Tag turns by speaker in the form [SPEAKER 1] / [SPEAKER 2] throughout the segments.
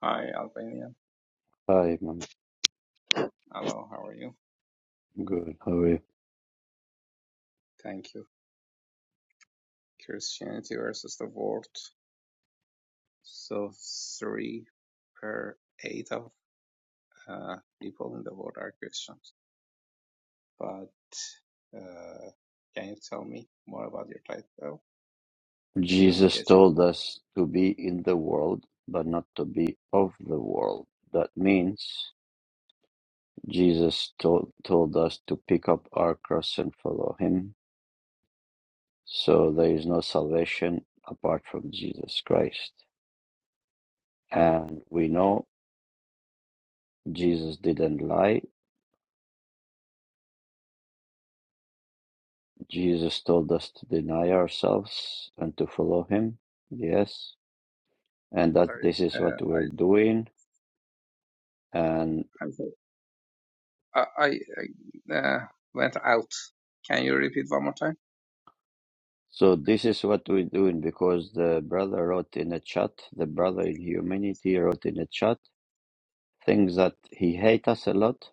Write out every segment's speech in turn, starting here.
[SPEAKER 1] Hi, Albania.
[SPEAKER 2] Hi, I'm
[SPEAKER 1] Hello, how are you?
[SPEAKER 2] good. How are you?
[SPEAKER 1] Thank you. Christianity versus the world. So, three per eight of uh, people in the world are Christians. But uh, can you tell me more about your title? I don't
[SPEAKER 2] Jesus
[SPEAKER 1] get your
[SPEAKER 2] told
[SPEAKER 1] point.
[SPEAKER 2] us to be in the world, but not to be of the world. That means Jesus told, told us to pick up our cross and follow him. So there is no salvation apart from Jesus Christ. And we know Jesus didn't lie. Jesus told us to deny ourselves and to follow him. Yes. And that
[SPEAKER 1] Sorry,
[SPEAKER 2] this is
[SPEAKER 1] uh,
[SPEAKER 2] what we're
[SPEAKER 1] I,
[SPEAKER 2] doing. And
[SPEAKER 1] I'm, so- I, I I, uh, went out. Can you repeat one more time?
[SPEAKER 2] So this is what we're doing because the brother wrote in a chat, the brother in humanity wrote in a chat things that he hate us a lot,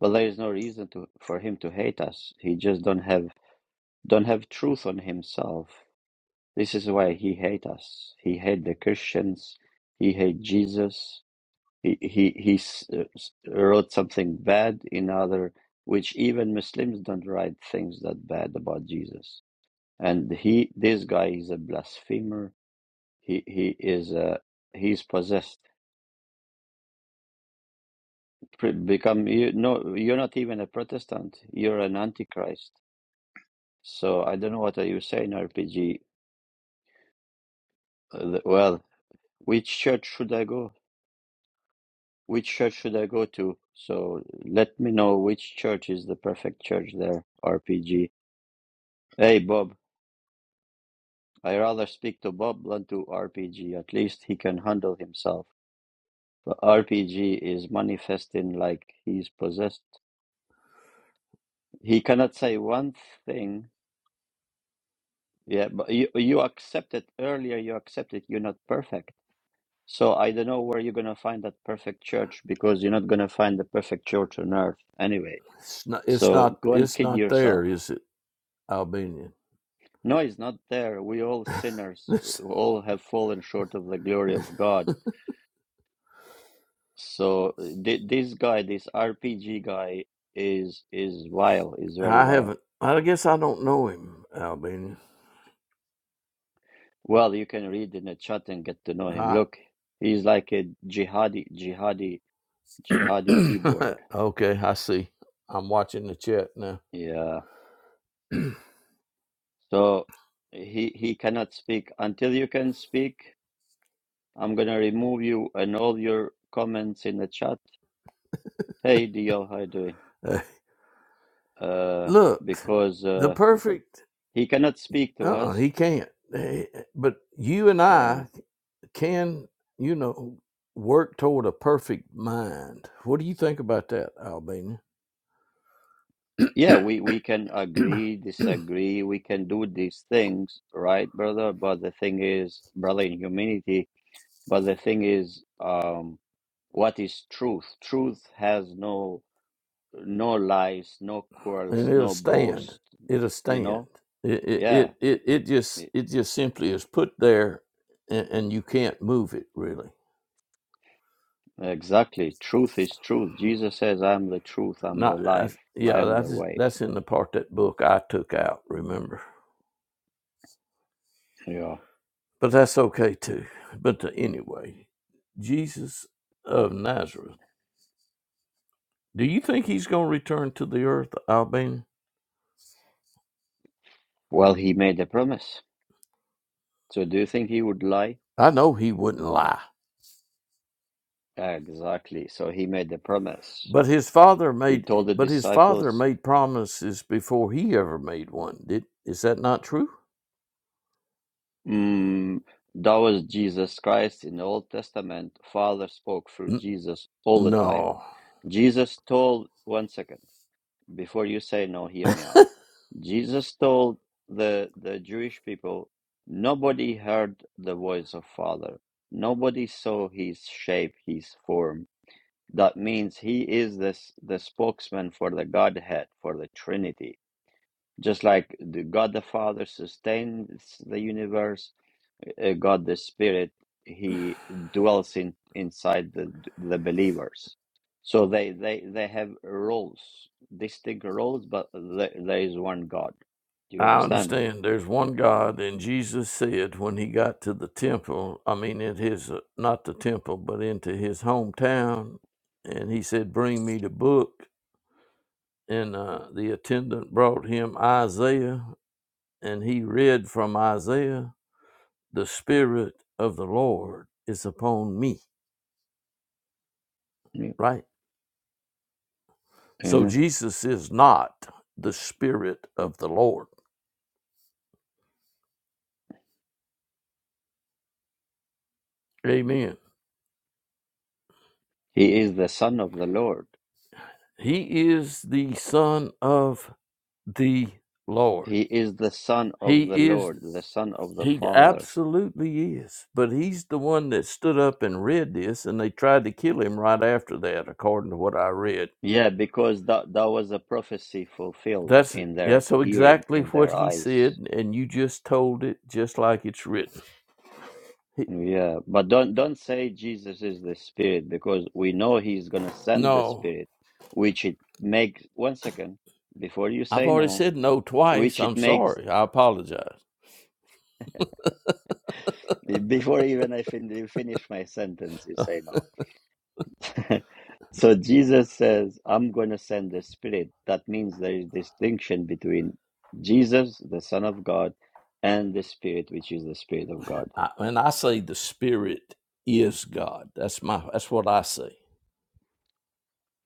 [SPEAKER 2] but there is no reason to for him to hate us. He just don't have don't have truth on himself. This is why he hate us. He hate the Christians. He hate Jesus. He he he s- uh, s- wrote something bad in other which even Muslims don't write things that bad about Jesus. And he this guy is a blasphemer He he is uh, he's possessed. Pre- become you no, you're not even a Protestant. You're an antichrist. So I don't know what are you saying, RPG. Uh, the- well, which church should I go? Which church should I go to? So let me know which church is the perfect church there, RPG. Hey Bob, I rather speak to Bob than to RPG. At least he can handle himself. But RPG is manifesting like he's possessed. He cannot say one thing Yeah, but you you accept it earlier, you accept it, you're not perfect. So I don't know where you're gonna find that perfect church because you're not gonna find the perfect church on earth anyway.
[SPEAKER 3] It's not. It's
[SPEAKER 2] So
[SPEAKER 3] not.
[SPEAKER 2] go and
[SPEAKER 3] It's
[SPEAKER 2] kid
[SPEAKER 3] not
[SPEAKER 2] yourself.
[SPEAKER 3] there, is it, Albanian?
[SPEAKER 2] No, it's not there. We all sinners.
[SPEAKER 3] this,
[SPEAKER 2] We all have fallen short of the glory of God. So th- this guy, this RPG guy, is is vile. Is very
[SPEAKER 3] I
[SPEAKER 2] vile.
[SPEAKER 3] haven't. I guess I don't know him, Albanian.
[SPEAKER 2] Well, you can read in the chat and get to know him.
[SPEAKER 3] Right.
[SPEAKER 2] Look, he's like a jihadi, jihadi, jihadi keyboard.
[SPEAKER 3] okay, I see. I'm watching the chat now.
[SPEAKER 2] Yeah. So he he cannot speak until you can speak. I'm gonna remove you and all your comments in the chat. Hey, DL, how you doing?
[SPEAKER 3] Uh,
[SPEAKER 2] Uh,
[SPEAKER 3] Look,
[SPEAKER 2] because
[SPEAKER 3] the
[SPEAKER 2] uh,
[SPEAKER 3] perfect.
[SPEAKER 2] he cannot speak to
[SPEAKER 3] Uh, uh
[SPEAKER 2] us.
[SPEAKER 3] he can't. Eh, eh, But you and
[SPEAKER 2] Yeah.
[SPEAKER 3] I can, you know, work toward a perfect mind. What do you think about that, Albanian?
[SPEAKER 2] Yeah, we we can agree, disagree. We can do these things, right, brother? But the thing is, brother, in humanity. But the thing is, um, what is truth? Truth has no no lies, no quarrels,
[SPEAKER 3] and it'll
[SPEAKER 2] no
[SPEAKER 3] stand.
[SPEAKER 2] boast
[SPEAKER 3] It'll
[SPEAKER 2] You
[SPEAKER 3] stand.
[SPEAKER 2] know?
[SPEAKER 3] It it
[SPEAKER 2] Yeah,
[SPEAKER 3] it it, it just
[SPEAKER 2] e-
[SPEAKER 3] it just simply is put there, and, and you can't move it really.
[SPEAKER 2] exactly. Truth is truth. Jesus says, I am the truth, I'm the
[SPEAKER 3] Not I,
[SPEAKER 2] life, I
[SPEAKER 3] yeah.
[SPEAKER 2] am the
[SPEAKER 3] That's
[SPEAKER 2] way.
[SPEAKER 3] that's in the
[SPEAKER 2] So,
[SPEAKER 3] part that book I took out. Remember,
[SPEAKER 2] yeah.
[SPEAKER 3] but that's okay too. But uh, anyway, Jesus of Nazareth. Do you think he's going to return to the earth, Albany?
[SPEAKER 2] Well, he made a promise. So, do you think he would lie?
[SPEAKER 3] I know he wouldn't lie.
[SPEAKER 2] Exactly. So, he made a promise.
[SPEAKER 3] But his father
[SPEAKER 2] He
[SPEAKER 3] made
[SPEAKER 2] told the
[SPEAKER 3] but his father
[SPEAKER 2] disciples,
[SPEAKER 3] made promises before he ever made one. Did is that not true?
[SPEAKER 2] mm, that was Jesus Christ in the Old Testament. Father spoke through Jesus all the time.
[SPEAKER 3] No,
[SPEAKER 2] Jesus told, one second. before you say no, hear me out. Jesus told the the Jewish people, nobody heard the voice of Father. Nobody saw his shape, his form. That means he is this the spokesman for the Godhead, for the Trinity. Just like the God the Father sustains the universe, uh, God the Spirit, He dwells in inside the the believers. So they they they have roles, distinct roles, but there, there is one God. Do you
[SPEAKER 3] I
[SPEAKER 2] understand?
[SPEAKER 3] understand. There's one God, and Jesus said when he got to the temple, I mean, in his, uh, not the temple, but into his hometown, and he said, Bring me the book. And uh, the attendant brought him Isaiah, and he read from Isaiah, The Spirit of the Lord is upon me,
[SPEAKER 2] Yeah.
[SPEAKER 3] right? So
[SPEAKER 2] Amen.
[SPEAKER 3] Jesus is not the Spirit of the Lord. Amen.
[SPEAKER 2] He is the Son of the Lord.
[SPEAKER 3] He is the Son of the Lord.
[SPEAKER 2] He is the Son
[SPEAKER 3] He
[SPEAKER 2] of the
[SPEAKER 3] is,
[SPEAKER 2] Lord, the Son of the
[SPEAKER 3] He
[SPEAKER 2] Father.
[SPEAKER 3] absolutely is. But He's the one that stood up and read this, and they tried to kill Him right after that, according to what I read.
[SPEAKER 2] Yeah, because that that was a prophecy fulfilled
[SPEAKER 3] That's
[SPEAKER 2] in their
[SPEAKER 3] that's so
[SPEAKER 2] hearing,
[SPEAKER 3] exactly
[SPEAKER 2] in
[SPEAKER 3] what
[SPEAKER 2] their
[SPEAKER 3] He
[SPEAKER 2] eyes.
[SPEAKER 3] said, and you just told it just like it's written. He,
[SPEAKER 2] Yeah, but don't don't say Jesus is the Spirit because we know He's gonna send the
[SPEAKER 3] no,
[SPEAKER 2] Spirit, which it makes. One second before you
[SPEAKER 3] I've
[SPEAKER 2] say
[SPEAKER 3] already
[SPEAKER 2] no,
[SPEAKER 3] said no twice.
[SPEAKER 2] which it
[SPEAKER 3] I'm
[SPEAKER 2] makes.
[SPEAKER 3] sorry. I apologize.
[SPEAKER 2] Before even I fin- finish my sentence, you say no. so Jesus says, "I'm gonna send the Spirit." That means there is distinction between Jesus, the Son of God, and the Spirit, which is the Spirit of God.
[SPEAKER 3] I, and I say the Spirit is God. That's my. That's what I say,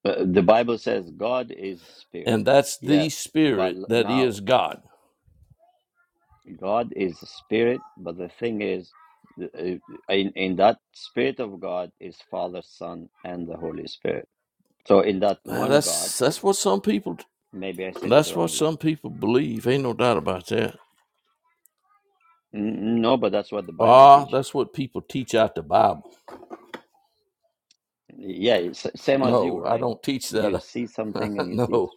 [SPEAKER 2] Uh, The Bible says God is Spirit.
[SPEAKER 3] and that's the
[SPEAKER 2] Yes, but
[SPEAKER 3] Spirit
[SPEAKER 2] l-
[SPEAKER 3] that
[SPEAKER 2] now
[SPEAKER 3] is God.
[SPEAKER 2] God is a spirit, but the thing is, th- uh, in, in that spirit of God is Father, Son, and the Holy Spirit. So in that
[SPEAKER 3] Uh,
[SPEAKER 2] one God,
[SPEAKER 3] that's that's what some people
[SPEAKER 2] maybe I said it
[SPEAKER 3] that's what
[SPEAKER 2] wrongly.
[SPEAKER 3] some people believe. Ain't no doubt about that.
[SPEAKER 2] N- No, but that's what the Bible
[SPEAKER 3] Ah,
[SPEAKER 2] teaches.
[SPEAKER 3] that's what people teach out the Bible.
[SPEAKER 2] Yeah, it's same as you,
[SPEAKER 3] No, I
[SPEAKER 2] right?
[SPEAKER 3] don't teach
[SPEAKER 2] You
[SPEAKER 3] that.
[SPEAKER 2] see something and you teach.
[SPEAKER 3] no.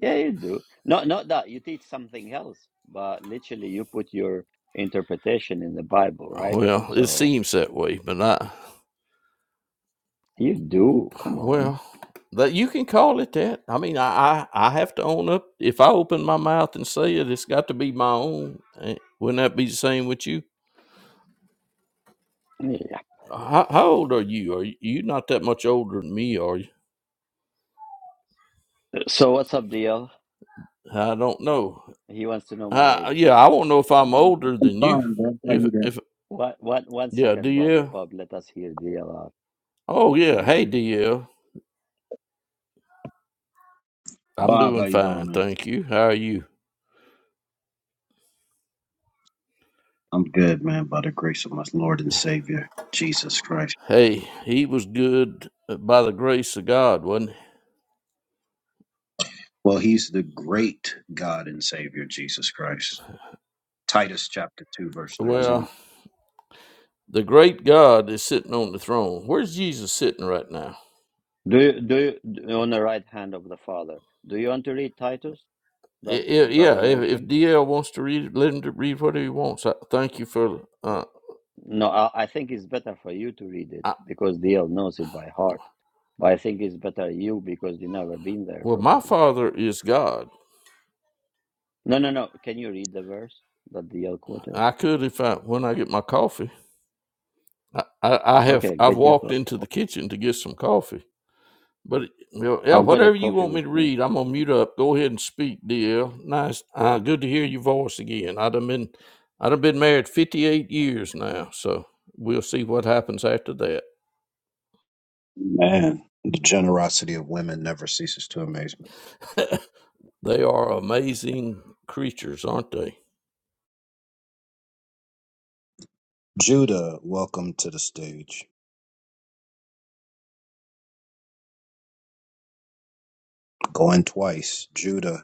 [SPEAKER 2] Yeah, you do. Not not that you teach something else, but literally you put your interpretation in the Bible, right?
[SPEAKER 3] Well, it
[SPEAKER 2] So
[SPEAKER 3] seems that way, but I
[SPEAKER 2] you do. Come on.
[SPEAKER 3] well that you can call it that. I mean, I, I I have to own up. If I open my mouth and say it, it's got to be my own. Eh, Wouldn't that be the same with you?
[SPEAKER 2] Yeah.
[SPEAKER 3] How, how old are you? Are you you're not that much older than me? Are you?
[SPEAKER 2] So what's up, DL?
[SPEAKER 3] I don't know.
[SPEAKER 2] He wants to know my age.
[SPEAKER 3] Uh, yeah, I won't know if I'm older
[SPEAKER 4] I'm
[SPEAKER 3] than you.
[SPEAKER 4] fine, bro. How
[SPEAKER 3] If
[SPEAKER 4] you doing?
[SPEAKER 3] if
[SPEAKER 2] One, one, one
[SPEAKER 3] yeah,
[SPEAKER 2] second, Bob.
[SPEAKER 3] DL.
[SPEAKER 2] Bob, let us hear thee aloud.
[SPEAKER 3] Oh yeah,
[SPEAKER 2] Aye.
[SPEAKER 3] hey DL. I'm
[SPEAKER 4] Bob, how
[SPEAKER 3] doing
[SPEAKER 4] you doing,
[SPEAKER 3] fine,
[SPEAKER 4] man?
[SPEAKER 3] thank you. How are you?
[SPEAKER 4] I'm good, man, by the grace of my Lord and Savior, Jesus Christ.
[SPEAKER 3] Hey, he was good uh, by the grace of God, wasn't
[SPEAKER 4] Well, he's the great God and Savior, Jesus Christ. Titus chapter 2, verse
[SPEAKER 3] he?
[SPEAKER 4] 13.
[SPEAKER 2] Amen.
[SPEAKER 3] Well, the great God is sitting on the throne. Where's Jesus sitting right now?
[SPEAKER 2] Do you, do you, on the right hand of the Father, do you want to read Titus
[SPEAKER 3] I-
[SPEAKER 2] that the
[SPEAKER 3] I-
[SPEAKER 2] brother
[SPEAKER 3] yeah, if, if
[SPEAKER 2] mentioned?
[SPEAKER 3] DL wants to read, it, let him to read what he wants. I, thank you for. Uh,
[SPEAKER 2] No, I, I think it's better for you to read it
[SPEAKER 3] I,
[SPEAKER 2] because DL knows it by heart. But I think it's better you because you never been there,
[SPEAKER 3] well, my
[SPEAKER 2] probably.
[SPEAKER 3] father is God.
[SPEAKER 2] No, no, no. Can you read the verse that DL quoted?
[SPEAKER 3] I could if I when I get my coffee. I, I I have
[SPEAKER 2] Okay,
[SPEAKER 3] I've
[SPEAKER 2] get your.
[SPEAKER 3] walked
[SPEAKER 2] co-
[SPEAKER 3] into the kitchen to get some coffee. But you know, yeah,
[SPEAKER 2] I've got a
[SPEAKER 3] whatever you
[SPEAKER 2] coffee
[SPEAKER 3] want me
[SPEAKER 2] with
[SPEAKER 3] to
[SPEAKER 2] me.
[SPEAKER 3] read, I'm gonna mute up. Go ahead and speak, DL. Nice, uh, good to hear your voice again. I've would been I've would been married 58 years now, so we'll see what happens after that.
[SPEAKER 4] Man, the generosity of women never ceases to amaze me.
[SPEAKER 3] They are amazing creatures, aren't they?
[SPEAKER 4] Judah, welcome to the stage. Going twice. Judah,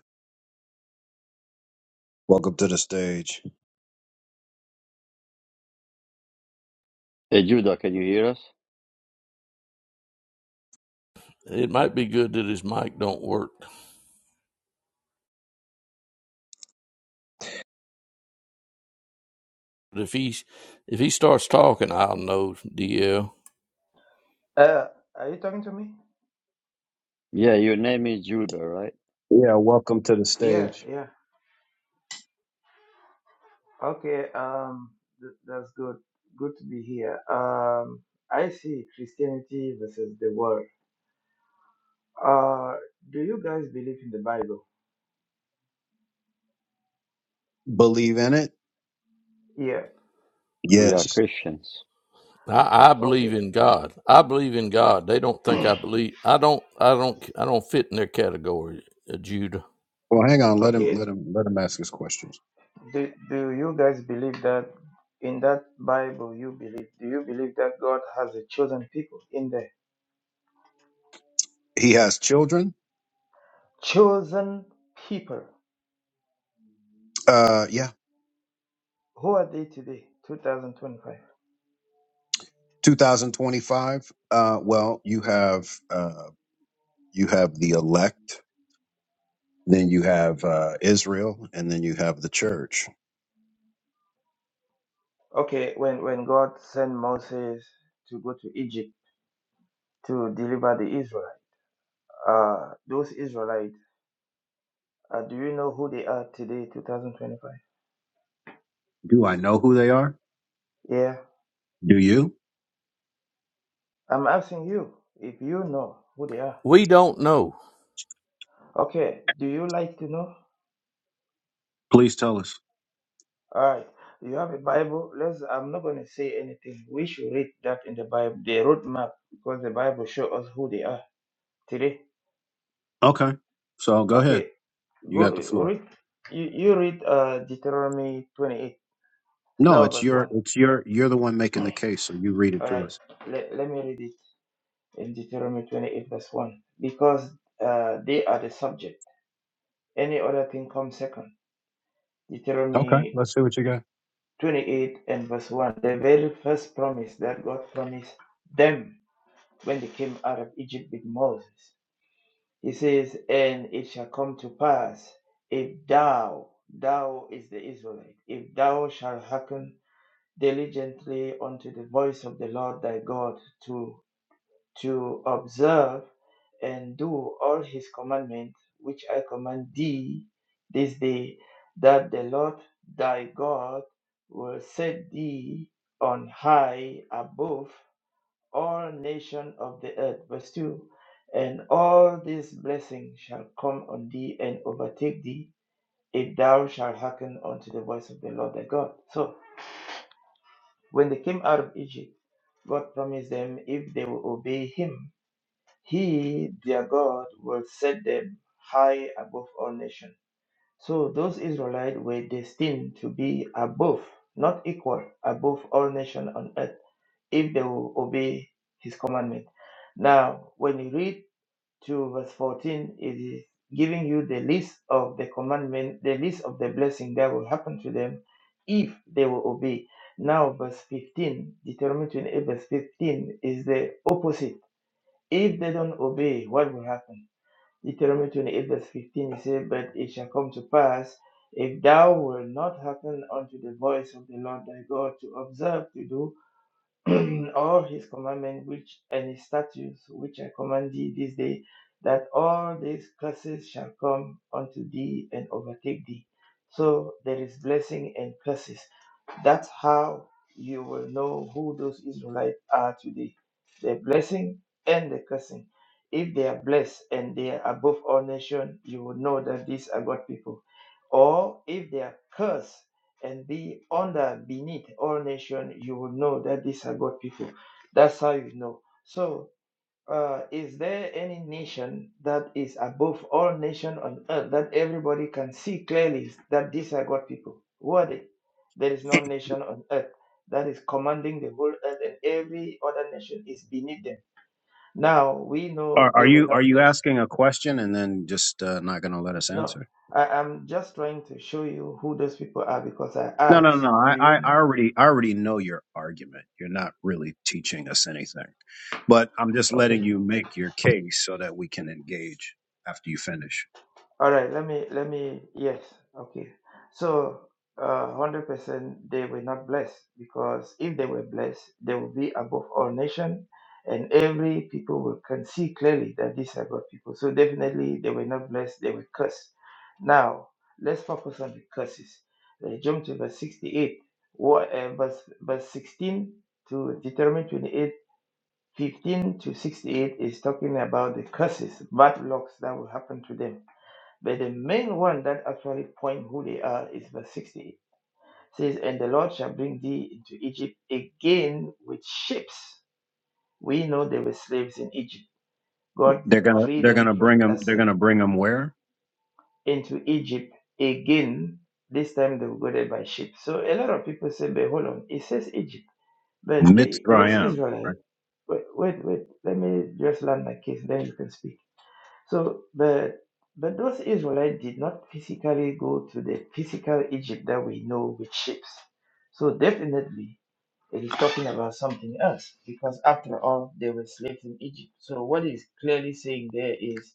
[SPEAKER 4] welcome to the stage.
[SPEAKER 2] Hey, Judah, can you hear us?
[SPEAKER 3] It might be good that his mic don't work. But if he's if he starts talking, I'll know DL.
[SPEAKER 5] Uh, are you talking to me?
[SPEAKER 2] Yeah, your name is Judah, right?
[SPEAKER 4] Yeah, welcome to the
[SPEAKER 5] Yeah,
[SPEAKER 4] stage.
[SPEAKER 5] yeah. Okay. Um, th- that's good. Good to be here. Um, I see Christianity versus the world. Uh, do you guys believe in the Bible?
[SPEAKER 4] Believe in it?
[SPEAKER 5] Yeah.
[SPEAKER 2] We are
[SPEAKER 4] Yes.
[SPEAKER 2] Christians.
[SPEAKER 3] I, I believe
[SPEAKER 5] Okay.
[SPEAKER 3] in God. I believe in God. They don't think I believe. I don't. I don't. I don't fit in their category, uh, Judah.
[SPEAKER 4] Well, hang on. Let him
[SPEAKER 5] Okay.
[SPEAKER 4] let him let him ask his questions.
[SPEAKER 5] Do Do you guys believe that in that Bible you believe? Do you believe that God has a chosen people in there?
[SPEAKER 4] He has children.
[SPEAKER 5] Chosen people.
[SPEAKER 4] Uh, yeah,
[SPEAKER 5] Who are they today? 2025.
[SPEAKER 4] 2025. Uh, well, you have uh, you have the elect, then you have uh, Israel, and then you have the church.
[SPEAKER 5] Okay. When When God sent Moses to go to Egypt to deliver the Israelites. Uh, those Israelites, uh, do you know who they are today, 2025?
[SPEAKER 4] Do I know who they are?
[SPEAKER 5] Yeah,
[SPEAKER 4] Do you?
[SPEAKER 5] I'm asking you if you know who they are.
[SPEAKER 3] We don't know.
[SPEAKER 5] Okay, do you like to know?
[SPEAKER 4] Please tell us.
[SPEAKER 5] All right, you have a Bible. Let's. I'm not going to say anything. We should read that in the Bible, the roadmap, because the Bible shows us who they are today.
[SPEAKER 4] Okay, so go ahead.
[SPEAKER 5] Okay,
[SPEAKER 4] You
[SPEAKER 5] go
[SPEAKER 4] got the floor.
[SPEAKER 5] read. You, you read uh, Deuteronomy 28,
[SPEAKER 4] No,
[SPEAKER 5] start
[SPEAKER 4] it's
[SPEAKER 5] with verse
[SPEAKER 4] your
[SPEAKER 5] 1.
[SPEAKER 4] it's your you're the one making the case, so you read it
[SPEAKER 5] All
[SPEAKER 4] to
[SPEAKER 5] right,
[SPEAKER 4] us.
[SPEAKER 5] let, let me read it. in Deuteronomy 28, verse 1, because uh, they are the subject. Any other thing comes second.
[SPEAKER 4] Okay,
[SPEAKER 5] Deuteronomy
[SPEAKER 4] let's see what you got.
[SPEAKER 5] 28 and verse 1, the very first promise that God promised them when they came out of Egypt with Moses. He says, And it shall come to pass if thou, thou is the Israelite, if thou shalt hearken diligently unto the voice of the Lord thy God to. to observe and do all his commandments, which I command thee this day, that the Lord thy God will set thee on high above all nations of the earth. Verse 2 And all these blessings shall come on thee and overtake thee, if thou shalt hearken unto the voice of the Lord thy God. So, when they came out of Egypt, God promised them if they will obey him he, their God, will set them high above all nations. So those Israelites were destined to be above, not equal, above all nations on earth if they will obey his commandment. Now, when you read to verse 14, it is giving you the list of the commandment, the list of the blessing that will happen to them if they will obey. Now, verse 15, Deuteronomy 28, verse 15 is the opposite if they don't obey, what will happen? Deuteronomy 28, verse 15, it says, But it shall come to pass, if thou wilt not hearken unto the voice of the Lord thy God to observe to do all his commandments which and his statutes which I command thee this day, that all these curses shall come unto thee and overtake thee. So there is blessing and curses. That's how you will know who those Israelites are today. The blessing and the cursing. If they are blessed and they are above all nations, you will know that these are God people. Or if they are cursed and be under beneath all nation you will know that these are god people that's how you know so uh, is there any nation that is above all nation on earth that everybody can see clearly that these are god people who are they there is no nation on earth that is commanding the whole earth and every other nation is beneath them now we
[SPEAKER 4] Are,
[SPEAKER 5] know
[SPEAKER 4] are
[SPEAKER 5] they were
[SPEAKER 4] you are
[SPEAKER 5] not
[SPEAKER 4] you
[SPEAKER 5] blessed
[SPEAKER 4] asking a question and then just uh, not going to let us
[SPEAKER 5] no
[SPEAKER 4] answer?
[SPEAKER 5] I, am just trying to show you who those people are because i
[SPEAKER 4] No, no,
[SPEAKER 5] asked
[SPEAKER 4] no.
[SPEAKER 5] do
[SPEAKER 4] I, I
[SPEAKER 5] you know
[SPEAKER 4] I already, I already know your argument. You're not really teaching us anything, but I'm just
[SPEAKER 5] okay
[SPEAKER 4] letting you make your case so that we can engage after you finish.
[SPEAKER 5] All right, let me let me yes, okay. So uh hundred percent they were not blessed because if they were blessed, they would be above all nation and every people will can see clearly that these are God people. So definitely they were not blessed, they were cursed. Now let's focus on the curses. Let's jump to verse sixty-eight. What uh, verse verse sixteen to Deuteronomy twenty-eight, fifteen to sixty-eight is talking about the curses, bad lucks that will happen to them. But the main one that actually point who they are is verse 60. It says, And the Lord shall bring thee into Egypt again with ships. We know they were slaves in Egypt. God
[SPEAKER 4] They're gonna,
[SPEAKER 5] freed
[SPEAKER 4] they're
[SPEAKER 5] them
[SPEAKER 4] gonna
[SPEAKER 5] from
[SPEAKER 4] bring them.
[SPEAKER 5] that
[SPEAKER 4] They're
[SPEAKER 5] slavery
[SPEAKER 4] gonna bring them where?
[SPEAKER 5] into Egypt again. This time they were go there by ship. So a lot of people say, but hold on, it says Egypt. But they, those
[SPEAKER 4] Mitzrayim. Right?
[SPEAKER 5] Israelites, wait, wait, wait, let me just land my case, then you can speak So, but but those Israelites did not physically go to the physical Egypt that we know with ships. So definitely it is talking about something else because after all, they were slaves in Egypt. So what is clearly saying there is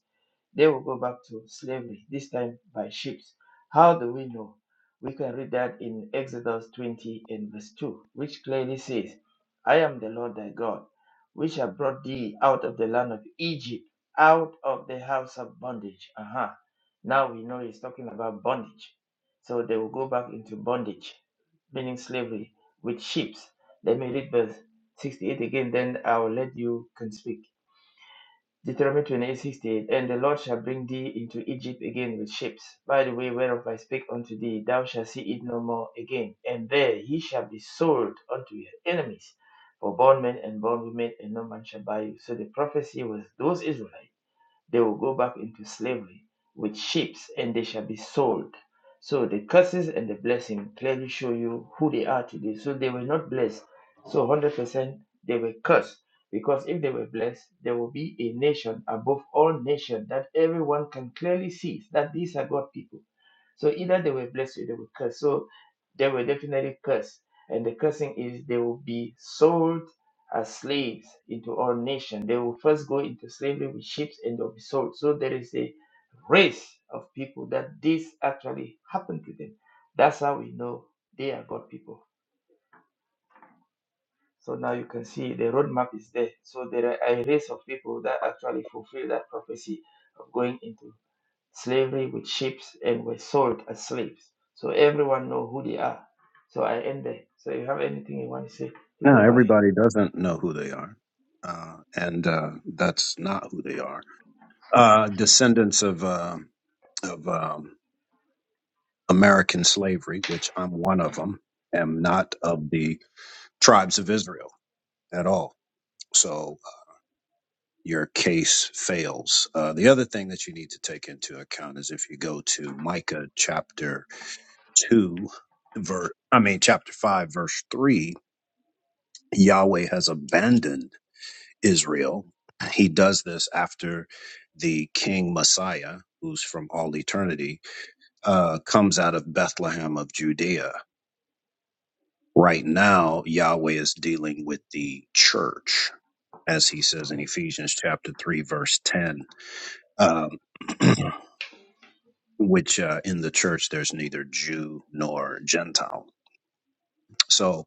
[SPEAKER 5] they will go back to slavery, this time by ships. How do we know? We can read that in Exodus 20 and verse 2, which clearly says, I am the Lord thy God, which have brought thee out of the land of Egypt, out of the house of bondage. Uh-huh. Now we know he's talking about bondage. So they will go back into bondage, meaning slavery, with ships. Let me read verse 68 again, then I will let you can speak. Deuteronomy 28 68, And the Lord shall bring thee into Egypt again with ships. By the way whereof I speak unto thee, thou shalt see it no more again. And there he shall be sold unto your enemies for bondmen and bondwomen, and no man shall buy you. So the prophecy was those Israelites they will go back into slavery with ships and they shall be sold. So the curses and the blessing clearly show you who they are today. So they were not blessed. So 100% they were cursed. Because if they were blessed, there will be a nation above all nations that everyone can clearly see that these are God people. So either they were blessed or they were cursed. So they were definitely cursed, And the cursing is they will be sold as slaves into all nations. They will first go into slavery with ships and they'll be sold. So there is a race of people that this actually happened to them. That's how we know they are God people. So now you can see the roadmap is there. So there are a race of people that actually fulfill that prophecy of going into slavery with ships and were sold as slaves. So everyone know who they are. So I end there. So if you have anything you want to say, you
[SPEAKER 4] No,
[SPEAKER 5] can go ahead.
[SPEAKER 4] everybody doesn't know who they are, uh, and uh, that's not who they are. Uh, descendants of uh, of um, American slavery, which I'm one of them, am not of the tribes of Israel at all. So your case fails. Uh, the other thing that you need to take into account is if you go to Micah chapter 2, verse, I mean, chapter 5, verse 3, Yahweh has abandoned Israel. He does this after the king Messiah, who's from all eternity, uh, comes out of Bethlehem of Judea. Right now, Yahweh is dealing with the church, as he says in Ephesians chapter 3, verse 10. Um, which uh, in the church there's neither Jew nor Gentile. So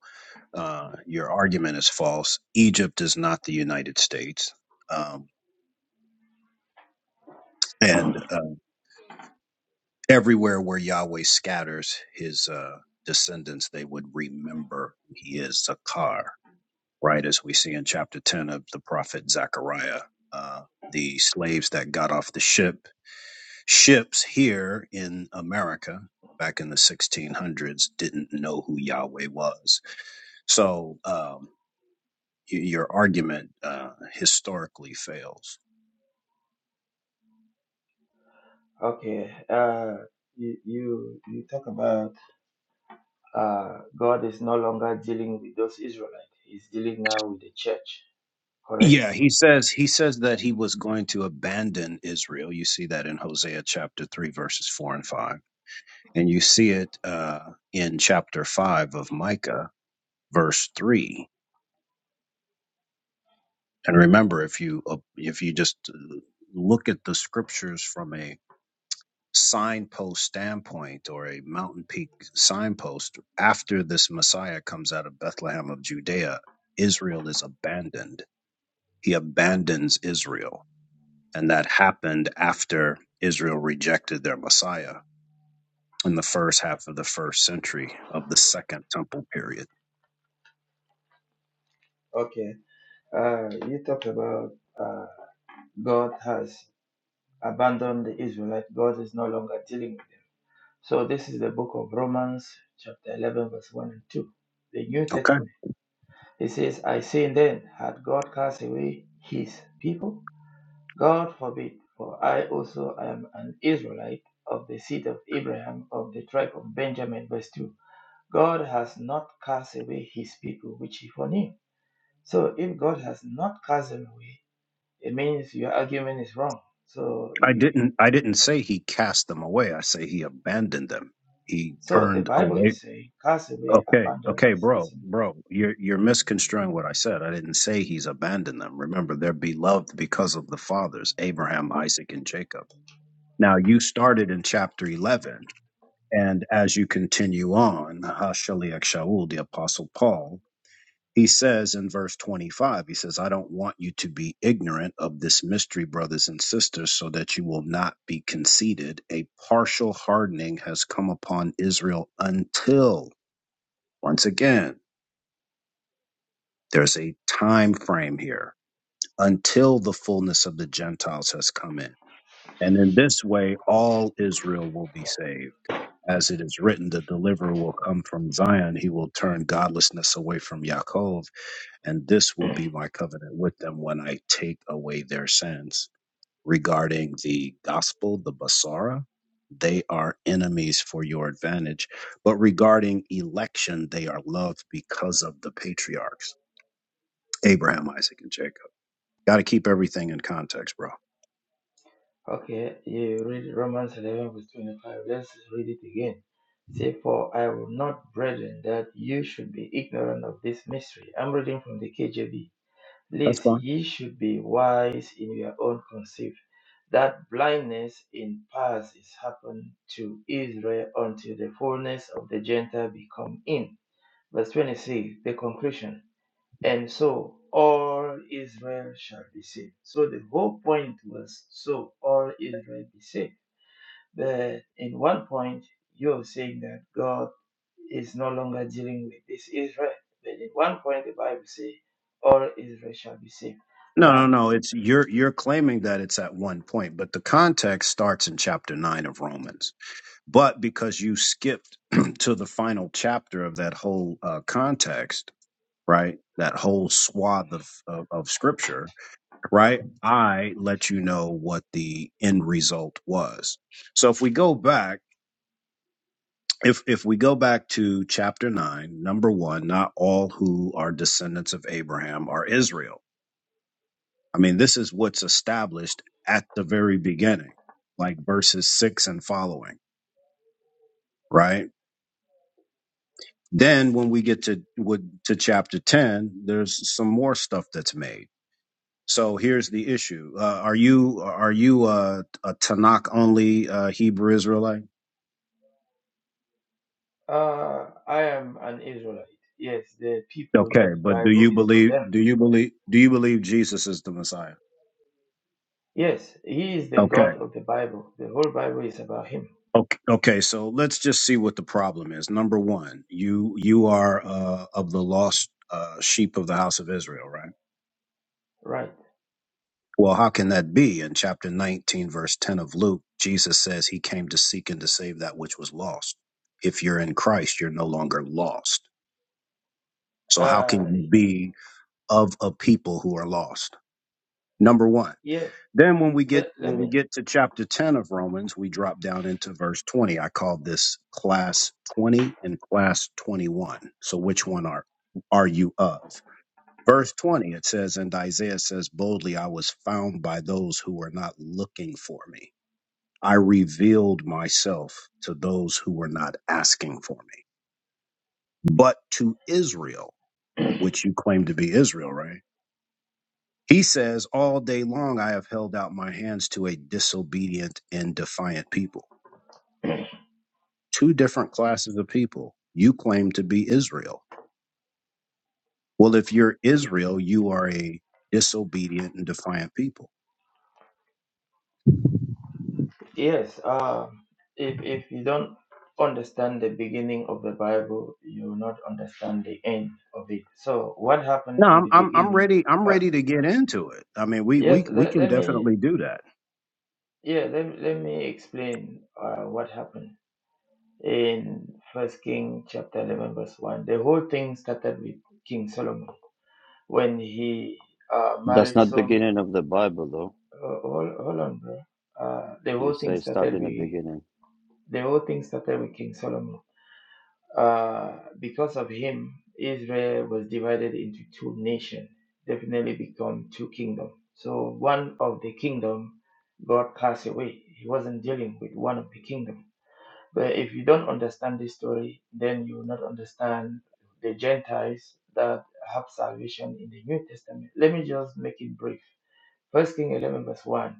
[SPEAKER 4] uh, your argument is false. Egypt is not the United States, um, and uh, everywhere where Yahweh scatters His uh, descendants, they would remember who He is Zakar, right? As we see in chapter ten of the prophet Zechariah. Uh, the slaves that got off the ship ships here in America back in the 1600s didn't know who Yahweh was So um, y- your argument uh, historically fails.
[SPEAKER 5] Okay. Uh, you you you talk about uh God is no longer dealing with those Israelites. He's dealing now with the church. Correct.
[SPEAKER 4] Yeah, he says he says that he was going to abandon Israel. You see that in Hosea chapter three, verses four and five, and you see it uh, in chapter five of Micah, verse three. And remember, if you uh, if you just uh, look at the scriptures from a signpost standpoint or a mountain peak signpost after this messiah comes out of bethlehem of judea israel is abandoned he abandons israel and that happened after israel rejected their messiah in the first half of the first century of the second temple period
[SPEAKER 5] Okay. Uh, you talk about God has abandoned the Israelites. God is no longer dealing with them. So this is the book of Romans, chapter eleven, verse one and two. The New
[SPEAKER 4] okay
[SPEAKER 5] Testament. He says, I say then, had God cast away his people? God forbid, for I also am an Israelite of the seed of Abraham, of the tribe of Benjamin. Verse 2 God has not cast away his people, which he foreknew. So if God has not cast them away, it means your argument is wrong. So
[SPEAKER 4] i
[SPEAKER 5] you
[SPEAKER 4] didn't i didn't say he cast them away i say he abandoned them he
[SPEAKER 5] so the
[SPEAKER 4] turned
[SPEAKER 5] Bible
[SPEAKER 4] away
[SPEAKER 5] is saying cast away,
[SPEAKER 4] Okay,
[SPEAKER 5] abandon
[SPEAKER 4] okay,
[SPEAKER 5] is the
[SPEAKER 4] bro,
[SPEAKER 5] same thing."
[SPEAKER 4] bro, you're you're misconstruing what I said. I didn't say he's abandoned them. Remember, they're beloved because of the fathers, Abraham, Isaac, and Jacob. Now you started in chapter eleven, and as you continue on, Hashaliach Shaul, the apostle Paul, he says in verse twenty-five, he says, "I don't want you to be ignorant of this mystery, brothers and sisters, so that you will not be conceited. A partial hardening has come upon Israel until." Once again, There's a time frame here until the fullness of the Gentiles has come in. And in this way, all Israel will be saved. As it is written, the deliverer will come from Zion. He will turn godlessness away from Yaakov, and this will be my covenant with them when I take away their sins. Regarding the gospel, the Basara, they are enemies for your advantage. But regarding election, they are loved because of the patriarchs Abraham, Isaac, and Jacob. Got to keep everything in context, bro.
[SPEAKER 5] Okay, yeah, you read Romans 11, verse 25. Let's read it again. Say, For I will not, brethren, that you should be ignorant of this mystery. I'm reading from the KJV.
[SPEAKER 4] That's
[SPEAKER 5] Lest
[SPEAKER 4] fine.
[SPEAKER 5] ye should be wise in your own conceit, that blindness in past is happened to Israel until the fullness of the Gentile be come in. Verse 26, the conclusion and so all Israel shall be saved. So the whole point was so all Israel be saved. But in one point, you're saying that God is no longer dealing with this Israel. But in one point, the Bible says all Israel shall be saved.
[SPEAKER 4] No, no,
[SPEAKER 5] Now,
[SPEAKER 4] no. It's you're you're claiming that it's at one point, but the context starts in chapter nine of Romans. But because you skipped to the final chapter of that whole uh, context, right? That whole swath of, of of scripture, right? I let you know what the end result was. So if we go back, if if we go back to chapter nine, number one, not all who are descendants of Abraham are Israel I mean, this is what's established at the very beginning, like verses six and following, right? Then when we get to with, to chapter ten, there's some more stuff that's made. So here's the issue: uh, Are you are you a, a Tanakh only uh, Hebrew Israelite?
[SPEAKER 5] uh, I am an Israelite. Yes, the people that
[SPEAKER 4] Okay,
[SPEAKER 5] the
[SPEAKER 4] but do
[SPEAKER 5] Bible
[SPEAKER 4] you
[SPEAKER 5] is for
[SPEAKER 4] believe
[SPEAKER 5] them.
[SPEAKER 4] do you believe do you believe Jesus is the Messiah?
[SPEAKER 5] Yes, He is the
[SPEAKER 4] Okay,
[SPEAKER 5] God of the Bible. The whole Bible is about Him.
[SPEAKER 4] Okay, okay, so let's just see what the problem is. Number one, you you are uh, of the lost uh, sheep of the house of Israel, right?
[SPEAKER 5] Right.
[SPEAKER 4] Well, how can that be? In chapter 19, verse 10 of Luke, Jesus says he came to seek and to save that which was lost. If you're in Christ, you're no longer lost. So how can
[SPEAKER 5] Uh,
[SPEAKER 4] you be of a people who are lost? Number one.
[SPEAKER 5] yes.
[SPEAKER 4] Then when we get
[SPEAKER 5] Let,
[SPEAKER 4] when
[SPEAKER 5] let
[SPEAKER 4] we
[SPEAKER 5] me
[SPEAKER 4] get to chapter 10 of Romans, we drop down into verse 20. I called this class 20 and class 21. So which one are are you of? Verse 20 it says and Isaiah says boldly I was found by those who were not looking for me. I revealed myself to those who were not asking for me. But to Israel, which you claim to be Israel, right? He says, All day long I have held out my hands to a disobedient and defiant people. Two different classes of people. You claim to be Israel. Well, if you're Israel, you are a disobedient and defiant people.
[SPEAKER 5] Yes, uh, if if you don't understand the beginning of the Bible, you will not understand the end of it. So what happened
[SPEAKER 4] No,
[SPEAKER 5] in
[SPEAKER 4] I'm
[SPEAKER 5] the
[SPEAKER 4] I'm, I'm
[SPEAKER 5] beginning?
[SPEAKER 4] ready. I'm
[SPEAKER 5] Uh,
[SPEAKER 4] ready to get into it. I mean, we
[SPEAKER 5] yes,
[SPEAKER 4] we we
[SPEAKER 5] let,
[SPEAKER 4] can
[SPEAKER 5] let me
[SPEAKER 4] definitely do that.
[SPEAKER 5] yeah let, me- let me explain uh, what happened in First King chapter eleven verse one. The whole thing started with King Solomon when he uh,
[SPEAKER 2] That's
[SPEAKER 5] married
[SPEAKER 2] not
[SPEAKER 5] some.
[SPEAKER 2] beginning of the Bible, though.
[SPEAKER 5] Uh, hold, hold on, bro. Uh, the
[SPEAKER 2] You
[SPEAKER 5] whole thing
[SPEAKER 2] say start
[SPEAKER 5] started
[SPEAKER 2] in the
[SPEAKER 5] with
[SPEAKER 2] beginning.
[SPEAKER 5] the whole thing started with King Solomon Uh, because of him, Israel was divided into two nations, definitely become two kingdoms. So one of the kingdom, God cast away. He wasn't dealing with one of the kingdom. But if you don't understand this story, then you will not understand the Gentiles that have salvation in the New Testament. Let me just make it brief. First King 11 verse 1.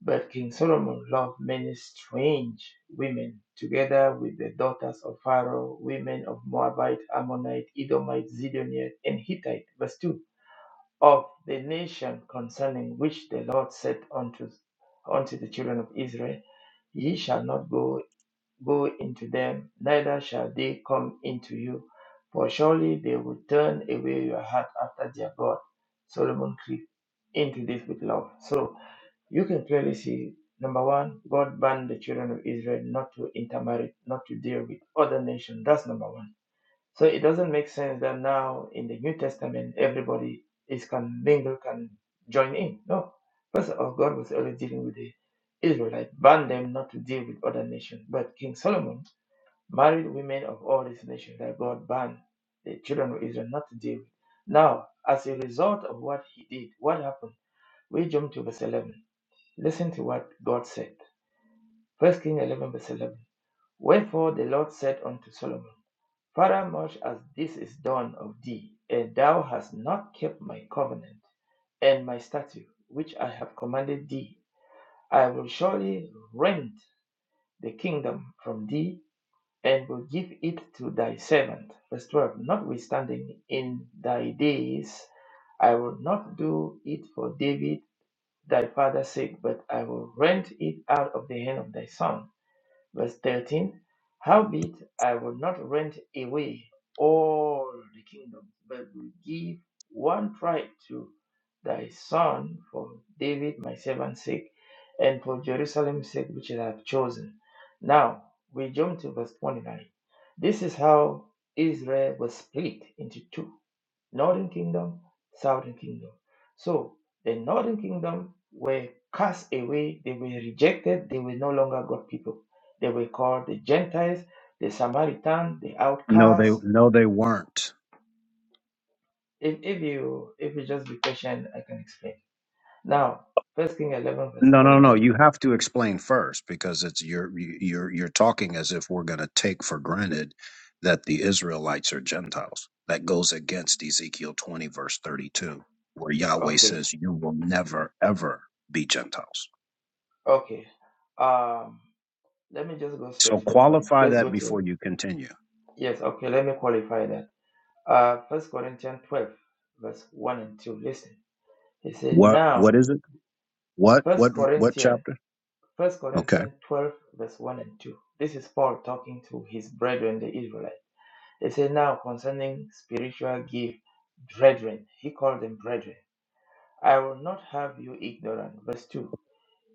[SPEAKER 5] But King Solomon loved many strange women, together with the daughters of Pharaoh, women of Moabite, Ammonite, Edomite, Zidonian, and Hittite. Verse 2 Of the nation concerning which the Lord said unto, unto the children of Israel, Ye shall not go, go into them, neither shall they come into you, for surely they will turn away your heart after their God. Solomon crept into this with love. So you can clearly see number one, God banned the children of Israel not to intermarry, not to deal with other nations. That's number one. So it doesn't make sense that now in the New Testament everybody is can mingle, can join in. No. First of all, God was already dealing with the Israelites, banned them not to deal with other nations. But King Solomon married women of all these nations that God banned the children of Israel not to deal with. Now, as a result of what he did, what happened? We jump to verse 11. Listen to what God said. First Kings 11, verse 11. Wherefore the Lord said unto Solomon, Father, much as this is done of thee, and thou hast not kept my covenant and my statute, which I have commanded thee, I will surely rend the kingdom from thee, and will give it to thy servant. Verse 12. Notwithstanding, in thy days I will not do it for David thy father said, But I will rent it out of the hand of thy son. Verse 13 Howbeit I will not rent away all the kingdom, but will give one tribe to thy son for David my servant's sake, and for Jerusalem's sake which I have chosen. Now we jump to verse 29. This is how Israel was split into two northern kingdom, southern kingdom. So the northern kingdom were cast away, they were rejected, they were no longer God people. They were called the Gentiles, the Samaritan, the
[SPEAKER 4] No, they
[SPEAKER 5] outcasts.
[SPEAKER 4] no, they weren't.
[SPEAKER 5] If, if you if you just be patient, I can explain. Now, First King eleven verse
[SPEAKER 4] No,
[SPEAKER 5] twenty
[SPEAKER 4] no, no.
[SPEAKER 5] nine.
[SPEAKER 4] You have to explain first because it's you're you're you're talking as if we're going to take for granted that the Israelites are Gentiles. That goes against Ezekiel 20 verse 32 where Yahweh
[SPEAKER 5] Okay,
[SPEAKER 4] says you will never ever be Gentiles.
[SPEAKER 5] okay. Um, let me just go straight
[SPEAKER 4] So
[SPEAKER 5] to the point.
[SPEAKER 4] qualify
[SPEAKER 5] Let's
[SPEAKER 4] that
[SPEAKER 5] go to
[SPEAKER 4] before you continue.
[SPEAKER 5] yes. Okay, let me qualify that. Uh, First Corinthians twelve verse one and two. Listen. He said,
[SPEAKER 4] What
[SPEAKER 5] Now
[SPEAKER 4] what is it? What
[SPEAKER 5] First
[SPEAKER 4] what what
[SPEAKER 5] Corinthians,
[SPEAKER 4] chapter?
[SPEAKER 5] First
[SPEAKER 4] Okay.
[SPEAKER 5] Corinthians 12, verse 1 and 2. This is Paul talking to his brethren, the Israelites. He said, Now concerning spiritual gift, brethren, he called them brethren. I will not have you ignorant. Verse 2.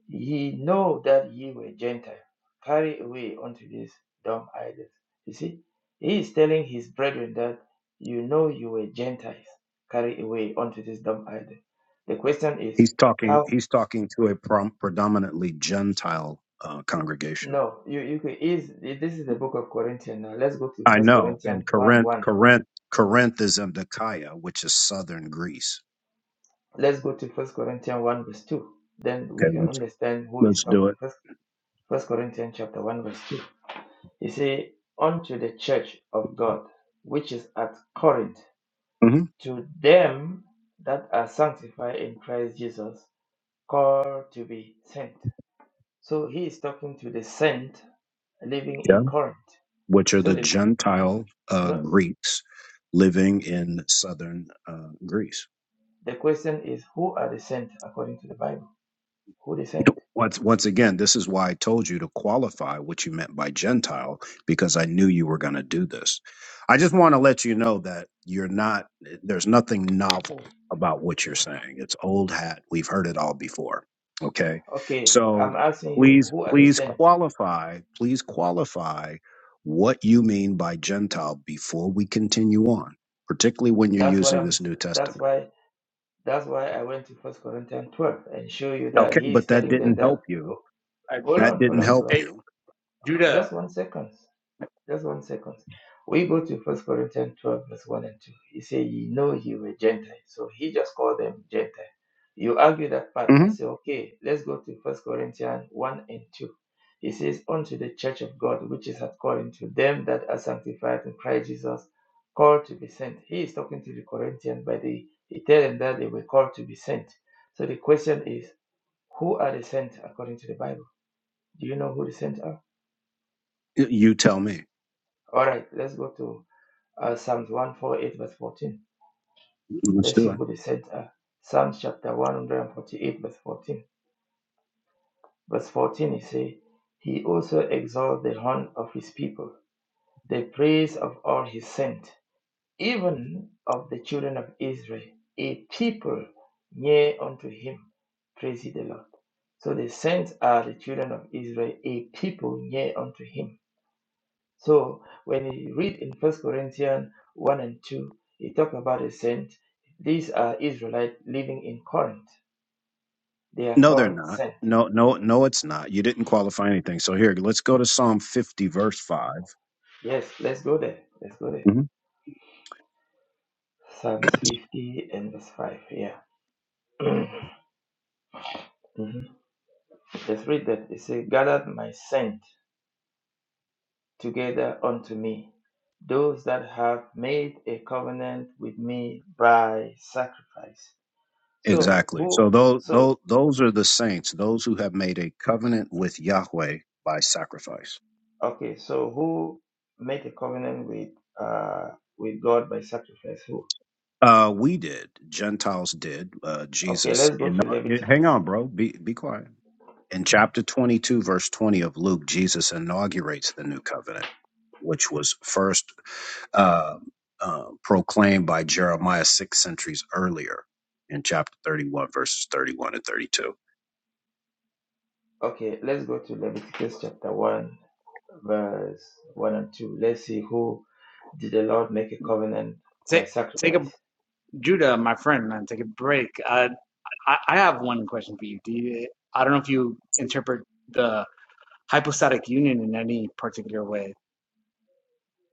[SPEAKER 5] Ye know that ye were Gentile, carried away unto these dumb idols. You see, he is telling his brethren that you know you were Gentiles, carried away unto this dumb idol. The question is,
[SPEAKER 4] He's
[SPEAKER 5] how
[SPEAKER 4] talking he's talking to a prom- predominantly Gentile uh, congregation.
[SPEAKER 5] No, you you can is this is the book of Corinthians now. Let's go to
[SPEAKER 4] I
[SPEAKER 5] First
[SPEAKER 4] know. And
[SPEAKER 5] Corinthians one
[SPEAKER 4] Corinth,
[SPEAKER 5] one.
[SPEAKER 4] Corinth, Corinth is in Achaia, which is southern Greece.
[SPEAKER 5] Let's go to First Corinthians one verse two. Then we
[SPEAKER 4] Okay,
[SPEAKER 5] can
[SPEAKER 4] let's
[SPEAKER 5] understand who is
[SPEAKER 4] let's do
[SPEAKER 5] talking.
[SPEAKER 4] it.
[SPEAKER 5] First First Corinthians chapter one verse two. He say, "Unto the church of God, which is at Corinth,
[SPEAKER 4] hmm
[SPEAKER 5] to them that are sanctified in Christ Jesus, called to be sent." So he is talking to the saint living
[SPEAKER 4] Yeah,
[SPEAKER 5] in Corinth.
[SPEAKER 4] which are
[SPEAKER 5] So
[SPEAKER 4] the
[SPEAKER 5] the
[SPEAKER 4] Gentile uh,
[SPEAKER 5] no,
[SPEAKER 4] Greeks living in southern uh, Greece.
[SPEAKER 5] the question is, who are the saints according to the Bible? Who they sent?
[SPEAKER 4] Once, once again, this is why I told you to qualify what you meant by Gentile, because I knew you were going to do this. I just want to let you know that you're not, there's nothing novel about what you're saying. It's old hat. We've heard it all before. Okay.
[SPEAKER 5] Okay,
[SPEAKER 4] So
[SPEAKER 5] I'm asking you,
[SPEAKER 4] please,
[SPEAKER 5] who are they
[SPEAKER 4] please
[SPEAKER 5] sent?
[SPEAKER 4] qualify, please qualify what you mean by Gentile before we continue on, particularly when you're
[SPEAKER 5] That's what
[SPEAKER 4] using
[SPEAKER 5] I'm.
[SPEAKER 4] this New
[SPEAKER 5] That's
[SPEAKER 4] Testament.
[SPEAKER 5] why. That's why I went to First Corinthians 12 and show you that
[SPEAKER 4] Okay.
[SPEAKER 5] he
[SPEAKER 4] But
[SPEAKER 5] is
[SPEAKER 4] that
[SPEAKER 5] telling them
[SPEAKER 4] didn't
[SPEAKER 5] that.
[SPEAKER 4] help you.
[SPEAKER 5] oh,
[SPEAKER 6] Uh,
[SPEAKER 5] Hold
[SPEAKER 4] That
[SPEAKER 5] on, hold
[SPEAKER 4] didn't
[SPEAKER 5] on,
[SPEAKER 4] help
[SPEAKER 5] bro.
[SPEAKER 6] hey,
[SPEAKER 4] you.
[SPEAKER 6] Judah,
[SPEAKER 5] Just one second. Just one second. We go to First Corinthians 12, verse 1 and 2. He said, Ye know ye were Gentile. So he just called them Gentile. You argue that part.
[SPEAKER 4] Mm-hmm.
[SPEAKER 5] I say, Okay, let's go to First Corinthians 1 and 2. He says, Unto the church of God, which is at Corinth, to them that are sanctified in Christ Jesus, called to be sent. He is talking to the Corinthians, but they, he tell them that they were called to be sent. So the question is, who are the sent according to the Bible? Do you know who the sent are?
[SPEAKER 4] Y- You tell me.
[SPEAKER 5] All right, let's go to uh, Psalms 148, verse 14.
[SPEAKER 4] Let's
[SPEAKER 5] Let's
[SPEAKER 4] do
[SPEAKER 5] see
[SPEAKER 4] it.
[SPEAKER 5] who they said. Uh, Psalms chapter 148, verse 14. Verse 14, he say, He also exalts the horn of his people, the praise of all his saints, even of the children of Israel, a people near unto him. Praise ye the Lord. So the saints are the children of Israel, a people near unto him So when you read in First Corinthians one and two, it talk about a saint. These are Israelites living in Corinth. They are
[SPEAKER 4] No, they're
[SPEAKER 5] called
[SPEAKER 4] not.
[SPEAKER 5] saint.
[SPEAKER 4] No, no, no, it's not. You didn't qualify anything. So here, let's go to Psalm 50, verse 5.
[SPEAKER 5] Yes, let's go there. Let's go there.
[SPEAKER 4] Mhm.
[SPEAKER 5] Psalms 50 and verse 5. Yeah. Mhm. Let's read that. It says, Gathered my saint together unto me, those that have made a covenant with me by sacrifice. So
[SPEAKER 4] Exactly. So
[SPEAKER 5] who?
[SPEAKER 4] those,
[SPEAKER 5] So.
[SPEAKER 4] those, those are the saints, those who have made a covenant with Yahweh by sacrifice.
[SPEAKER 5] Okay, so who made a covenant with uh with God by sacrifice? Who?
[SPEAKER 4] Uh, we did. Gentiles did. Uh,
[SPEAKER 5] Okay,
[SPEAKER 4] Jesus.
[SPEAKER 5] let's go to
[SPEAKER 4] Inaug- hang
[SPEAKER 5] Leviticus.
[SPEAKER 4] on, bro. Be, be quiet. In
[SPEAKER 5] Mhm.
[SPEAKER 4] chapter 22, verse 20 of Luke, Jesus inaugurates the new covenant, which was first uh, uh, proclaimed by Jeremiah six centuries earlier in chapter 31, verses 31 and 32.
[SPEAKER 5] Okay, let's go to Leviticus chapter one, verse one and two. Let's see who did the Lord make a covenant by
[SPEAKER 6] take take a
[SPEAKER 5] sacrifice.
[SPEAKER 6] Judah, my friend, man, take a break. Uh, I I have one question for you. Do you, I don't know if you interpret the hypostatic union in any particular way.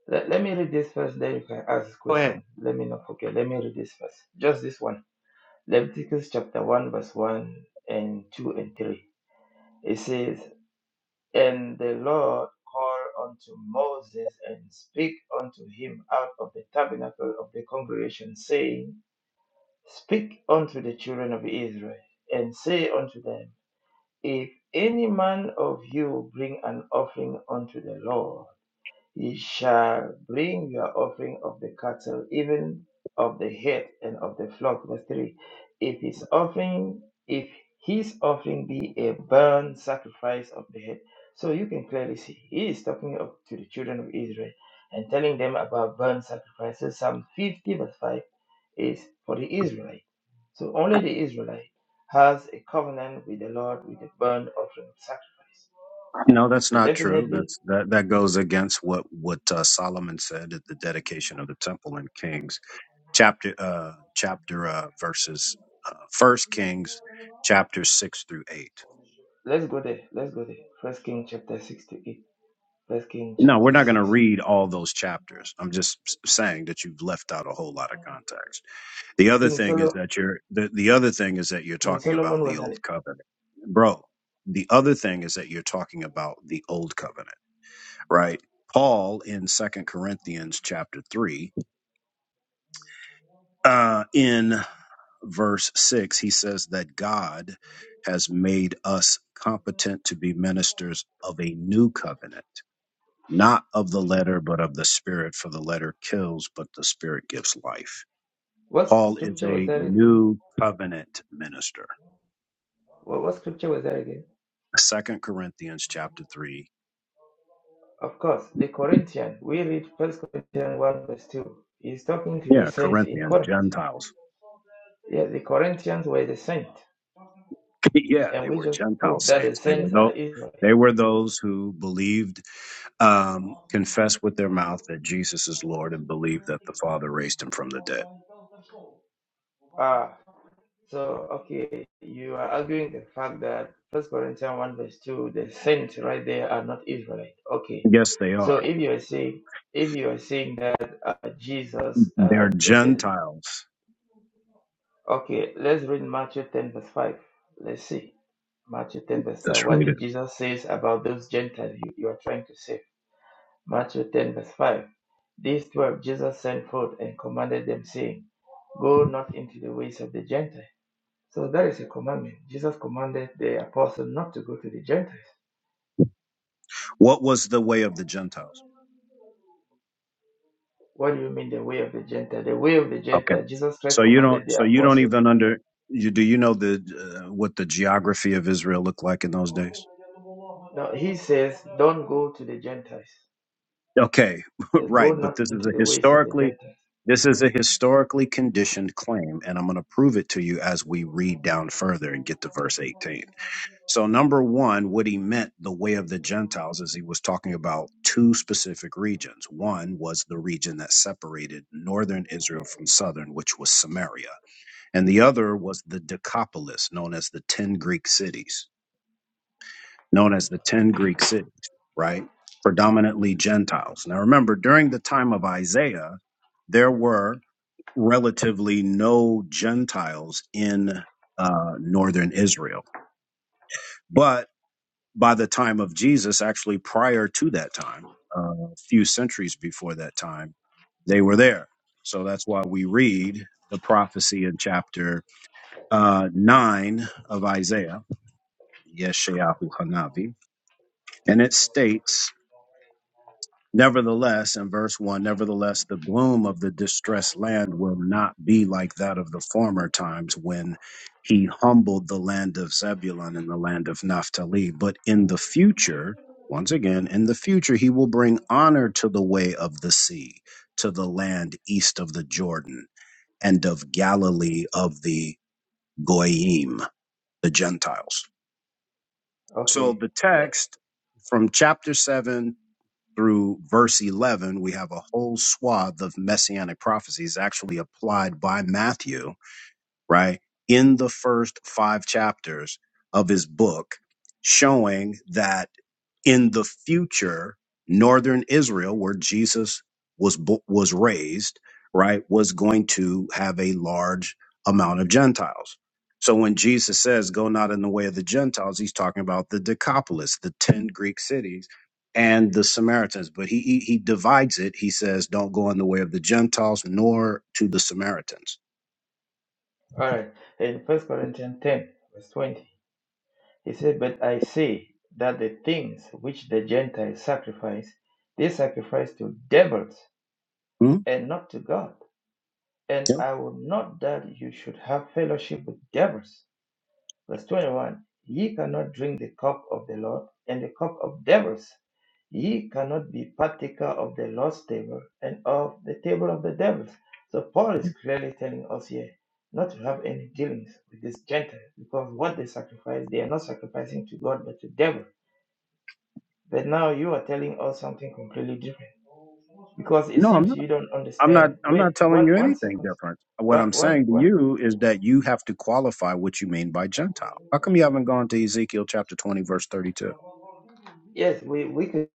[SPEAKER 5] Let, let me read this first, then you can ask this
[SPEAKER 6] Go ahead.
[SPEAKER 5] question. Let me not forget. Let me read this first. Just this one. Leviticus chapter one, verse one and two and three. It says. And the Lord called unto Moses and spake unto him out of the tabernacle of the congregation, saying, Speak unto the children of Israel, and say unto them, If any man of you bring an offering unto the Lord, Ye shall bring your offering of the cattle, even of the head and of the flock. Verse 3. If his offering, if his offering be a burnt sacrifice of the head. So you can clearly see he is talking of, to the children of Israel and telling them about burnt sacrifices. Psalm 50, verse 5 is for the Israelite. So only the Israelite has a covenant with the Lord with a burnt offering of sacrifice.
[SPEAKER 4] No, that's
[SPEAKER 5] So
[SPEAKER 4] not true.
[SPEAKER 5] definitely
[SPEAKER 4] That's that that goes against what what uh, Solomon said at the dedication of the temple in Kings chapter uh chapter uh verses uh, First Kings chapter six through eight.
[SPEAKER 5] Let's go there. Let's go there. First King chapter six to eight. First King
[SPEAKER 4] No, we're
[SPEAKER 5] chapter
[SPEAKER 4] not going
[SPEAKER 5] six.
[SPEAKER 4] to read all those chapters. I'm just s- saying that you've left out a whole lot of context. The other
[SPEAKER 5] King
[SPEAKER 4] thing is
[SPEAKER 5] Solomon.
[SPEAKER 4] that you're the, the other thing is that you're
[SPEAKER 5] King
[SPEAKER 4] talking about
[SPEAKER 5] Solomon
[SPEAKER 4] the
[SPEAKER 5] was
[SPEAKER 4] old
[SPEAKER 5] an.
[SPEAKER 4] covenant, bro. The other thing is that you're talking about the old covenant right? Paul in Second Corinthians chapter 3, uh, in verse 6, he says that God has made us competent to be ministers of a new covenant, not of the letter, but of the spirit, for the letter kills, but the spirit gives life.
[SPEAKER 5] What
[SPEAKER 4] Paul is
[SPEAKER 5] scripture was
[SPEAKER 4] a
[SPEAKER 5] that again?
[SPEAKER 4] new covenant minister.
[SPEAKER 5] What, what scripture was that again?
[SPEAKER 4] Second Corinthians chapter 3.
[SPEAKER 5] Of course, the Corinthian. We read First Corinthians one verse two. He's talking to the
[SPEAKER 4] Yeah,
[SPEAKER 5] saint in
[SPEAKER 4] Corinthians,
[SPEAKER 5] Corinth.
[SPEAKER 4] Gentiles.
[SPEAKER 5] Yeah, the Corinthians were the saint,
[SPEAKER 4] yeah,
[SPEAKER 5] and
[SPEAKER 4] they
[SPEAKER 5] we
[SPEAKER 4] were
[SPEAKER 5] just
[SPEAKER 4] Gentile
[SPEAKER 5] proved that the
[SPEAKER 4] saints. They were
[SPEAKER 5] saints are
[SPEAKER 4] those,
[SPEAKER 5] Israel.
[SPEAKER 4] they were those who believed um, confess with their mouth that Jesus is Lord and believe that the Father raised him from the dead?
[SPEAKER 5] Ah. So, okay, you are arguing the fact that First Corinthians 1 verse 2, the saints right there are not Israelite. Okay,
[SPEAKER 4] Yes, they
[SPEAKER 5] so
[SPEAKER 4] are.
[SPEAKER 5] if you are saying, if you are saying that uh, Jesus, uh,
[SPEAKER 4] They're
[SPEAKER 5] the, the,
[SPEAKER 4] Gentiles.
[SPEAKER 5] okay, let's read Matthew 10 verse 5. Let's see. Matthew 10 verse 5.
[SPEAKER 4] Let's
[SPEAKER 5] What
[SPEAKER 4] read it.
[SPEAKER 5] did Jesus says about those Gentiles you, you are trying to save? Matthew 10 verse 5. These twelve Jesus sent forth and commanded them, saying, Go not into the ways of the Gentiles so that is a commandment. Jesus commanded the apostle not to go to the Gentiles.
[SPEAKER 4] What was the way of the Gentiles?
[SPEAKER 5] What do you mean the way of the Gentile? The way of the
[SPEAKER 4] Okay.
[SPEAKER 5] Gentile, Jesus Christ
[SPEAKER 4] So you don't.
[SPEAKER 5] commanded the
[SPEAKER 4] So you don't
[SPEAKER 5] apostles.
[SPEAKER 4] even under. You do you know the uh, what the geography of Israel looked like in those days?
[SPEAKER 5] Now he says, Don't go to the Gentiles.
[SPEAKER 4] Okay,
[SPEAKER 5] He said, Go
[SPEAKER 4] right. But
[SPEAKER 5] not
[SPEAKER 4] this is
[SPEAKER 5] into
[SPEAKER 4] a
[SPEAKER 5] the ways of the
[SPEAKER 4] historically.
[SPEAKER 5] Gentiles.
[SPEAKER 4] This is a historically conditioned claim, and I'm going to prove it to you as we read down further and get to verse 18. So, number one, what he meant the way of the Gentiles is he was talking about two specific regions. One was the region that separated northern Israel from southern, which was Samaria. And the other was the Decapolis, known as the 10 Greek cities, known as the 10 Greek cities, right? Predominantly Gentiles. Now, remember, during the time of Isaiah, there were relatively no Gentiles in uh, northern Israel. But by the time of Jesus, actually prior to that time, uh, a few centuries before that time, they were there. So that's why we read the prophecy in chapter uh, 9 of Isaiah, Yeshayahu Hanavi, and it states Nevertheless, in verse 1, nevertheless, the gloom of the distressed land will not be like that of the former times when he humbled the land of Zebulun and the land of Naphtali. But in the future, once again, in the future, he will bring honor to the way of the sea, to the land east of the Jordan and of Galilee of the Goyim, the Gentiles. So
[SPEAKER 5] Okay.
[SPEAKER 4] the text from chapter 7 through verse 11, we have a whole swath of messianic prophecies actually applied by Matthew right, in the first five chapters of his book, showing that in the future, northern Israel, where Jesus was bo- was raised, right, was going to have a large amount of Gentiles. So when Jesus says, "Go not in the way of the Gentiles," he's talking about the Decapolis, the ten Greek cities, and the Samaritans. But he he, he divides it. He says, "Don't go in the way of the Gentiles, nor to the Samaritans."
[SPEAKER 5] All right. In First Corinthians 10, verse 20, he said, But I say that the things which the Gentiles sacrifice, they sacrifice to devils
[SPEAKER 4] Hmm?
[SPEAKER 5] and not to God. And I would not that you should have fellowship with devils. Verse 21 Ye cannot drink the cup of the Lord and the cup of devils. Ye cannot be partaker of the Lord's table and of the table of the devils. So Paul is clearly telling us here not to have any dealings with these Gentiles because what they sacrifice, they are not sacrificing to God but to devil. But now you are telling us something completely different because it
[SPEAKER 4] No, I'm
[SPEAKER 5] seems
[SPEAKER 4] not.
[SPEAKER 5] you don't
[SPEAKER 4] I'm not.
[SPEAKER 5] understand.
[SPEAKER 4] I'm
[SPEAKER 5] Wait,
[SPEAKER 4] not telling
[SPEAKER 5] one
[SPEAKER 4] you
[SPEAKER 5] one
[SPEAKER 4] anything
[SPEAKER 5] second.
[SPEAKER 4] different. What
[SPEAKER 5] One
[SPEAKER 4] I'm
[SPEAKER 5] one
[SPEAKER 4] saying to
[SPEAKER 5] one.
[SPEAKER 4] you is that you have to qualify what you mean by Gentile. How come you haven't gone to Ezekiel chapter 20, verse 32?
[SPEAKER 5] Yes, we we could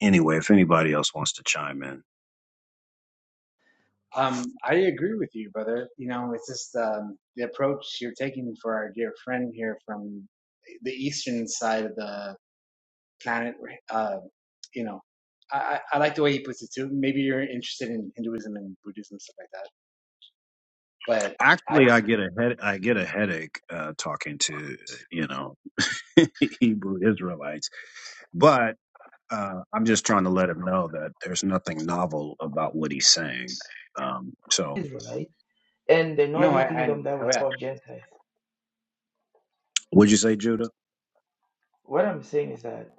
[SPEAKER 4] Anyway, if anybody else wants to chime in,
[SPEAKER 6] Um, I agree with you, brother. You know, it's just um, the approach you're taking for our dear friend here from the eastern side of the planet. Uh, you know, I, I like the way he puts it too. Maybe you're interested in Hinduism and Buddhism stuff like that, but I
[SPEAKER 4] actually, I get a head. I get a headache uh, talking to uh, you know Hebrew Israelites, but uh, I'm just trying to let him know that there's nothing novel about what he's saying. Um, so,
[SPEAKER 5] Israelite. and the
[SPEAKER 6] no, I,
[SPEAKER 5] northern
[SPEAKER 6] I
[SPEAKER 5] kingdom that we
[SPEAKER 6] oh yeah.
[SPEAKER 5] call Gentiles.
[SPEAKER 4] would you say Judah?
[SPEAKER 5] What I'm saying is that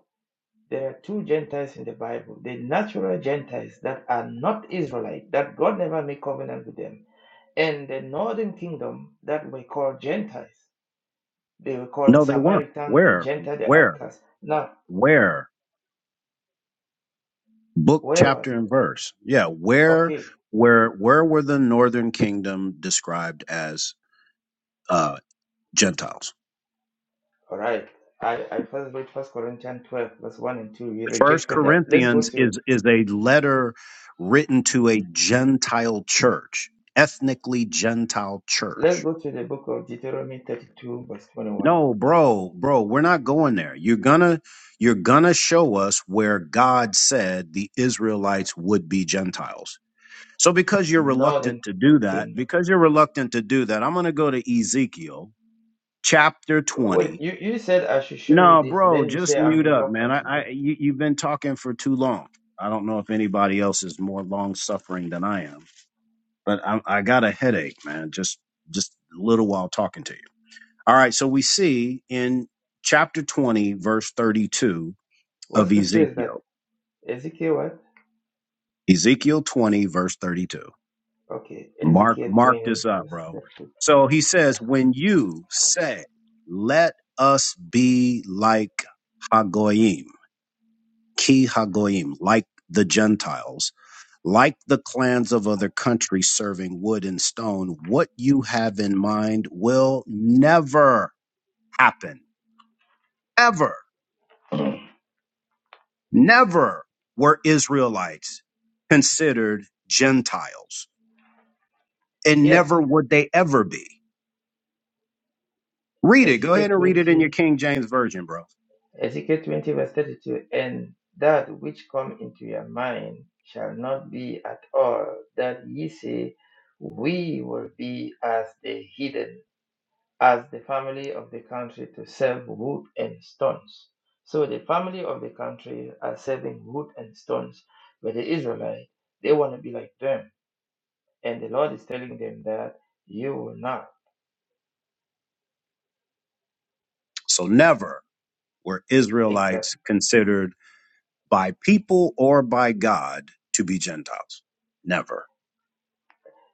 [SPEAKER 5] there are two Gentiles in the Bible the natural Gentiles that are not Israelite, that God never made covenant with them, and the northern kingdom that we call Gentiles. They were called the
[SPEAKER 4] No, they weren't.
[SPEAKER 5] Samaritan, the
[SPEAKER 4] Where?
[SPEAKER 5] Gentile, the
[SPEAKER 4] Where?
[SPEAKER 5] outcast. Now,
[SPEAKER 4] Where? book
[SPEAKER 5] where what?
[SPEAKER 4] chapter and verse yeah where
[SPEAKER 5] Okay,
[SPEAKER 4] where where were the northern kingdom described as uh gentiles
[SPEAKER 5] all right. I, I first read First Corinthians 12, verse 1 and 2. We
[SPEAKER 4] first
[SPEAKER 5] rejected that. Let's go
[SPEAKER 4] corinthians
[SPEAKER 5] to
[SPEAKER 4] is is a letter written to a gentile church ethnically gentile
[SPEAKER 5] let's
[SPEAKER 4] church
[SPEAKER 5] go to the book of Deuteronomy 32, verse 21.
[SPEAKER 4] no bro bro we're not going there you're gonna you're gonna show us where god said the israelites would be gentiles so because you're reluctant
[SPEAKER 5] Northern
[SPEAKER 4] to do that
[SPEAKER 5] kingdom.
[SPEAKER 4] because you're reluctant to do that i'm gonna go to ezekiel chapter
[SPEAKER 5] Well,
[SPEAKER 4] 20.
[SPEAKER 5] you, you said I should show you
[SPEAKER 4] No,
[SPEAKER 5] this, and
[SPEAKER 4] bro,
[SPEAKER 5] then you
[SPEAKER 4] just
[SPEAKER 5] say I'm
[SPEAKER 4] mute up, man.
[SPEAKER 5] reluctant
[SPEAKER 4] I,
[SPEAKER 5] to do.
[SPEAKER 4] I you, you've been talking for too long. I don't know if anybody else is more long suffering than I am, but I, I got a headache, man. Just just a little while talking to you. All right, so we see in chapter 20, verse 32
[SPEAKER 5] What
[SPEAKER 4] of
[SPEAKER 5] scripture is that?
[SPEAKER 4] Ezekiel.
[SPEAKER 5] Ezekiel what?
[SPEAKER 4] Ezekiel 20, verse 32.
[SPEAKER 5] Okay,
[SPEAKER 4] Mark
[SPEAKER 5] Ezekiel
[SPEAKER 4] mark
[SPEAKER 5] 20,
[SPEAKER 4] this up, bro.
[SPEAKER 5] verse
[SPEAKER 4] So he says, When you say, Let us be like Hagoyim ki hagoyim, like the Gentiles, like the clans of other countries serving wood and stone, what you have in mind will never happen. Ever,
[SPEAKER 5] 32.
[SPEAKER 4] never were Israelites considered Gentiles, and
[SPEAKER 5] yes,
[SPEAKER 4] never would they ever be. Read it. Go
[SPEAKER 5] Ezekiel
[SPEAKER 4] ahead and read it in your
[SPEAKER 5] 20,
[SPEAKER 4] King James Version, bro.
[SPEAKER 5] Ezekiel 20, verse 32. And that which come into your mind shall not be at all that ye say, we will be as the heathen. as the family of the country to serve wood and stones. So the family of the country are serving wood and stones, but the Israelite, they want to be like them. And the Lord is telling them that you will not.
[SPEAKER 4] So, never were Israelites
[SPEAKER 5] Exactly.
[SPEAKER 4] considered by people or by God to be Gentiles. Never.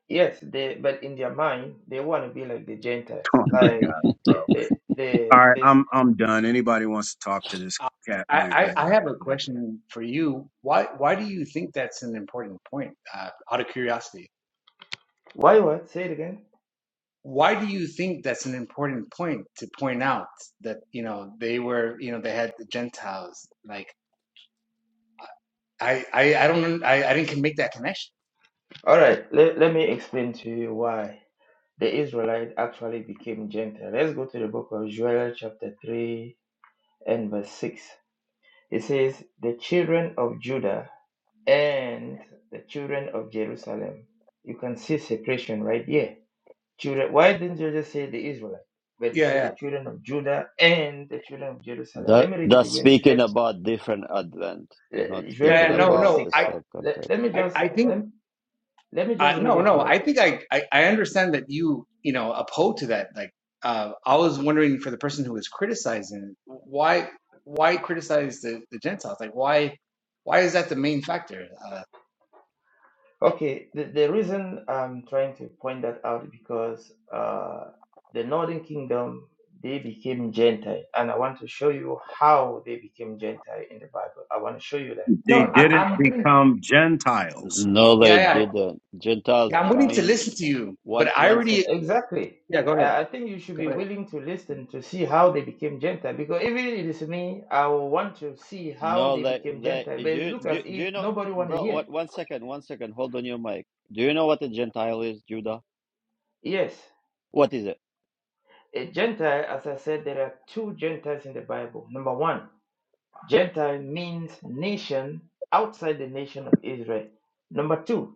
[SPEAKER 5] Yes, they but in their mind they want to be like the Gentiles.
[SPEAKER 4] Oh my
[SPEAKER 5] Like
[SPEAKER 4] God,
[SPEAKER 5] the
[SPEAKER 4] bro.
[SPEAKER 5] the the
[SPEAKER 4] All right,
[SPEAKER 5] this
[SPEAKER 4] I'm I'm done. Anybody wants to talk to this
[SPEAKER 6] Uh,
[SPEAKER 4] cat, man, go
[SPEAKER 6] I,
[SPEAKER 4] ahead.
[SPEAKER 6] I, I have a question for you. Why why do you think that's an important point? Uh, out of curiosity,
[SPEAKER 5] why what? Say it again.
[SPEAKER 6] why do you think that's an important point to point out that you know they were you know they had the Gentiles? Like I I, I don't I, I didn't make that connection.
[SPEAKER 5] Alright, let, let me explain to you why the Israelite actually became Gentile. Let's go to the book of Joel chapter three and verse 6. It says, The children of Judah and the children of Jerusalem. You can see separation right there. Children, why didn't you just say the Israelite? But it
[SPEAKER 6] Yeah
[SPEAKER 5] said
[SPEAKER 6] yeah
[SPEAKER 5] the children of Judah and the children of Jerusalem. Let
[SPEAKER 2] That
[SPEAKER 5] me read it
[SPEAKER 2] that's
[SPEAKER 5] again. Joel,
[SPEAKER 2] speaking about different Advent. It's not
[SPEAKER 5] uh, Joel
[SPEAKER 6] yeah
[SPEAKER 2] speaking
[SPEAKER 6] yeah,
[SPEAKER 5] 3
[SPEAKER 6] no
[SPEAKER 5] verse
[SPEAKER 2] about
[SPEAKER 6] no
[SPEAKER 2] the
[SPEAKER 5] 6.
[SPEAKER 6] I
[SPEAKER 2] same
[SPEAKER 5] Let, let
[SPEAKER 2] context.
[SPEAKER 5] me
[SPEAKER 6] I,
[SPEAKER 5] just
[SPEAKER 6] I think.
[SPEAKER 5] let, let me
[SPEAKER 6] Uh,
[SPEAKER 5] just read
[SPEAKER 6] no,
[SPEAKER 5] it,
[SPEAKER 6] no.
[SPEAKER 5] bro.
[SPEAKER 6] I think I, I I understand that you you know oppose to that. Like uh, I was wondering for the person who was criticizing why why criticize the, the Gentiles? Like why why is that the main factor? Uh,
[SPEAKER 5] Okay, the, the reason I'm trying to point that out is because uh, the Northern Kingdom they became Gentile, and I want to show you how they became Gentile in the Bible. I want to show you that,
[SPEAKER 6] no,
[SPEAKER 4] They
[SPEAKER 5] all
[SPEAKER 6] I,
[SPEAKER 5] right?
[SPEAKER 4] didn't
[SPEAKER 6] I'm willing.
[SPEAKER 4] become Gentiles.
[SPEAKER 2] No,
[SPEAKER 6] Yeah,
[SPEAKER 2] they
[SPEAKER 6] yeah,
[SPEAKER 2] didn't. Gentiles
[SPEAKER 6] yeah. I'm willing to
[SPEAKER 2] mean
[SPEAKER 6] listen to you, but
[SPEAKER 2] one
[SPEAKER 6] I
[SPEAKER 2] one sec.
[SPEAKER 6] already.
[SPEAKER 5] Exactly.
[SPEAKER 6] Yeah, go ahead.
[SPEAKER 5] Uh, I think you should
[SPEAKER 6] Go
[SPEAKER 5] be
[SPEAKER 6] ahead.
[SPEAKER 5] willing to listen to see how they became Gentile because even if it is me, I will want to see how
[SPEAKER 2] No,
[SPEAKER 5] they
[SPEAKER 2] they
[SPEAKER 5] became Gentile.
[SPEAKER 2] they
[SPEAKER 5] But it
[SPEAKER 2] do
[SPEAKER 5] looks as
[SPEAKER 2] do do
[SPEAKER 5] if
[SPEAKER 2] you know,
[SPEAKER 5] nobody want to
[SPEAKER 2] bro?
[SPEAKER 5] hear.
[SPEAKER 2] What one second? One second. Hold on your mic. Do you know what a Gentile is, Judah?
[SPEAKER 5] Yes,
[SPEAKER 2] What is it?
[SPEAKER 5] a Gentile, as I said, there are two Gentiles in the Bible. Number one. Gentile means nation outside the nation of Israel. Number two,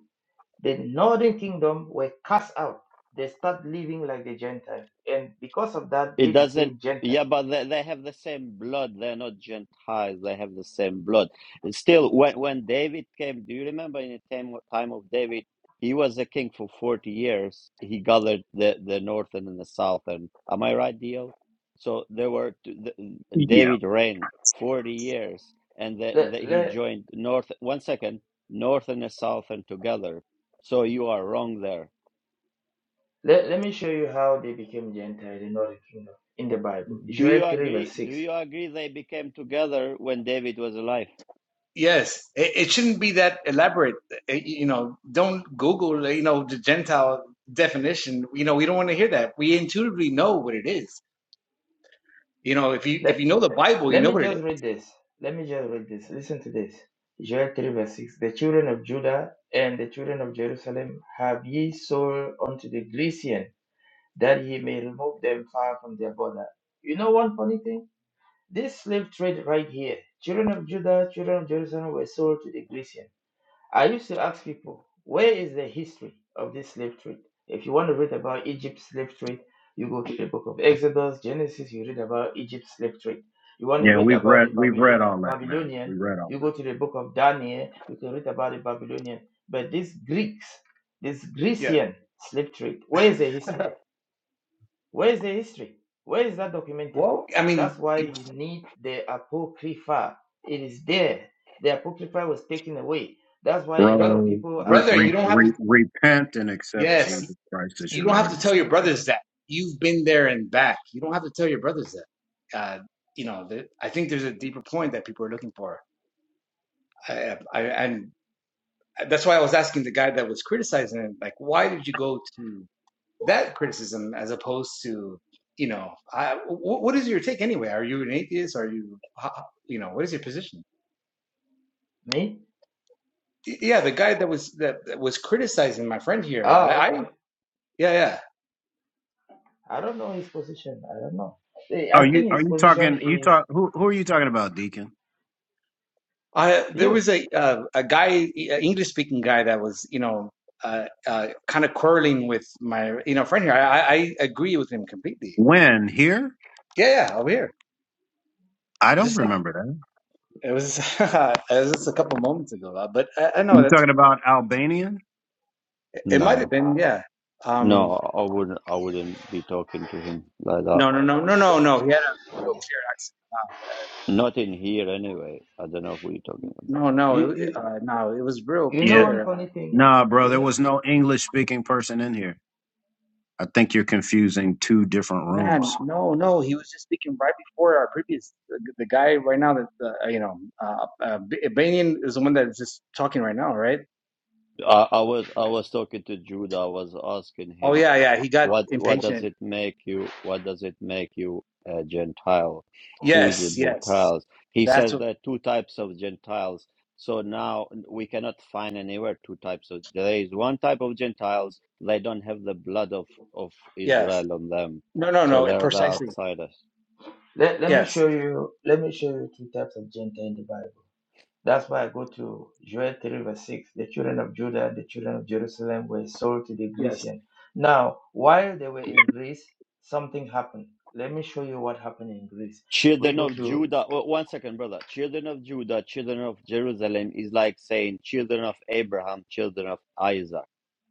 [SPEAKER 5] the northern kingdom were cast out. They start living like the Gentiles. And because of that, they
[SPEAKER 2] It doesn't.
[SPEAKER 5] became Gentile.
[SPEAKER 2] Yeah, but they, they have the same blood. They're not Gentiles. They have the same blood. It's Still, when when David came, do you remember in the time, time of David, he was a king for forty years. He gathered the the northern and the southern. Am I right, Dio? So there were t- the,
[SPEAKER 4] Yeah.
[SPEAKER 2] David reigned forty years, and the,
[SPEAKER 5] Let,
[SPEAKER 2] the, he
[SPEAKER 5] let,
[SPEAKER 2] joined north. One second, northern and southern together. So you are wrong there
[SPEAKER 5] let, let me show you how they became Gentile, the northern kingdom, in the Bible.
[SPEAKER 2] Do
[SPEAKER 5] Joel
[SPEAKER 2] you
[SPEAKER 5] 3, verse
[SPEAKER 2] agree? Do
[SPEAKER 5] 6.
[SPEAKER 2] you agree they became together when David was alive?
[SPEAKER 6] Yes, it, it shouldn't be that elaborate. It- you know, don't Google. You know, the Gentile definition. You know, we don't want to hear that. We intuitively know what it is. You know, if you if
[SPEAKER 5] Let,
[SPEAKER 6] you know the Bible, you
[SPEAKER 5] let
[SPEAKER 6] know
[SPEAKER 5] me
[SPEAKER 6] what it is.
[SPEAKER 5] just read this. Let me just read this. Listen to this. Joel 3, verse 6. The children of Judah and the children of Jerusalem have ye sold unto the Grecian that he may remove them far from their border. You know one funny thing? This slave trade right here, children of Judah, children of Jerusalem were sold to the Grecian. I used to ask people, where is the history of this slave trade? If you want to read about Egypt's slave trade, you go to the book of Exodus, Genesis, you read about Egypt's slave trade. You want to
[SPEAKER 4] Yeah,
[SPEAKER 5] read
[SPEAKER 4] we've
[SPEAKER 5] about
[SPEAKER 4] read
[SPEAKER 5] the
[SPEAKER 4] we've read
[SPEAKER 5] Babylon-
[SPEAKER 4] all that, man. We
[SPEAKER 5] Babylonian,
[SPEAKER 4] read all
[SPEAKER 5] you go
[SPEAKER 4] that.
[SPEAKER 5] to the book of Daniel, you can read about the Babylonian. But these Greeks, this
[SPEAKER 6] Yeah.
[SPEAKER 5] Grecian slave trade, where is the history? Where is the history? Where is that documented?
[SPEAKER 6] Well, I
[SPEAKER 5] That's
[SPEAKER 6] mean,
[SPEAKER 5] why you need the Apocrypha. It is there. The Apocrypha was taken away. That's why a lot
[SPEAKER 6] brother,
[SPEAKER 5] of
[SPEAKER 4] Bro,
[SPEAKER 5] people
[SPEAKER 4] re,
[SPEAKER 5] are
[SPEAKER 6] brother,
[SPEAKER 4] re,
[SPEAKER 6] you
[SPEAKER 5] so.
[SPEAKER 6] don't have
[SPEAKER 4] re,
[SPEAKER 6] to.
[SPEAKER 4] repent and accept
[SPEAKER 6] Yes,
[SPEAKER 4] Jesus Christ as
[SPEAKER 6] you
[SPEAKER 4] your
[SPEAKER 6] don't
[SPEAKER 4] Lord
[SPEAKER 6] have to
[SPEAKER 4] and
[SPEAKER 6] tell your
[SPEAKER 4] Savior.
[SPEAKER 6] brothers that you've been there and back. You don't have to tell your brothers that. Uh, you know, the, I think there's a deeper point that people are looking for. I, I, and that's why I was asking the guy that was criticizing him, like, why did you go to that criticism as opposed to, you know, I, w- what is your take anyway? Are you an atheist? Are you, you know, what is your position?
[SPEAKER 5] Me?
[SPEAKER 6] yeah, the guy that was that, that was criticizing my friend here.
[SPEAKER 5] Ah,
[SPEAKER 6] I, I
[SPEAKER 5] okay.
[SPEAKER 6] yeah, yeah.
[SPEAKER 5] I don't know his position. I don't know. Eh,
[SPEAKER 4] Oh,
[SPEAKER 5] I
[SPEAKER 4] you
[SPEAKER 5] think
[SPEAKER 4] are
[SPEAKER 5] his
[SPEAKER 4] you
[SPEAKER 5] position
[SPEAKER 4] talking you
[SPEAKER 5] is
[SPEAKER 4] talk who who are you talking about, Deacon?
[SPEAKER 6] I there
[SPEAKER 5] you.
[SPEAKER 6] was a uh, a guy, English speaking guy, that was you know uh, uh, kind of quarreling with my you know friend here. I, I I agree with him completely.
[SPEAKER 4] When? Here?
[SPEAKER 6] Yeah, yeah, over here.
[SPEAKER 4] I don't
[SPEAKER 6] Just like
[SPEAKER 4] remember that.
[SPEAKER 6] it was, it was just a couple moments ago. uh, But I, I know
[SPEAKER 4] You
[SPEAKER 6] that's
[SPEAKER 4] talking about Albanian?
[SPEAKER 6] it might have
[SPEAKER 2] No,
[SPEAKER 6] been yeah.
[SPEAKER 2] no,
[SPEAKER 6] Um,
[SPEAKER 2] I wouldn't. I wouldn't be talking to him like that.
[SPEAKER 6] no, no, no, no, no, no. He had a real clear accent.
[SPEAKER 2] Not in here, anyway. I don't know who you're talking about.
[SPEAKER 6] No,
[SPEAKER 5] You,
[SPEAKER 6] no, it,
[SPEAKER 5] you,
[SPEAKER 6] uh, no. It was real
[SPEAKER 5] you know
[SPEAKER 4] Yeah.
[SPEAKER 5] one
[SPEAKER 6] clear. Uh,
[SPEAKER 5] funny thing?
[SPEAKER 4] Nah, bro,
[SPEAKER 5] You
[SPEAKER 4] there
[SPEAKER 5] know,
[SPEAKER 4] was no English speaking person in here. I think you're confusing two different
[SPEAKER 6] Man,
[SPEAKER 4] rooms.
[SPEAKER 6] no, no, he was just speaking right before our previous the, the guy right now that uh, you know, uh, uh, B- is the one that's just talking right now, right?
[SPEAKER 2] I, I was I was talking to Judah. I was asking
[SPEAKER 6] Oh
[SPEAKER 2] him,
[SPEAKER 6] yeah, yeah,
[SPEAKER 2] uh,
[SPEAKER 6] he got
[SPEAKER 2] what what does
[SPEAKER 6] impatient.
[SPEAKER 2] it make you? What does it make you a Gentile? Who is the
[SPEAKER 6] Yes, yes,
[SPEAKER 2] Gentiles? He
[SPEAKER 6] that's
[SPEAKER 2] says
[SPEAKER 6] what.
[SPEAKER 2] there are two types of Gentiles. So now we cannot find anywhere two types of. There is one type of Gentiles. They don't have the blood of of
[SPEAKER 6] Yes,
[SPEAKER 2] Israel on them,
[SPEAKER 6] no, no,
[SPEAKER 2] so
[SPEAKER 6] no,
[SPEAKER 2] they're the
[SPEAKER 6] precisely.
[SPEAKER 2] outsiders.
[SPEAKER 5] let, let me
[SPEAKER 6] Yes,
[SPEAKER 5] show you. Let me show you two types of Gentile in the Bible. That's why I go to Joel 3 verse 6. The children of Judah the children of Jerusalem were sold to the
[SPEAKER 6] yes,
[SPEAKER 5] Grecian. Now, while they were in Greece, something happened. Let me show you what happened in Greece. We
[SPEAKER 2] Children
[SPEAKER 5] go
[SPEAKER 2] of
[SPEAKER 5] to
[SPEAKER 2] Judah. o- One second, brother. Children of Judah, children of Jerusalem is like saying children of Abraham, children of Isaac.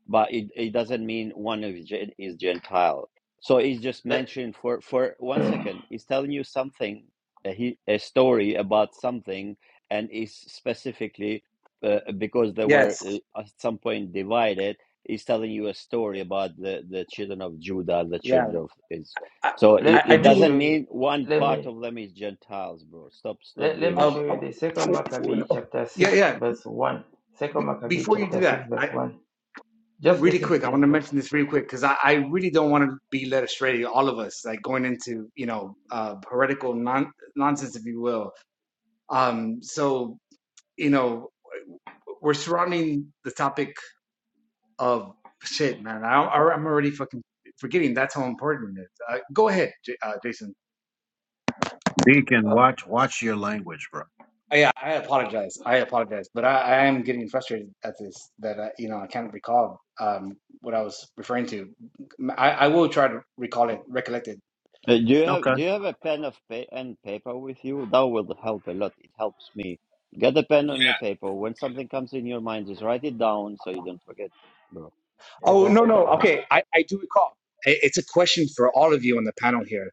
[SPEAKER 2] But it, it doesn't mean one of Gen- is Gentile. So it's just
[SPEAKER 5] let,
[SPEAKER 2] mentioned for, for one second. It's telling you something, a, he- a story about something, and is specifically uh, because they were
[SPEAKER 6] yes,
[SPEAKER 2] uh, at some point divided. Is telling you a story about the, the children of Judah, the
[SPEAKER 6] yeah.
[SPEAKER 2] children of Israel.
[SPEAKER 6] I,
[SPEAKER 2] So
[SPEAKER 6] I,
[SPEAKER 2] it,
[SPEAKER 5] let,
[SPEAKER 6] I
[SPEAKER 2] it
[SPEAKER 5] let me
[SPEAKER 6] do.
[SPEAKER 5] show
[SPEAKER 2] doesn't
[SPEAKER 5] you
[SPEAKER 2] mean one
[SPEAKER 5] let
[SPEAKER 2] part
[SPEAKER 5] me
[SPEAKER 2] of them is Gentiles, bro. Stop, stop
[SPEAKER 5] let, let
[SPEAKER 2] doing
[SPEAKER 5] me
[SPEAKER 2] that.
[SPEAKER 6] Um,
[SPEAKER 5] show you
[SPEAKER 6] oh,
[SPEAKER 5] the second
[SPEAKER 6] oh, oh,
[SPEAKER 5] Maccabee
[SPEAKER 6] no.
[SPEAKER 5] chapter
[SPEAKER 6] yeah,
[SPEAKER 5] 6
[SPEAKER 6] yeah.
[SPEAKER 5] verse 1.
[SPEAKER 6] Be-
[SPEAKER 5] Second Maccabee
[SPEAKER 6] before you do
[SPEAKER 5] chapter
[SPEAKER 6] that,
[SPEAKER 5] 6
[SPEAKER 6] I,
[SPEAKER 5] verse 1. Just
[SPEAKER 6] really
[SPEAKER 5] listen to
[SPEAKER 6] quick, I
[SPEAKER 5] this
[SPEAKER 6] want to
[SPEAKER 5] verse.
[SPEAKER 6] mention this really quick because I, I really don't want to be led astray. All of us, like going into you know uh, heretical non- nonsense, if you will. Um, so you know, we're surrounding the topic of shit, man. I, I- I'm already fucking forgetting. That's how important it is. Uh, go ahead, J- uh, Jason.
[SPEAKER 4] Deacon,
[SPEAKER 5] Oh,
[SPEAKER 4] watch watch your language, bro.
[SPEAKER 6] I, I apologize. I apologize, but I, I am getting frustrated at this. That I, you know, I can't recall um, what I was referring to. I, I will try to recall it, recollect it
[SPEAKER 2] Uh, do you have
[SPEAKER 4] Okay.
[SPEAKER 2] Do you have a pen of pa- and paper with you? That will help a lot. It helps me. Get a pen
[SPEAKER 7] Yeah.
[SPEAKER 2] and a paper. When something comes in your mind, just write it down so you don't forget, bro.
[SPEAKER 6] Oh, no,
[SPEAKER 5] exactly.
[SPEAKER 2] That
[SPEAKER 6] no.
[SPEAKER 2] helps.
[SPEAKER 6] Okay. I, I do recall. I- It's a question for all of you on the panel here.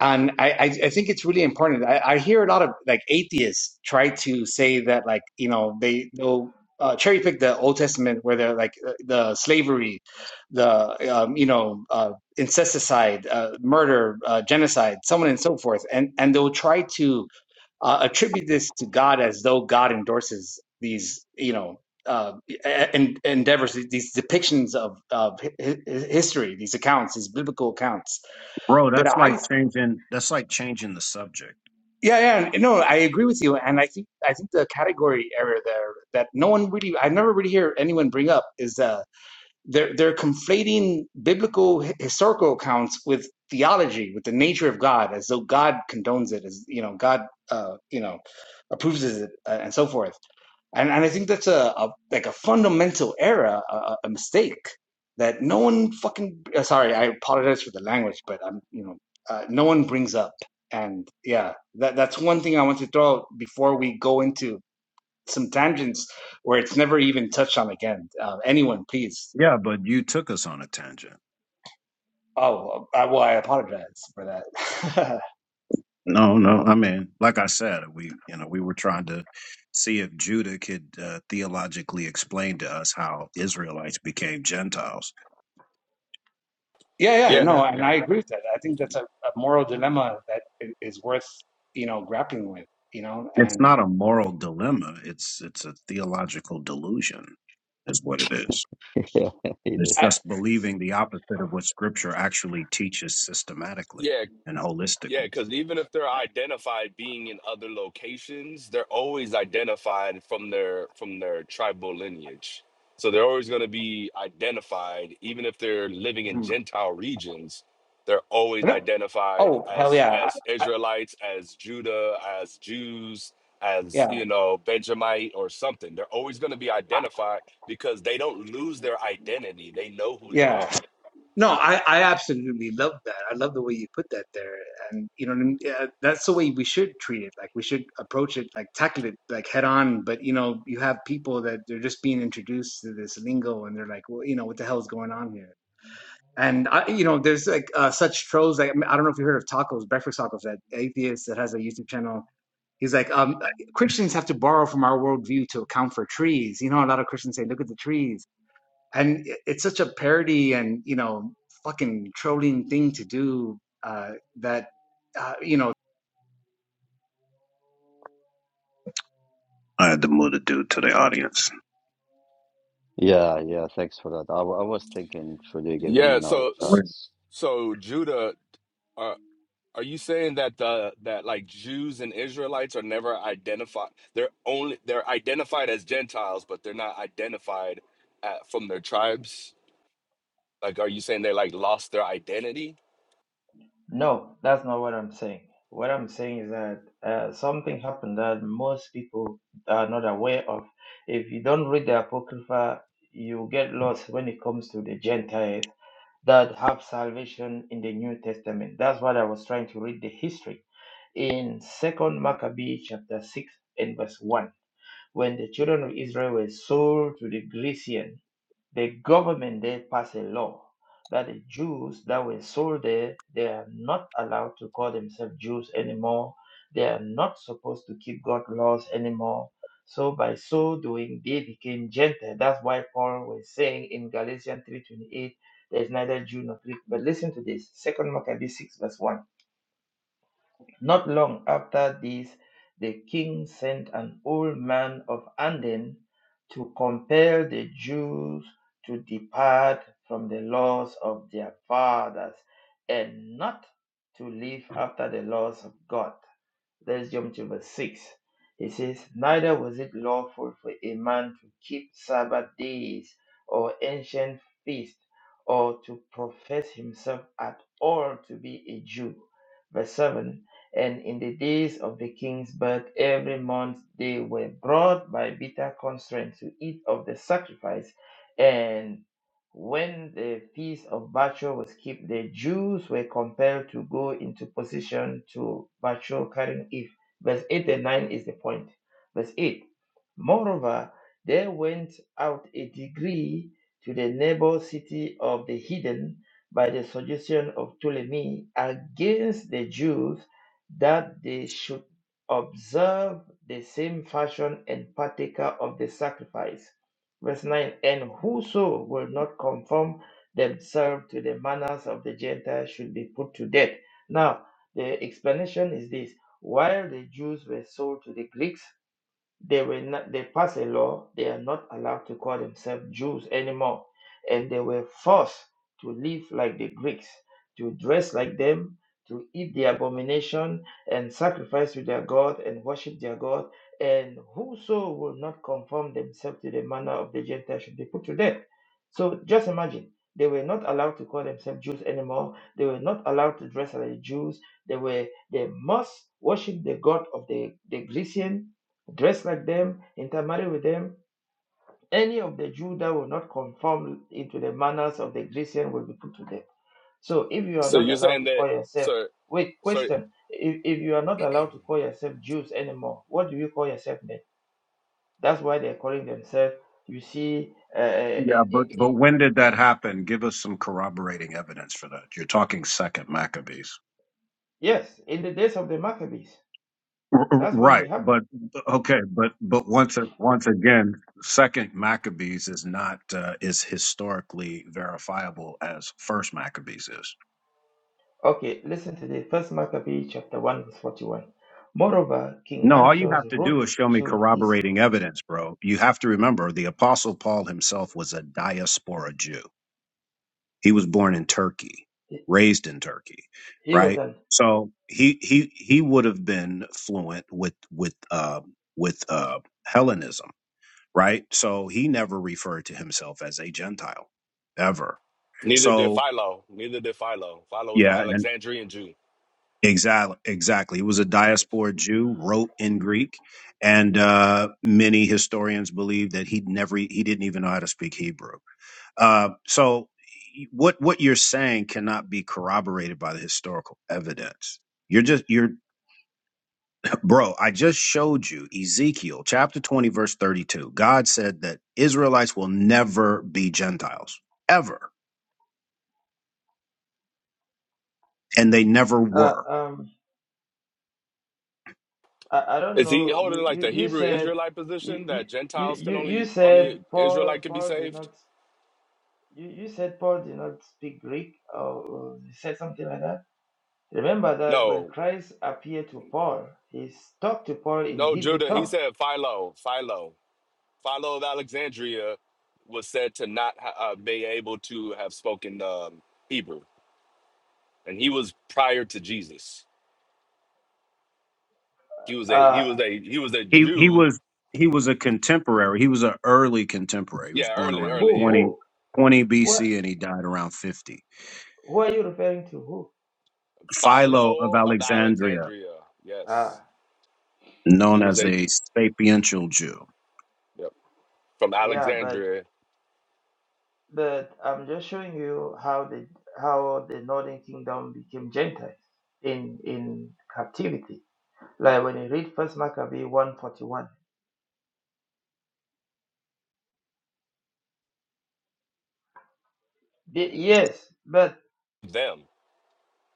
[SPEAKER 6] And I, I, I think it's really important. I, I hear a lot of like atheists try to say that like, you know, they, they'll uh, cherry pick the Old Testament where they're like uh, the slavery, the, um, you know, uh, incesticide, uh, murder, uh, genocide, so on and so forth. And, and they'll try to uh, attribute this to God as though God endorses these, you know, uh, e-, e-, en- endeavors, these depictions of of hi- hi- history, these accounts, these biblical accounts.
[SPEAKER 4] Bro,
[SPEAKER 6] But
[SPEAKER 4] that's
[SPEAKER 6] I,
[SPEAKER 4] like changing that's like changing the subject.
[SPEAKER 6] yeah, yeah, no, I agree with you, and I think I think the category error there that no one really, I never really hear anyone bring up is uh, they're they're conflating biblical hi- historical accounts with theology, with the nature of God, as though God condones it, as you know, God, uh, you know, approves of it, uh, and so forth and and I think that's a, a like a fundamental error, a, a- mistake that no one fucking. uh, Sorry, I apologize for the language, but I'm you know uh, no one brings up, and yeah, that that's one thing I want to throw out before we go into some tangents where it's never even touched on again. Uh, anyone, please.
[SPEAKER 4] Yeah, but you took us on a tangent.
[SPEAKER 6] Oh, I, well, I apologize for that.
[SPEAKER 4] No, no. I mean, like I said, we you know we were trying to see if Judah could uh, theologically explain to us how Israelites became Gentiles.
[SPEAKER 6] yeah, yeah,
[SPEAKER 7] Yeah,
[SPEAKER 6] no,
[SPEAKER 5] Exactly.
[SPEAKER 6] and I agree with that. I think that's a, a moral dilemma that is worth you know grappling with, you know,
[SPEAKER 4] It's
[SPEAKER 6] and
[SPEAKER 4] not a moral dilemma. It's it's a theological delusion, is what it is.
[SPEAKER 2] yeah, it
[SPEAKER 4] It's
[SPEAKER 6] I.
[SPEAKER 2] is.
[SPEAKER 4] just believing the opposite of what Scripture actually teaches systematically
[SPEAKER 7] yeah,
[SPEAKER 4] and
[SPEAKER 7] yeah.
[SPEAKER 4] holistically.
[SPEAKER 7] Because even if they're
[SPEAKER 6] I
[SPEAKER 7] identified being in other locations, they're always identified from their from their tribal lineage. So they're always going to be identified, even if they're living in
[SPEAKER 6] hmm.
[SPEAKER 7] Gentile regions. They're always
[SPEAKER 6] No-
[SPEAKER 7] identified
[SPEAKER 6] Oh hell
[SPEAKER 7] as
[SPEAKER 6] yeah,
[SPEAKER 7] as
[SPEAKER 6] I, I,
[SPEAKER 7] Israelites, as Judah, as Jews, as
[SPEAKER 6] yeah,
[SPEAKER 7] you know Benjamite or something. They're always going to be
[SPEAKER 6] I,
[SPEAKER 7] identified because they don't lose their identity. They know who they
[SPEAKER 6] yeah.
[SPEAKER 7] are.
[SPEAKER 6] No, I, I absolutely love that. I love the way you put that there, and you know, what I mean? yeah, that's the way we should treat it. Like we should approach it, like tackle it, like head on. But you know, you have people that they're just being introduced to this lingo, and they're like, well, you know, what the hell is going on here? And I, you know, there's like uh, such trolls. Like I, mean, I don't know if you heard of tacos, breakfast tacos, that atheist that has a YouTube channel. He's like, um, Christians have to borrow from our worldview to account for trees. You know, a lot of Christians say, look at the trees and it's such a parody and you know fucking trolling thing to do uh that uh, you know
[SPEAKER 4] I had to move the dude to the audience.
[SPEAKER 2] Yeah, yeah. Thanks for that. I, wa- I was thinking, should we give him
[SPEAKER 7] Yeah,
[SPEAKER 2] another
[SPEAKER 7] so
[SPEAKER 4] When-
[SPEAKER 2] chance?
[SPEAKER 7] so Judah, are are you saying that the that like Jews and Israelites are never identified? They're only they're identified as Gentiles, but they're not identified at, from their tribes. Like, are you saying they like lost their identity?
[SPEAKER 5] No, that's not what I'm saying. What I'm saying is that uh, something happened that most people are not aware of. If you don't read the Apocrypha, you get lost when it comes to the Gentiles that have salvation in the New Testament. That's what I was trying to read the history in Second Maccabees chapter six and verse one, when the children of Israel were sold to the Grecian the government there passed a law that the Jews that were sold there, they are not allowed to call themselves Jews anymore. They are not supposed to keep God's laws anymore. So by so doing, they became Gentile. That's why Paul was saying in Galatians 3.28, there is neither Jew nor Greek. But listen to this, Second Maccabees 6 verse 1. Not long after this, the king sent an old man of Anden to compel the Jews to depart from the laws of their fathers and not to live after the laws of God. Let's jump to verse 6. It says, Neither was it lawful for a man to keep Sabbath days or ancient feasts or to profess himself at all to be a Jew. Verse 7 And in the days of the king's birth, every month they were brought by bitter constraint to eat of the sacrifice and. When the feast of Bacchor was kept, the Jews were compelled to go into position to Bacchor carrying Eve. Verse 8 and 9 is the point. Verse 8 Moreover, there went out a degree to the neighbor city of the heathen by the suggestion of Ptolemy against the Jews that they should observe the same fashion and partaker of the sacrifice Verse 9 And whoso will not conform themselves to the manners of the Gentiles should be put to death. Now, the explanation is this while the Jews were sold to the Greeks, they were not, they passed a law, they are not allowed to call themselves Jews anymore. And they were forced to live like the Greeks, to dress like them, to eat the abomination and sacrifice to their God and worship their God. And whoso will not conform themselves to the manner of the Gentiles should be put to death. So just imagine, they were not allowed to call themselves Jews anymore. They were not allowed to dress like Jews. They were they must worship the God of the, the Grecian dress like them, intermarry with them. Any of the Jew that will not conform into the manners of the Grecian will be put to death. So if you are
[SPEAKER 7] So
[SPEAKER 5] not
[SPEAKER 7] you're
[SPEAKER 5] allowed
[SPEAKER 7] saying
[SPEAKER 5] to
[SPEAKER 7] that
[SPEAKER 5] call yourself,
[SPEAKER 7] so
[SPEAKER 5] wait,
[SPEAKER 7] so
[SPEAKER 5] question, if, if you are not allowed to call yourself Jews anymore, what do you call yourself then? That's why they're calling themselves, you see, uh,
[SPEAKER 4] Yeah,
[SPEAKER 5] in,
[SPEAKER 4] but
[SPEAKER 5] in,
[SPEAKER 4] but
[SPEAKER 5] in,
[SPEAKER 4] when did that happen? Give us some corroborating evidence for that. You're talking Second Maccabees.
[SPEAKER 5] yes, in the days of the Maccabees.
[SPEAKER 4] R- r-
[SPEAKER 5] That's when it
[SPEAKER 4] Right,
[SPEAKER 5] happened.
[SPEAKER 4] but okay, but but once a- once again, Second Maccabees is not uh, is historically verifiable as First Maccabees is.
[SPEAKER 5] Okay, listen to the first Maccabees chapter 1, verse 41. Moreover, King
[SPEAKER 4] No, all you
[SPEAKER 5] Antiochus
[SPEAKER 4] have to
[SPEAKER 5] wrote
[SPEAKER 4] do is show me
[SPEAKER 5] to his,
[SPEAKER 4] corroborating evidence, bro. You have to remember the Apostle Paul himself was a diaspora Jew. He was born in Turkey, raised in Turkey,
[SPEAKER 5] he was
[SPEAKER 4] right?
[SPEAKER 5] an
[SPEAKER 4] So he he he would have been fluent with with uh, with uh, Hellenism right? So he never referred to himself as a Gentile ever.
[SPEAKER 7] neither did
[SPEAKER 4] So
[SPEAKER 7] Philo, neither did Philo. Philo was the
[SPEAKER 4] yeah, and
[SPEAKER 7] Alexandrian Jew.
[SPEAKER 4] exactly, exactly. He was a diaspora Jew, wrote in Greek, and uh, many historians believe that he never e, he didn't even know how to speak Hebrew. Uh, so what what you're saying cannot be corroborated by the historical evidence. You're just you're bro, I just showed you Ezekiel chapter 20 verse 32. God said that Israelites will never be Gentiles ever and they never
[SPEAKER 5] Uh,
[SPEAKER 4] were.
[SPEAKER 5] um, I, I don't
[SPEAKER 7] Is he
[SPEAKER 5] know.
[SPEAKER 7] holding
[SPEAKER 5] You,
[SPEAKER 7] like
[SPEAKER 5] you,
[SPEAKER 7] the
[SPEAKER 5] you
[SPEAKER 7] Hebrew
[SPEAKER 5] said
[SPEAKER 7] Israelite
[SPEAKER 5] you,
[SPEAKER 7] position
[SPEAKER 5] you,
[SPEAKER 7] that
[SPEAKER 5] you,
[SPEAKER 7] Gentiles can
[SPEAKER 5] you you
[SPEAKER 7] only
[SPEAKER 5] said
[SPEAKER 7] only
[SPEAKER 5] Paul
[SPEAKER 7] Israelite can be
[SPEAKER 5] Paul did
[SPEAKER 7] saved?
[SPEAKER 5] not you, you said Paul did not speak Greek or or you said something like that. Remember that when
[SPEAKER 7] No.
[SPEAKER 5] Christ appeared to Paul, he talked to Paul in
[SPEAKER 7] No,
[SPEAKER 5] Hebrew
[SPEAKER 7] Judah, he
[SPEAKER 5] tongue.
[SPEAKER 7] said Philo, Philo, Philo of Alexandria was said to not ha- uh, be able to have spoken um, Hebrew, and he was prior to Jesus. He was a he
[SPEAKER 5] Uh,
[SPEAKER 7] was a he was a
[SPEAKER 4] He he
[SPEAKER 7] Jew.
[SPEAKER 4] was he was a contemporary. He was an early contemporary. He was
[SPEAKER 7] Yeah,
[SPEAKER 4] born
[SPEAKER 7] early,
[SPEAKER 4] around
[SPEAKER 5] who
[SPEAKER 7] early, yeah.
[SPEAKER 4] 20
[SPEAKER 5] who
[SPEAKER 4] 20
[SPEAKER 5] what
[SPEAKER 4] BC and he died around 50.
[SPEAKER 5] who are you referring to? Who?
[SPEAKER 4] Philo of
[SPEAKER 7] Philo of
[SPEAKER 4] Alexandria,
[SPEAKER 7] Alexandria.
[SPEAKER 5] Ah,
[SPEAKER 7] Yes, he
[SPEAKER 4] known
[SPEAKER 7] was
[SPEAKER 4] as
[SPEAKER 7] a
[SPEAKER 4] a
[SPEAKER 7] Ju-
[SPEAKER 4] sapiential Jew.
[SPEAKER 7] yep, from
[SPEAKER 5] yeah, but
[SPEAKER 7] Alexandria.
[SPEAKER 5] but I'm just showing you how the how the Northern Kingdom became Gentiles in in captivity Like when you read First Maccabee 141. They- yes, but
[SPEAKER 7] Them.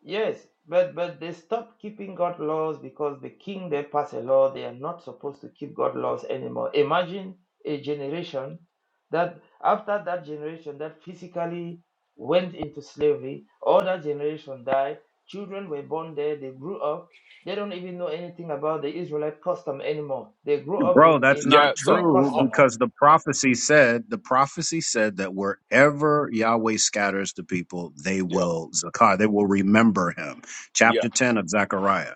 [SPEAKER 5] yes, but but they stopped keeping God laws because the king they passed a law they are not supposed to keep God laws anymore. Imagine a generation that after that generation that physically went into slavery, all that generation died, children were born there, they grew up. They don't even know anything about the Israelite custom anymore. They grew up
[SPEAKER 4] Bro,
[SPEAKER 5] in,
[SPEAKER 4] that's
[SPEAKER 5] in
[SPEAKER 7] Yeah.
[SPEAKER 4] not
[SPEAKER 5] the
[SPEAKER 7] So,
[SPEAKER 5] Greek
[SPEAKER 4] true
[SPEAKER 7] uh,
[SPEAKER 5] customs.
[SPEAKER 4] because the prophecy said the prophecy said that wherever Yahweh scatters the people, they
[SPEAKER 7] yep,
[SPEAKER 4] will zakar, they will remember him.
[SPEAKER 7] yep. yeah.
[SPEAKER 4] Chapter 10 of Zechariah.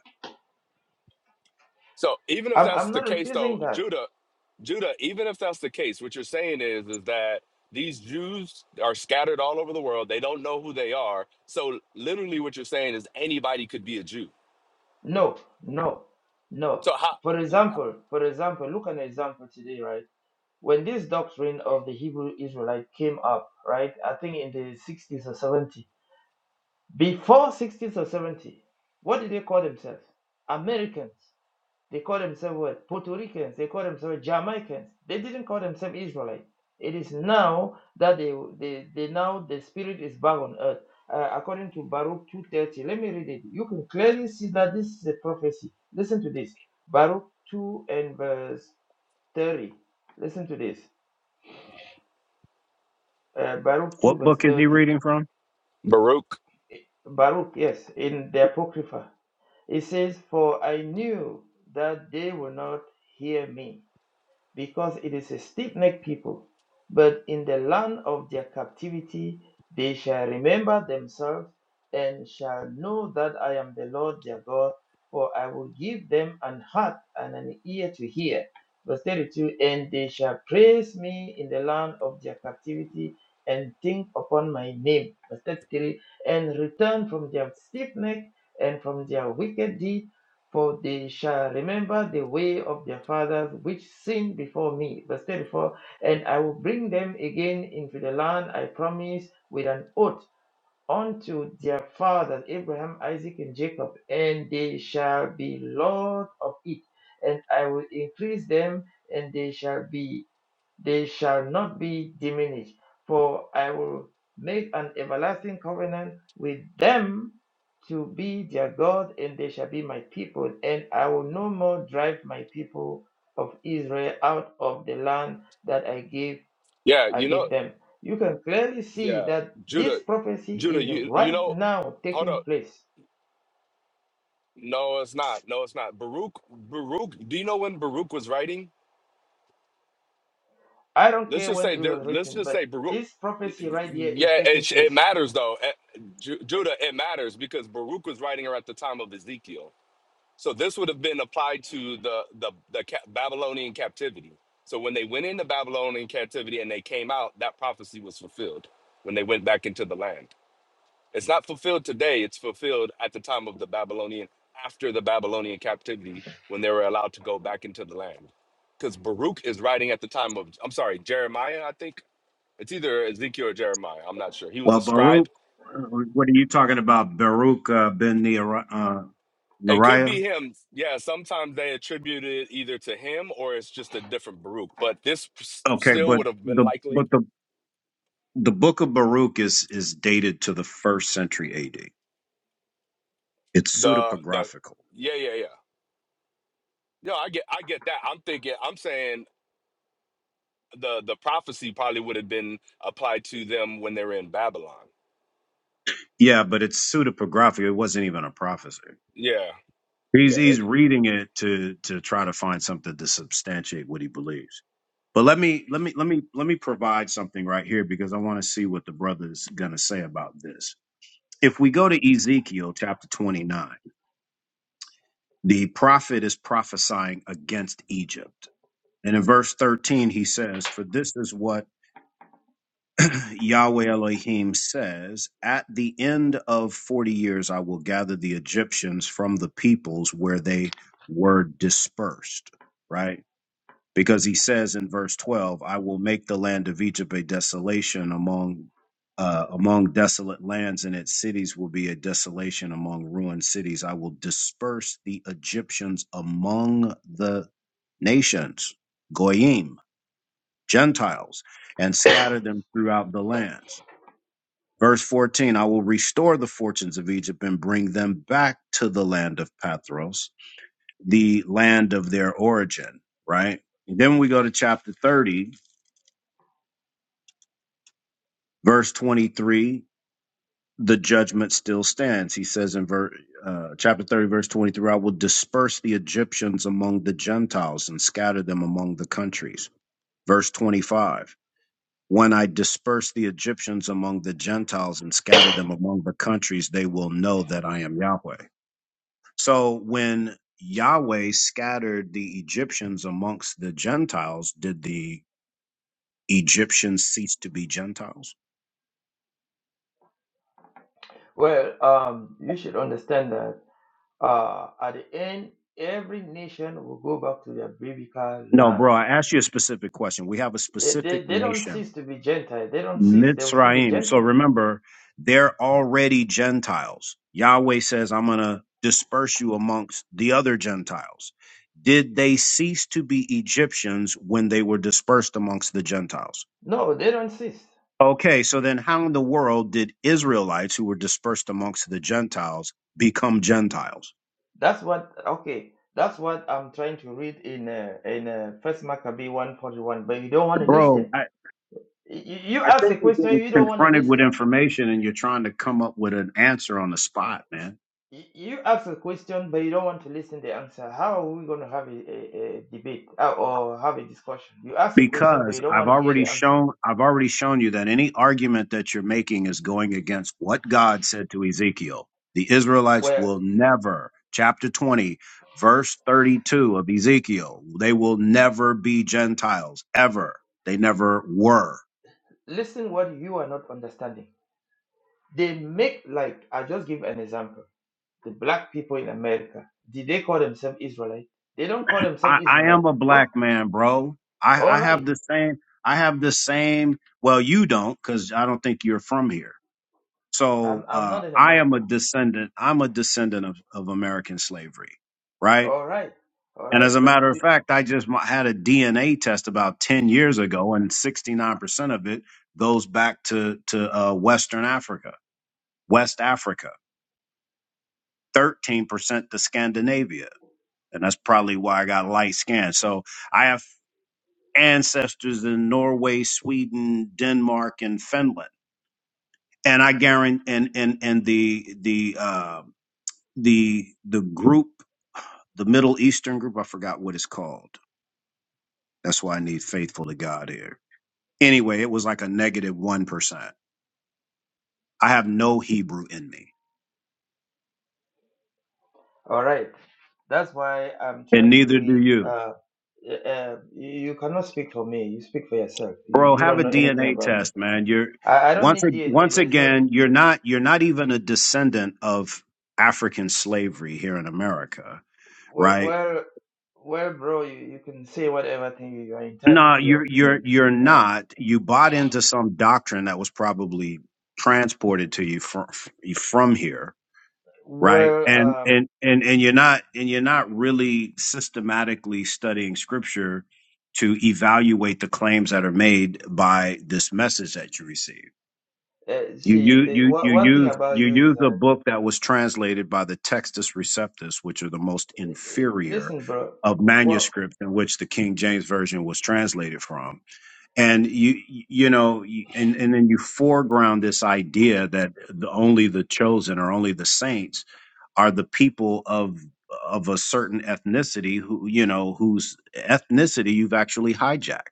[SPEAKER 7] So even if
[SPEAKER 5] I'm,
[SPEAKER 7] that's
[SPEAKER 5] I'm
[SPEAKER 7] the
[SPEAKER 5] not
[SPEAKER 7] case, though,
[SPEAKER 5] refusing that.
[SPEAKER 7] Judah, Judah, even if that's the case, what you're saying is is that these Jews are scattered all over the world. They don't know who they are. So literally, what you're saying is anybody could be a Jew.
[SPEAKER 5] No, no, no.
[SPEAKER 7] So how,
[SPEAKER 5] For example, for example, look at an example today, right? When this doctrine of the Hebrew Israelite came up, right? I think in the 60s or 70s. Before 60s or 70, what did they call themselves? Americans. They call themselves what? Puerto Ricans. They call themselves Jamaicans. They didn't call themselves Israelite. It is now that they they, they now the spirit is back on earth. Uh, according to Baruch 2:30. Let me read it. You can clearly see that this is a prophecy. Listen to this. Baruch 2 and verse 30. Listen to this. Uh, Baruch 2
[SPEAKER 4] What
[SPEAKER 5] verse
[SPEAKER 4] book is he
[SPEAKER 5] 30.
[SPEAKER 4] reading from?
[SPEAKER 7] Baruch,
[SPEAKER 5] Baruch, yes, in the Apocrypha. It says, For I knew that they will not hear me because it is a stiff necked people. But in the land of their captivity, they shall remember themselves and shall know that I am the Lord their God, for I will give them an heart and an ear to hear. Verse 32 And they shall praise me in the land of their captivity and think upon my name. Verse 33 And return from their stiff neck and from their wicked deeds for they shall remember the way of their fathers which sinned before me. Verse 34 And I will bring them again into the land I promised with an oath unto their fathers, Abraham, Isaac, and Jacob, and they shall be Lord of it. And I will increase them, and they shall be they shall not be diminished, for I will make an everlasting covenant with them to be their God, and they shall be my people, and I will no more drive my people of Israel out of the land that I gave
[SPEAKER 7] yeah,
[SPEAKER 5] I
[SPEAKER 7] you know,
[SPEAKER 5] gave them. You can clearly see
[SPEAKER 7] yeah,
[SPEAKER 5] that this
[SPEAKER 7] Judah,
[SPEAKER 5] prophecy
[SPEAKER 7] Judah,
[SPEAKER 5] is
[SPEAKER 7] you you
[SPEAKER 5] right
[SPEAKER 7] know,
[SPEAKER 5] now
[SPEAKER 7] hold
[SPEAKER 5] taking
[SPEAKER 7] up,
[SPEAKER 5] place.
[SPEAKER 7] no, it's not, no, it's not. Baruch, Baruch, do you know when Baruch was writing?
[SPEAKER 5] I don't
[SPEAKER 7] Let's
[SPEAKER 5] care
[SPEAKER 7] just
[SPEAKER 5] when
[SPEAKER 7] say,
[SPEAKER 5] it was
[SPEAKER 7] let's
[SPEAKER 5] written,
[SPEAKER 7] just
[SPEAKER 5] but
[SPEAKER 7] say Baruch.
[SPEAKER 5] this prophecy right here is
[SPEAKER 7] Yeah,
[SPEAKER 5] taking
[SPEAKER 7] it,
[SPEAKER 5] place.
[SPEAKER 7] it matters though. Eh, Ju- Judah, it matters because Baruch was writing her at the time of Ezekiel. So this would have been applied to the the, the ca- Babylonian captivity. So when they went into Babylonian captivity and they came out, that prophecy was fulfilled when they went back into the land. It's not fulfilled today. It's fulfilled at the time of the Babylonian after the Babylonian captivity when they were allowed to go back into the land. Because Baruch is writing at the time of I'm sorry Jeremiah, I think it's either Ezekiel or Jeremiah. I'm not sure. He was a
[SPEAKER 4] Well,
[SPEAKER 7] scribe.
[SPEAKER 4] Baruch, uh, what are you talking about? Baruch uh, ben Neriah? Uh,
[SPEAKER 7] It could be
[SPEAKER 4] Neriah?
[SPEAKER 7] him. Yeah, sometimes they attribute it either to him or it's just a different Baruch. But this s-
[SPEAKER 4] okay,
[SPEAKER 7] still
[SPEAKER 4] but
[SPEAKER 7] would have been
[SPEAKER 4] the
[SPEAKER 7] likely
[SPEAKER 4] but the the book of Baruch is is dated to the first century A.D. It's
[SPEAKER 7] the the
[SPEAKER 4] pseudepigraphical.
[SPEAKER 7] yeah yeah yeah. No, I get I get that. I'm thinking I'm saying the the prophecy probably would have been applied to them when they were in Babylon.
[SPEAKER 4] Yeah, but it's pseudepigraphic. It wasn't even a prophecy.
[SPEAKER 7] Yeah,
[SPEAKER 4] He's
[SPEAKER 7] yeah. It,
[SPEAKER 4] he's reading it to to try to find something to substantiate what he believes. But let me let me let me let me provide something right here because I want to see what the brother is going to say about this. If we go to Ezekiel chapter 29 The prophet is prophesying against Egypt. And in verse 13, he says, For this is what Yahweh Elohim says At the end of 40 years, I will gather the Egyptians from the peoples where they were dispersed. Right? because he says in verse 12 i will make the land of egypt a desolation among uh, among desolate lands and its cities will be a desolation among ruined cities i will disperse the egyptians among the nations goyim gentiles and scatter them throughout the lands verse 14 i will restore the fortunes of egypt and bring them back to the land of pathros the land of their origin right And then we go to chapter 30 verse 23 the judgment still stands he says in ver- uh, chapter 30 verse 23 i will disperse the egyptians among the gentiles and scatter them among the countries verse 25 when i disperse the egyptians among the gentiles and scatter them among the countries they will know that i am yahweh so when yahweh scattered the egyptians amongst the gentiles did the egyptians cease to be gentiles
[SPEAKER 5] Well, um, you should understand that Uh, at the end, every nation will go back to their biblical
[SPEAKER 4] No,
[SPEAKER 5] land.
[SPEAKER 4] bro, I asked you a specific question. We have a
[SPEAKER 5] Yeah, They,
[SPEAKER 4] specific
[SPEAKER 5] they don't
[SPEAKER 4] nation,
[SPEAKER 5] cease to be Gentile. They don't cease. They will still be
[SPEAKER 4] Mitzrayim. So
[SPEAKER 5] Gentile.
[SPEAKER 4] remember, they're already Gentiles. Yahweh says, I'm going to disperse you amongst the other Gentiles. Did they cease to be Egyptians when they were dispersed amongst the Gentiles?
[SPEAKER 5] No, they don't cease.
[SPEAKER 4] Okay, so then how in the world did Israelites who were dispersed amongst the Gentiles become Gentiles?
[SPEAKER 5] That's what, okay, that's what I'm trying to read in uh, in uh, 1 Maccabee 141, but you don't want to
[SPEAKER 4] Bro,
[SPEAKER 5] listen.
[SPEAKER 4] I,
[SPEAKER 5] Y- You
[SPEAKER 4] I
[SPEAKER 5] ask
[SPEAKER 4] think
[SPEAKER 5] a
[SPEAKER 4] you're
[SPEAKER 5] question,
[SPEAKER 4] getting
[SPEAKER 5] you don't want to
[SPEAKER 4] confronted with
[SPEAKER 5] listen.
[SPEAKER 4] information and you're trying to come up with an answer on the spot, man.
[SPEAKER 5] Y- You ask a question, but you don't want to listen the answer. How are we going to have a, a, a debate uh, or have a discussion? You ask a question, but
[SPEAKER 4] Because
[SPEAKER 5] you don't
[SPEAKER 4] I've
[SPEAKER 5] want to hear
[SPEAKER 4] already
[SPEAKER 5] the answer
[SPEAKER 4] shown I've already shown you that any argument that you're making is going against what God said to Ezekiel. The Israelites
[SPEAKER 5] Well,
[SPEAKER 4] will never, chapter 20, verse 32 of Ezekiel, they will never be Gentiles, ever. They never were.
[SPEAKER 5] listen what you are not understanding. They make like I just give an example. The black people in America, did they call themselves Israelite? They don't call themselves
[SPEAKER 4] I, I
[SPEAKER 5] Israelite.
[SPEAKER 4] am a
[SPEAKER 5] What?
[SPEAKER 4] black man, bro. I,
[SPEAKER 5] All
[SPEAKER 4] I have
[SPEAKER 5] right.
[SPEAKER 4] the same I have the same well you don't, because I don't think you're from here.
[SPEAKER 5] I'm
[SPEAKER 4] So
[SPEAKER 5] I'm
[SPEAKER 4] uh,
[SPEAKER 5] not in
[SPEAKER 4] I am a
[SPEAKER 5] America.
[SPEAKER 4] descendant. I'm a descendant of, of American slavery, right?
[SPEAKER 5] All right. All
[SPEAKER 4] And
[SPEAKER 5] right.
[SPEAKER 4] as a
[SPEAKER 5] But
[SPEAKER 4] matter of
[SPEAKER 5] the-
[SPEAKER 4] fact, I just mo- had a DNA test about ten years ago, and sixty nine percent of it goes back to to uh, Western Africa, West Africa. Thirteen percent to Scandinavia, and that's probably why I got light skin. So I have ancestors in Norway, Sweden, Denmark, and Finland. And I guarantee, and and and the the uh, the the group the Middle Eastern group. I forgot what it's called. That's why I need faithful to God here. Anyway, it was like a negative one percent. I have no Hebrew in me,
[SPEAKER 5] all right. That's why I'm
[SPEAKER 4] and
[SPEAKER 5] trying to
[SPEAKER 4] neither do
[SPEAKER 5] read.
[SPEAKER 4] you,
[SPEAKER 5] Uh, uh, you cannot speak for me. You speak for yourself. You
[SPEAKER 4] bro.
[SPEAKER 5] you
[SPEAKER 4] Have
[SPEAKER 5] don't
[SPEAKER 4] a
[SPEAKER 5] know anything
[SPEAKER 4] DNA
[SPEAKER 5] about me.
[SPEAKER 4] test, man. You're
[SPEAKER 5] I, I don't
[SPEAKER 4] once
[SPEAKER 5] need
[SPEAKER 4] a-
[SPEAKER 5] DNA.
[SPEAKER 4] once
[SPEAKER 5] There's no D-
[SPEAKER 4] again, you're not you're not even a descendant of African slavery here in America,
[SPEAKER 5] well,
[SPEAKER 4] right?
[SPEAKER 5] well, where bro. You, you can say whatever thing you you are entitled
[SPEAKER 4] No,
[SPEAKER 5] to your
[SPEAKER 4] you're you're
[SPEAKER 5] opinion.
[SPEAKER 4] you're not. You bought into some doctrine that was probably transported to you from from here right
[SPEAKER 5] Well,
[SPEAKER 4] and
[SPEAKER 5] um,
[SPEAKER 4] and and and you're not and you're not really systematically studying scripture to evaluate the claims that are made by this message that you receive
[SPEAKER 5] uh,
[SPEAKER 4] you
[SPEAKER 5] see,
[SPEAKER 4] you
[SPEAKER 5] the,
[SPEAKER 4] you
[SPEAKER 5] wha-
[SPEAKER 4] you
[SPEAKER 5] one thing
[SPEAKER 4] use
[SPEAKER 5] about
[SPEAKER 4] you
[SPEAKER 5] you is
[SPEAKER 4] use
[SPEAKER 5] that,
[SPEAKER 4] a book that was translated by the textus receptus which are the most
[SPEAKER 5] uh, uh,
[SPEAKER 4] inferior
[SPEAKER 5] listen, bro,
[SPEAKER 4] of
[SPEAKER 5] what,
[SPEAKER 4] manuscripts in which the King James version was translated from and you you know you- and and then you foreground this idea that the, only the chosen or only the saints are the people of of a certain ethnicity who you know whose ethnicity you've actually hijacked.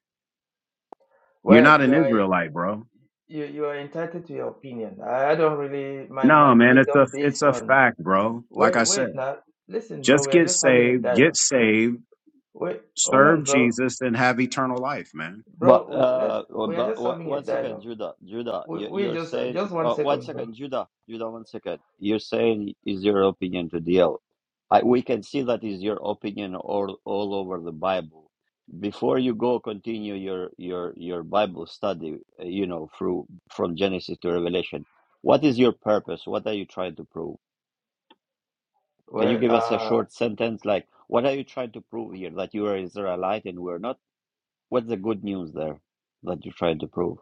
[SPEAKER 4] You're
[SPEAKER 5] well,
[SPEAKER 4] not
[SPEAKER 5] you
[SPEAKER 4] an
[SPEAKER 5] are
[SPEAKER 4] Israelite, bro.
[SPEAKER 5] you you are entitled to your opinion. I, I don't really my my
[SPEAKER 4] No, man,
[SPEAKER 5] belief
[SPEAKER 4] it's a
[SPEAKER 5] don't base
[SPEAKER 4] it's a
[SPEAKER 5] on
[SPEAKER 4] fact, bro. Like
[SPEAKER 5] wait
[SPEAKER 4] I said,
[SPEAKER 5] wait now. Listen, bro,
[SPEAKER 4] just
[SPEAKER 5] we are
[SPEAKER 4] get
[SPEAKER 5] just having a
[SPEAKER 4] saved, get
[SPEAKER 5] dialogue. Wait
[SPEAKER 4] saved,
[SPEAKER 5] wait hold on,
[SPEAKER 4] serve
[SPEAKER 5] bro,
[SPEAKER 4] Jesus, and have eternal life, man.
[SPEAKER 5] bro.
[SPEAKER 2] But
[SPEAKER 5] w- Let's
[SPEAKER 2] uh, oh,
[SPEAKER 5] we are
[SPEAKER 2] but
[SPEAKER 5] just
[SPEAKER 2] one
[SPEAKER 5] having a
[SPEAKER 2] one second,
[SPEAKER 5] dialogue.
[SPEAKER 2] Judah, Judah,
[SPEAKER 5] We
[SPEAKER 2] you,
[SPEAKER 5] we
[SPEAKER 2] you're
[SPEAKER 5] just
[SPEAKER 2] saying
[SPEAKER 5] just one
[SPEAKER 2] uh, one
[SPEAKER 5] second, bro.
[SPEAKER 2] second, Judah, Judah, one second. You're saying is your opinion to deal. I, we can see that is your opinion all all over the Bible. Before you go continue your your your Bible study, uh, you know, through from Genesis to Revelation, what is your purpose? What are you trying to prove? Can you
[SPEAKER 5] Well,
[SPEAKER 2] give us a
[SPEAKER 5] uh.
[SPEAKER 2] short sentence like what are you trying to prove here? That you are Israelite and we're not? What's the good news there that you're trying to prove?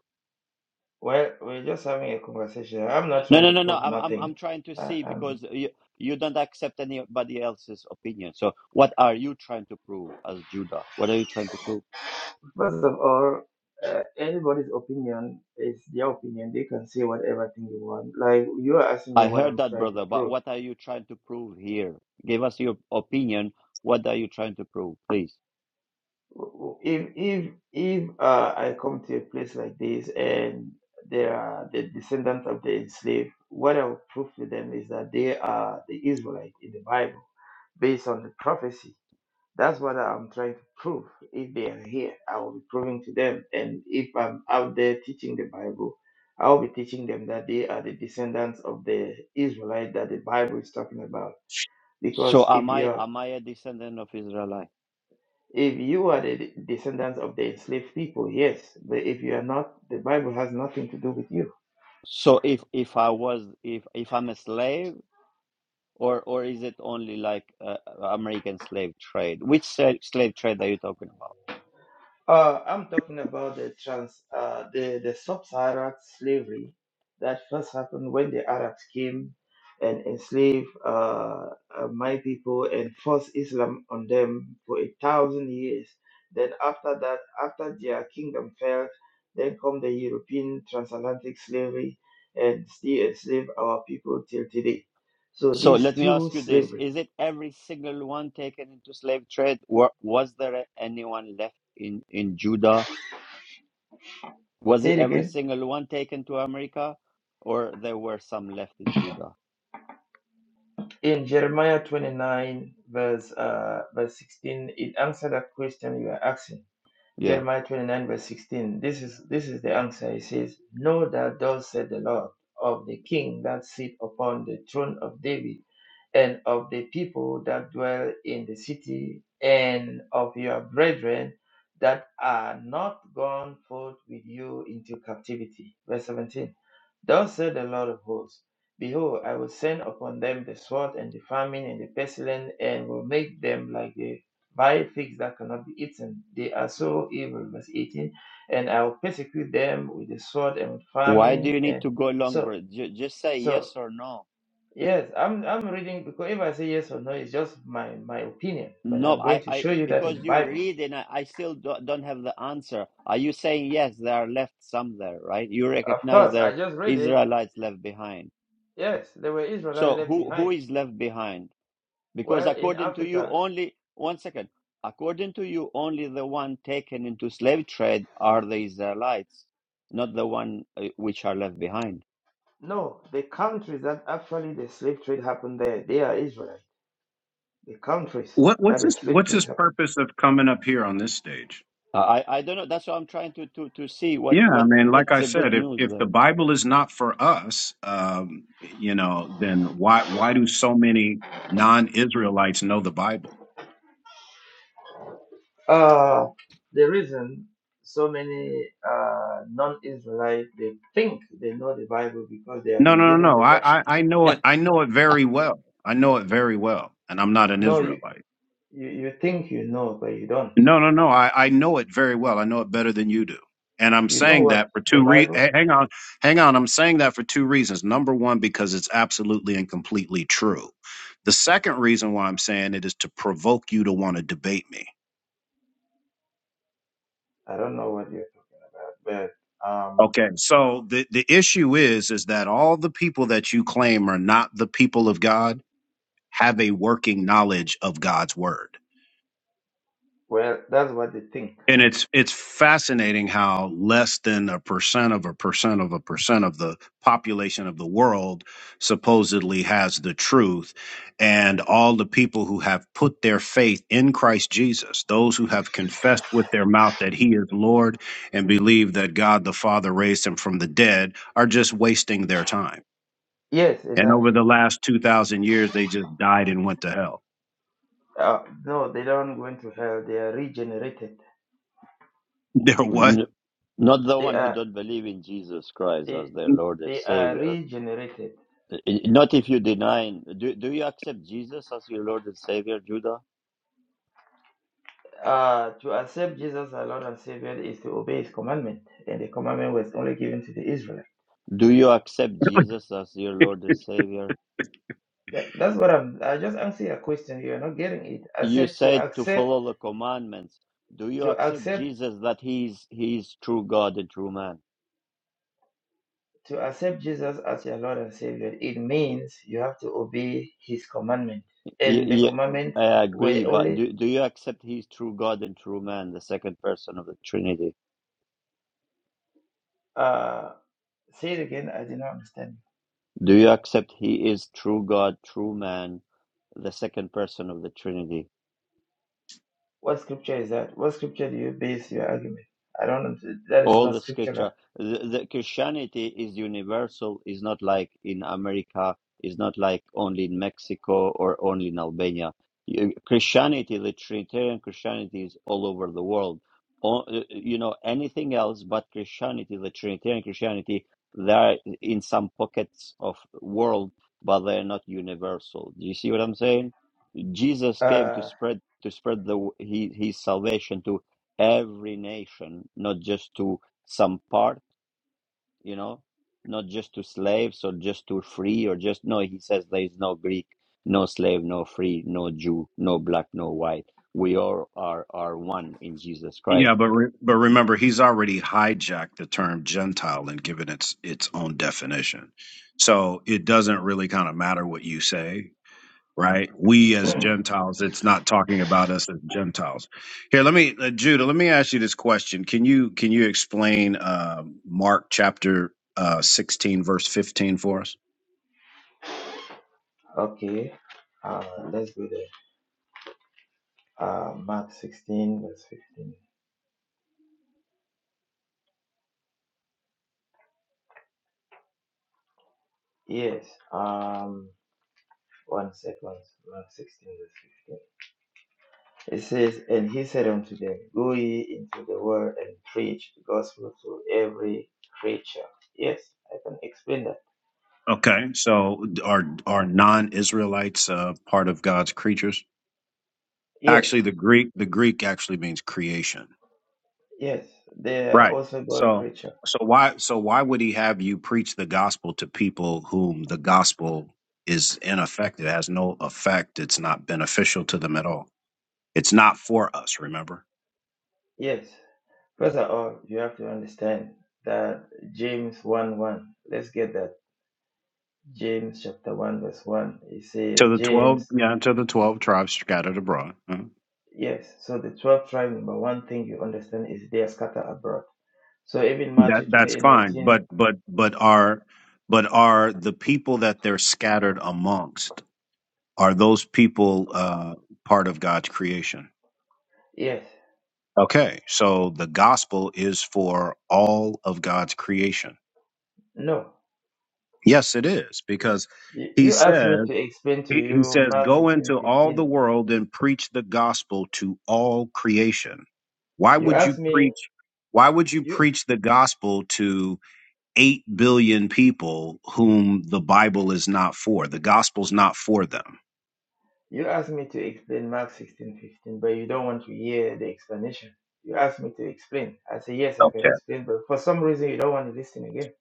[SPEAKER 5] Well, we're just having a conversation. I'm not
[SPEAKER 2] No,
[SPEAKER 5] trying
[SPEAKER 2] no,
[SPEAKER 5] to
[SPEAKER 2] no, no.
[SPEAKER 5] prove
[SPEAKER 2] I'm, I'm, I'm
[SPEAKER 5] nothing.
[SPEAKER 2] trying to
[SPEAKER 5] Uh,
[SPEAKER 2] see because
[SPEAKER 5] um,
[SPEAKER 2] you, you don't accept anybody else's opinion. So, what are you trying to prove as Judah? What are you trying to prove?
[SPEAKER 5] first of all, uh, anybody's opinion is their opinion. They can say whatever thing they want. Like you are asking me
[SPEAKER 2] I
[SPEAKER 5] what
[SPEAKER 2] heard
[SPEAKER 5] I'm
[SPEAKER 2] that,
[SPEAKER 5] trying to
[SPEAKER 2] brother, but
[SPEAKER 5] prove.
[SPEAKER 2] what are you trying to prove here? Give us your opinion. What are you trying to prove, please?
[SPEAKER 5] W- w- If if if uh, I come to a place like this and they are the descendants of the enslaved, what I will prove to them is that they are the Israelite in the Bible, based on the prophecy. That's what I'm trying to prove. If they are here, I will be proving to them. And if I'm out there teaching the Bible, I will be teaching them that they are the descendants of the Israelite that the Bible is talking about. Because
[SPEAKER 2] So,
[SPEAKER 5] if
[SPEAKER 2] am I,
[SPEAKER 5] you're
[SPEAKER 2] am I a descendant of Israelite?
[SPEAKER 5] if you are the descendants of the enslaved people, yes, but if you are not, the Bible has nothing to do with you.
[SPEAKER 2] So, if, if I was, if, if I'm a slave, or, or is it only like uh, American slave trade? Which sa- slave trade are you talking about?
[SPEAKER 5] Uh, I'm talking about the trans, uh, the the sub-Saharan slavery that first happened when the Arabs came and enslaved uh, uh, my people and forced Islam on them for a thousand years. Then after that, after their kingdom fell, then come the European transatlantic slavery and still enslave our people till today. So
[SPEAKER 2] So
[SPEAKER 5] these
[SPEAKER 2] let me
[SPEAKER 5] two
[SPEAKER 2] ask you this.
[SPEAKER 5] slavery.
[SPEAKER 2] Is it every single one taken into slave trade? Wa- Was there anyone left in, in Judah? Was
[SPEAKER 5] Say
[SPEAKER 2] it
[SPEAKER 5] it
[SPEAKER 2] every
[SPEAKER 5] again.
[SPEAKER 2] single one taken to America? Or there were some left in Judah?
[SPEAKER 5] In Jeremiah 29, verse, uh, verse 16, it answered a question you are asking.
[SPEAKER 2] Yeah.
[SPEAKER 5] Jeremiah 29 verse 16. This is this is the answer. He says, Know that thus said the Lord of the King that sit upon the throne of David, and of the people that dwell in the city, and of your brethren that are not gone forth with you into captivity. Verse 17. Thus said the Lord of hosts, Behold, I will send upon them the sword and the famine and the pestilence, and will make them like the by figs that cannot be eaten. They are so evil. Verse 18. And I will persecute them with the sword and with
[SPEAKER 2] Why do
[SPEAKER 5] famine.
[SPEAKER 2] you need
[SPEAKER 5] And
[SPEAKER 2] to go long,
[SPEAKER 5] so,
[SPEAKER 2] bro? Ju- Just say
[SPEAKER 5] so
[SPEAKER 2] yes or no.
[SPEAKER 5] yes, I'm I'm reading because if I say yes or no, it's just my my opinion. But
[SPEAKER 2] No,
[SPEAKER 5] I'm going
[SPEAKER 2] I,
[SPEAKER 5] to
[SPEAKER 2] I
[SPEAKER 5] show you that in
[SPEAKER 2] because
[SPEAKER 5] the
[SPEAKER 2] you
[SPEAKER 5] Bible.
[SPEAKER 2] read and I, I still do, don't have the answer. Are you saying yes, there are left some there, right? You
[SPEAKER 5] Of
[SPEAKER 2] recognize
[SPEAKER 5] course,
[SPEAKER 2] there
[SPEAKER 5] I just read it.
[SPEAKER 2] Israelites left behind.
[SPEAKER 5] Yes, there were Israelites
[SPEAKER 2] So
[SPEAKER 5] left
[SPEAKER 2] who who
[SPEAKER 5] behind.
[SPEAKER 2] is left behind? Because
[SPEAKER 5] Well, in
[SPEAKER 2] according to you,
[SPEAKER 5] Africa,
[SPEAKER 2] only one second. According to you, only the one taken into slave trade are the Israelites, not the one uh, which are left behind.
[SPEAKER 5] no, the countries that actually the slave trade happened there, they are Israelites. The countries
[SPEAKER 4] What
[SPEAKER 5] that
[SPEAKER 4] what's
[SPEAKER 5] the
[SPEAKER 4] this
[SPEAKER 5] slave
[SPEAKER 4] what's
[SPEAKER 5] trade
[SPEAKER 4] this
[SPEAKER 5] happened.
[SPEAKER 4] purpose of coming up here on this stage?
[SPEAKER 2] I I I don't know. That's what I'm trying to to to see. What
[SPEAKER 4] Yeah, I
[SPEAKER 2] what
[SPEAKER 4] mean, like
[SPEAKER 2] what's
[SPEAKER 4] I
[SPEAKER 2] the
[SPEAKER 4] said,
[SPEAKER 2] good
[SPEAKER 4] if
[SPEAKER 2] news
[SPEAKER 4] if the
[SPEAKER 2] there?
[SPEAKER 4] Bible is not for us, um, you know, then why why do so many non-Israelites know the Bible?
[SPEAKER 5] Uh, the reason so many uh, non israelites they think they know the Bible because they have
[SPEAKER 4] No,
[SPEAKER 5] been
[SPEAKER 4] no, no,
[SPEAKER 5] given
[SPEAKER 4] no.
[SPEAKER 5] the
[SPEAKER 4] I, I,
[SPEAKER 5] doctrine.
[SPEAKER 4] I know it. I know it very well. I know it very well, and I'm not an
[SPEAKER 5] No, you,
[SPEAKER 4] Israelite.
[SPEAKER 5] you, you think you know, but you don't.
[SPEAKER 4] No, no, no. I, I know it very well. I know it better than you do. And I'm
[SPEAKER 5] You know
[SPEAKER 4] saying
[SPEAKER 5] what
[SPEAKER 4] that for
[SPEAKER 5] the
[SPEAKER 4] two re-
[SPEAKER 5] Bible?
[SPEAKER 4] h- hang on, hang on. I'm saying that for two reasons. Number one, because it's absolutely and completely true. The second reason why I'm saying it is to provoke you to want to debate me.
[SPEAKER 5] I don't know what you, but um,
[SPEAKER 4] Okay. So the, the issue is is that all the people that you claim are not the people of God have a working knowledge of God's word.
[SPEAKER 5] well, that's what they think.
[SPEAKER 4] and it's it's fascinating how less than a percent of a percent of a percent of the population of the world supposedly has the truth and all the people who have put their faith in Christ Jesus those who have confessed with their mouth that he is lord and believe that God the Father raised him from the dead are just wasting their time
[SPEAKER 5] Yes,
[SPEAKER 4] and over
[SPEAKER 5] exactly.
[SPEAKER 4] the last 2000 years they just died and went to hell
[SPEAKER 5] Uh, no, they don't go into hell. They are regenerated.
[SPEAKER 4] they're what
[SPEAKER 2] N- Not the
[SPEAKER 5] They
[SPEAKER 2] one who
[SPEAKER 5] are
[SPEAKER 2] don't believe in Jesus Christ as
[SPEAKER 5] they
[SPEAKER 2] their Lord and
[SPEAKER 5] they are
[SPEAKER 2] Savior.
[SPEAKER 5] regenerated.
[SPEAKER 2] I- I- Not if you deny. Do do you accept Jesus as your Lord and Savior, Judah?
[SPEAKER 5] Uh, to accept Jesus as Lord and Savior is to obey His commandment, and the commandment was only given to the Israelites.
[SPEAKER 2] Do you accept Jesus as your Lord and Savior?
[SPEAKER 5] That, that's what I'm. I just answer a question. You are not getting it. I
[SPEAKER 2] You
[SPEAKER 5] said to
[SPEAKER 2] said to
[SPEAKER 5] accept,
[SPEAKER 2] follow the commandments. Do you
[SPEAKER 5] to
[SPEAKER 2] accept
[SPEAKER 5] accept,
[SPEAKER 2] Jesus that he is he is true God and true man?
[SPEAKER 5] to accept Jesus as your Lord and Savior. It means you have to obey His commandment,
[SPEAKER 2] Y-
[SPEAKER 5] and the
[SPEAKER 2] y-
[SPEAKER 5] commandment
[SPEAKER 2] I
[SPEAKER 5] were
[SPEAKER 2] agree, but
[SPEAKER 5] only.
[SPEAKER 2] do, do you accept he is true God and true man, the second person of the Trinity?
[SPEAKER 5] Uh, say it again. I did not understand.
[SPEAKER 2] Do you accept he is true God, true man, the second person of the Trinity?
[SPEAKER 5] What scripture is that? What scripture do you base your argument? I don't. That is
[SPEAKER 2] all
[SPEAKER 5] not
[SPEAKER 2] the scripture
[SPEAKER 5] scriptural.
[SPEAKER 2] the, the christianity is universal is not like in america is not like only in mexico or only in albania You- christianity the trinitarian christianity is all over the world O- you know anything else but christianity the trinitarian christianity they are in some pockets of world but they're not universal do you see what i'm saying Jesus came to
[SPEAKER 5] Uh,
[SPEAKER 2] spread to spread the his, his salvation to every nation, not just to some part, you know, not just to slaves or just to free or just no. He says there is no Greek, no slave, no free, no Jew, no black, no white. We all are are one in Jesus
[SPEAKER 4] Yeah,
[SPEAKER 2] Christ
[SPEAKER 4] but re- but remember, he's already hijacked the term Gentile and given its its own definition. So it doesn't really kind of matter what you say, right? We as Gentiles, it's not talking about us as Gentiles. Here, let me, uh, Judah, let me ask you this question: Can you can you explain uh, Mark chapter uh, sixteen, verse fifteen, for us?
[SPEAKER 5] okay. Uh, let's go there. Uh, Mark 16, verse 15. Yes, um, one second. Mark 16, verse 15. It says, And he said unto them, Go ye into the world and preach the gospel to every creature. Yes, I can explain that.
[SPEAKER 4] Okay, so are are non Israelites uh, part of God's creatures?
[SPEAKER 5] Yes,
[SPEAKER 4] Actually, the Greek the Greek actually means creation.
[SPEAKER 5] yes, they are
[SPEAKER 4] Right.
[SPEAKER 5] also God
[SPEAKER 4] So
[SPEAKER 5] creature.
[SPEAKER 4] so why so why would he have you preach the gospel to people whom the gospel is ineffective, has no effect, it's not beneficial to them at all. It's not for us, remember?
[SPEAKER 5] Yes. First of all, you have to understand that James 1 1, let's get that. James chapter 1, verse 1, it
[SPEAKER 4] To
[SPEAKER 5] says,
[SPEAKER 4] the twelve
[SPEAKER 5] James
[SPEAKER 4] yeah, to the twelve tribes scattered abroad. Mhm.
[SPEAKER 5] Yes, so the 12 tribes, number one thing you understand is they are scattered abroad. So even
[SPEAKER 4] That
[SPEAKER 5] Matthew twenty
[SPEAKER 4] that's
[SPEAKER 5] eight
[SPEAKER 4] fine.
[SPEAKER 5] 19.
[SPEAKER 4] But but but are but are the people that they're scattered amongst, are those people uh part of God's creation?
[SPEAKER 5] yes,
[SPEAKER 4] Okay, so the gospel is for all of God's creation
[SPEAKER 5] no.
[SPEAKER 4] Yes, it is because
[SPEAKER 5] You,
[SPEAKER 4] he
[SPEAKER 5] you asked me
[SPEAKER 4] says
[SPEAKER 5] to explain to
[SPEAKER 4] he, he
[SPEAKER 5] you
[SPEAKER 4] says
[SPEAKER 5] Mark
[SPEAKER 4] go
[SPEAKER 5] 16
[SPEAKER 4] into all the
[SPEAKER 5] 15.
[SPEAKER 4] world and preach the gospel to all creation. Why
[SPEAKER 5] You
[SPEAKER 4] would you
[SPEAKER 5] asked me,
[SPEAKER 4] preach? Why would you
[SPEAKER 5] you,
[SPEAKER 4] preach the gospel to eight billion people whom the Bible is not for? The gospel's not for them.
[SPEAKER 5] you asked me to explain Mark sixteen fifteen, but you don't want to hear the explanation. You asked me to explain. I say, yes, I can
[SPEAKER 4] Okay,
[SPEAKER 5] explain, but for some reason you don't want to listen again.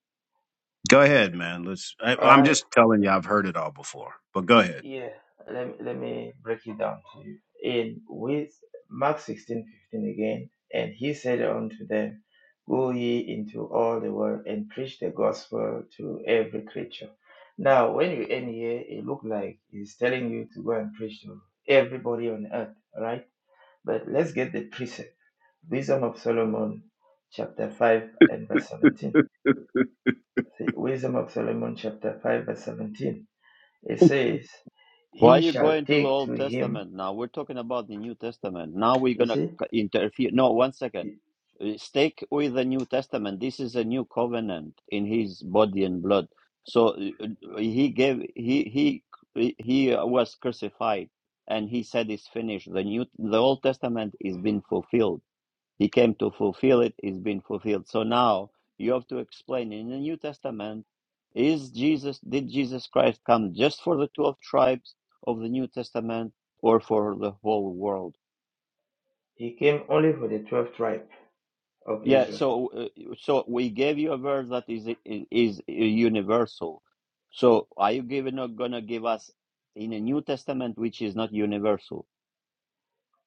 [SPEAKER 4] go ahead, man. Let's. I,
[SPEAKER 5] All
[SPEAKER 4] I'm
[SPEAKER 5] right.
[SPEAKER 4] just telling you, I've heard it all before, but go ahead.
[SPEAKER 5] Yeah, let, me- let me break it down to you. In with Mark sixteen fifteen again, and he said unto them, Go ye into all the world and preach the gospel to every creature. Now, when you end here, it looked like he's telling you to go and preach to everybody on earth, right? But let's get the precept. Wisdom of Solomon, chapter 5 and verse 17. See, Wisdom of Solomon, chapter 5, verse 17. It says,
[SPEAKER 2] Why are
[SPEAKER 5] He
[SPEAKER 2] you
[SPEAKER 5] shall
[SPEAKER 2] going to the
[SPEAKER 5] take to
[SPEAKER 2] Old
[SPEAKER 5] him.
[SPEAKER 2] Testament now? We're talking about the New Testament. Now we're
[SPEAKER 5] You
[SPEAKER 2] going to
[SPEAKER 5] see,
[SPEAKER 2] interfere. No, one second.
[SPEAKER 5] he
[SPEAKER 2] Uh, Stick with the New Testament. This is a new covenant in his body and blood. So uh, uh, he gave he he he was crucified and he said it's finished. The new the Old Testament is being fulfilled. He came to fulfill it, it's been fulfilled. So now you have to explain in the New Testament is Jesus did Jesus Christ come just for the 12 tribes of the New Testament or for the whole world?
[SPEAKER 5] he came only for the 12th tribe of
[SPEAKER 2] Yeah,
[SPEAKER 5] Israel.
[SPEAKER 2] so uh, so we gave you a verse that is is universal. So are you giving, not going to give us in the New Testament which is not universal?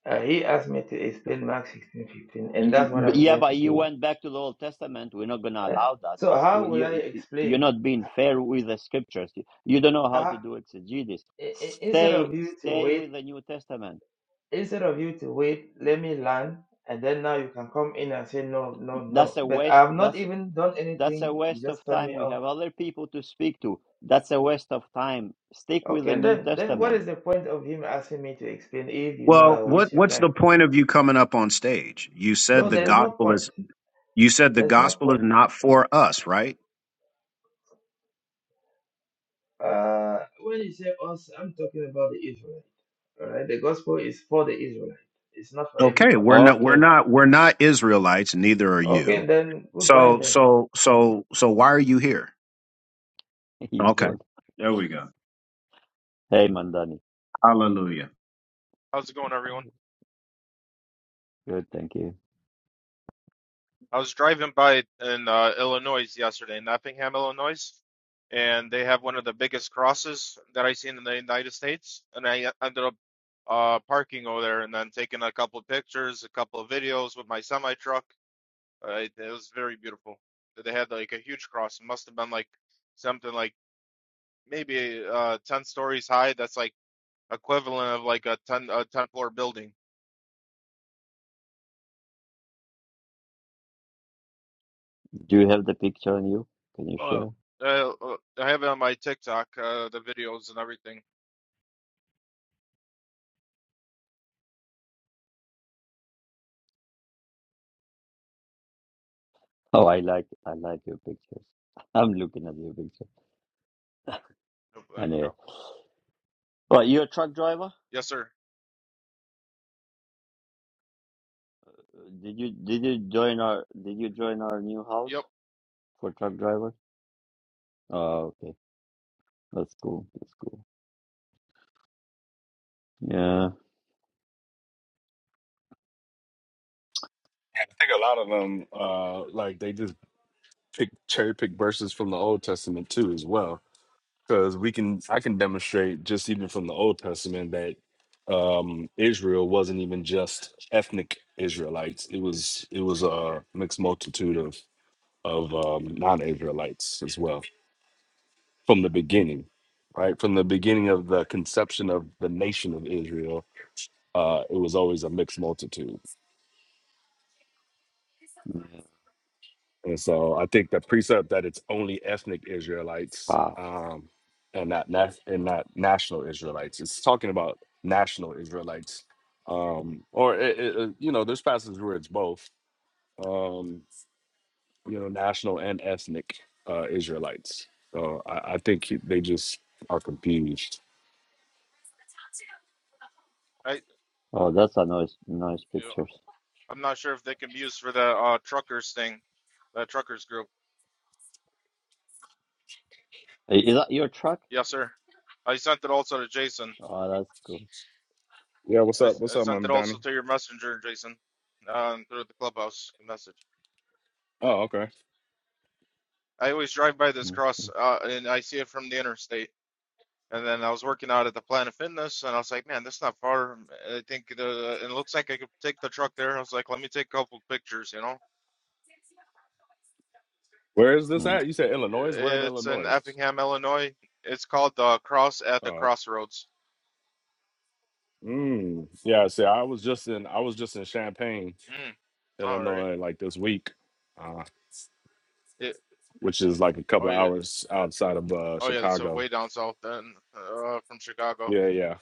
[SPEAKER 5] Uh, he asked me to explain Mark 16 15, and that's what I'm
[SPEAKER 2] Yeah,
[SPEAKER 5] trying to
[SPEAKER 2] but you
[SPEAKER 5] do.
[SPEAKER 2] went back to the Old Testament. We're not going to
[SPEAKER 5] eh.
[SPEAKER 2] allow that.
[SPEAKER 5] so, how
[SPEAKER 2] You,
[SPEAKER 5] will I
[SPEAKER 2] you- you're
[SPEAKER 5] explain?
[SPEAKER 2] not being fair with the scriptures. You you don't know how to
[SPEAKER 5] Uh,
[SPEAKER 2] do exegesis.
[SPEAKER 5] i- i- instead
[SPEAKER 2] Stay,
[SPEAKER 5] of you to
[SPEAKER 2] stay with
[SPEAKER 5] wait,
[SPEAKER 2] the New Testament.
[SPEAKER 5] instead of you to wait, let me learn, and then now you can come in and say, No, no,
[SPEAKER 2] That's
[SPEAKER 5] no.
[SPEAKER 2] a
[SPEAKER 5] But I
[SPEAKER 2] waste.
[SPEAKER 5] have not
[SPEAKER 2] That's
[SPEAKER 5] even done
[SPEAKER 2] that's a
[SPEAKER 5] anything, you
[SPEAKER 2] waste
[SPEAKER 5] just
[SPEAKER 2] of
[SPEAKER 5] cut
[SPEAKER 2] time.
[SPEAKER 5] me
[SPEAKER 2] We
[SPEAKER 5] off.
[SPEAKER 2] have other people to speak to. That's a waste of time. Stick with the
[SPEAKER 5] Okay,
[SPEAKER 2] New
[SPEAKER 5] then, then what
[SPEAKER 2] Testament.
[SPEAKER 5] is the point of him asking me to explain if you know I
[SPEAKER 4] Well,
[SPEAKER 5] will waste
[SPEAKER 4] what
[SPEAKER 5] your time?
[SPEAKER 4] what's the point of you coming up on stage? You said
[SPEAKER 5] No,
[SPEAKER 4] the
[SPEAKER 5] there's no
[SPEAKER 2] Exactly.
[SPEAKER 4] gospel
[SPEAKER 5] point.
[SPEAKER 4] is you said the
[SPEAKER 5] There's no
[SPEAKER 4] gospel is
[SPEAKER 5] point.
[SPEAKER 4] not for us, right?
[SPEAKER 5] Uh, when you say us, I'm talking about the Israelite. All right, the gospel is for the Israelite. It's not for
[SPEAKER 4] Okay,
[SPEAKER 5] everybody.
[SPEAKER 4] we're not we're
[SPEAKER 2] Okay,
[SPEAKER 4] not we're not Israelites, neither are
[SPEAKER 5] Okay,
[SPEAKER 4] you.
[SPEAKER 5] then goodbye
[SPEAKER 4] So
[SPEAKER 5] then.
[SPEAKER 4] so so so why are you here?
[SPEAKER 2] he's
[SPEAKER 4] Okay.
[SPEAKER 2] good.
[SPEAKER 4] There we go.
[SPEAKER 2] Hey, Mandani.
[SPEAKER 4] Hallelujah.
[SPEAKER 8] How's it going, everyone?
[SPEAKER 2] Good, thank you.
[SPEAKER 8] I was driving by in uh, Illinois yesterday, in Effingham, Illinois, and they have one of the biggest crosses that I've seen in the United States. And I ended up uh, parking over there and then taking a couple of pictures, a couple of videos with my semi truck. Uh, it it was very beautiful. They had like a huge cross. It must have been like something like maybe uh, 10 stories high. That's like equivalent of like a 10 a 10 floor building.
[SPEAKER 2] Do you have the picture on you? Can you
[SPEAKER 8] Uh,
[SPEAKER 2] share?
[SPEAKER 8] uh, uh, I have it on my TikTok, uh, the videos and everything.
[SPEAKER 2] Oh, I like I like your pictures. I'm looking at your picture.
[SPEAKER 8] No black
[SPEAKER 2] Anyway,
[SPEAKER 8] cops.
[SPEAKER 2] well, you're a truck driver.
[SPEAKER 8] Yes, sir.
[SPEAKER 2] Did you did you join our did you join our new house
[SPEAKER 8] Yep.
[SPEAKER 2] for truck drivers? Oh, okay, that's cool. That's cool. Yeah.
[SPEAKER 7] I think a lot of them uh like they just pick cherry pick verses from the Old Testament too as well. because we can i can demonstrate just even from the old testament that um israel wasn't even just ethnic israelites it was it was a mixed multitude of of um, non-israelites as well from the beginning right from the beginning of the conception of the nation of israel uh it was always a mixed multitude
[SPEAKER 2] Yeah.
[SPEAKER 7] And so I think the precept that it's only ethnic Israelites
[SPEAKER 2] Wow.
[SPEAKER 7] um, and not na- and not national Israelites. It's talking about national Israelites, um, or it, it, it- you know, there's passages where it's both, um, you know, national and ethnic uh, Israelites. So I, I think he- they just are confused.
[SPEAKER 8] I.
[SPEAKER 2] Oh, that's a nice nice
[SPEAKER 8] You know,
[SPEAKER 2] pictures.
[SPEAKER 8] I'm not sure if they can be used for the uh truckers thing, that truckers group.
[SPEAKER 2] I- Is that your truck?
[SPEAKER 8] Yes, sir. I sent it also to Jason.
[SPEAKER 2] Oh, that's cool.
[SPEAKER 7] Yeah, what's
[SPEAKER 8] I
[SPEAKER 7] up? What's
[SPEAKER 8] I
[SPEAKER 7] up,
[SPEAKER 8] sent
[SPEAKER 7] Mom
[SPEAKER 8] it
[SPEAKER 7] Donnie?
[SPEAKER 8] also to your messenger, Jason, um, through the clubhouse message.
[SPEAKER 7] Oh, okay.
[SPEAKER 8] I always drive by this
[SPEAKER 2] That's
[SPEAKER 8] cross,
[SPEAKER 2] cool.
[SPEAKER 8] uh, and I see it from the interstate. And then I was working out at the Planet Fitness, and I was like, "Man, that's not far." I think the and it looks like I could take the truck there. I was like, "Let me take a couple pictures," you know.
[SPEAKER 7] Where is this
[SPEAKER 2] Mm.
[SPEAKER 7] at? You said Illinois. Where in
[SPEAKER 8] It's in
[SPEAKER 7] Illinois?
[SPEAKER 8] Effingham, Illinois. It's called the Cross at the
[SPEAKER 7] Oh,
[SPEAKER 8] Crossroads.
[SPEAKER 7] mm, yeah. See, I was just in I was just in Champaign
[SPEAKER 8] Mm. All right.
[SPEAKER 7] Illinois like this week, uh,
[SPEAKER 8] It,
[SPEAKER 7] which is like a
[SPEAKER 8] oh
[SPEAKER 7] couple of
[SPEAKER 8] yeah.
[SPEAKER 7] hours outside of uh,
[SPEAKER 8] Oh yeah. That's uh,
[SPEAKER 7] Chicago.
[SPEAKER 8] way down south then, uh, from Chicago.
[SPEAKER 7] Yeah, yeah,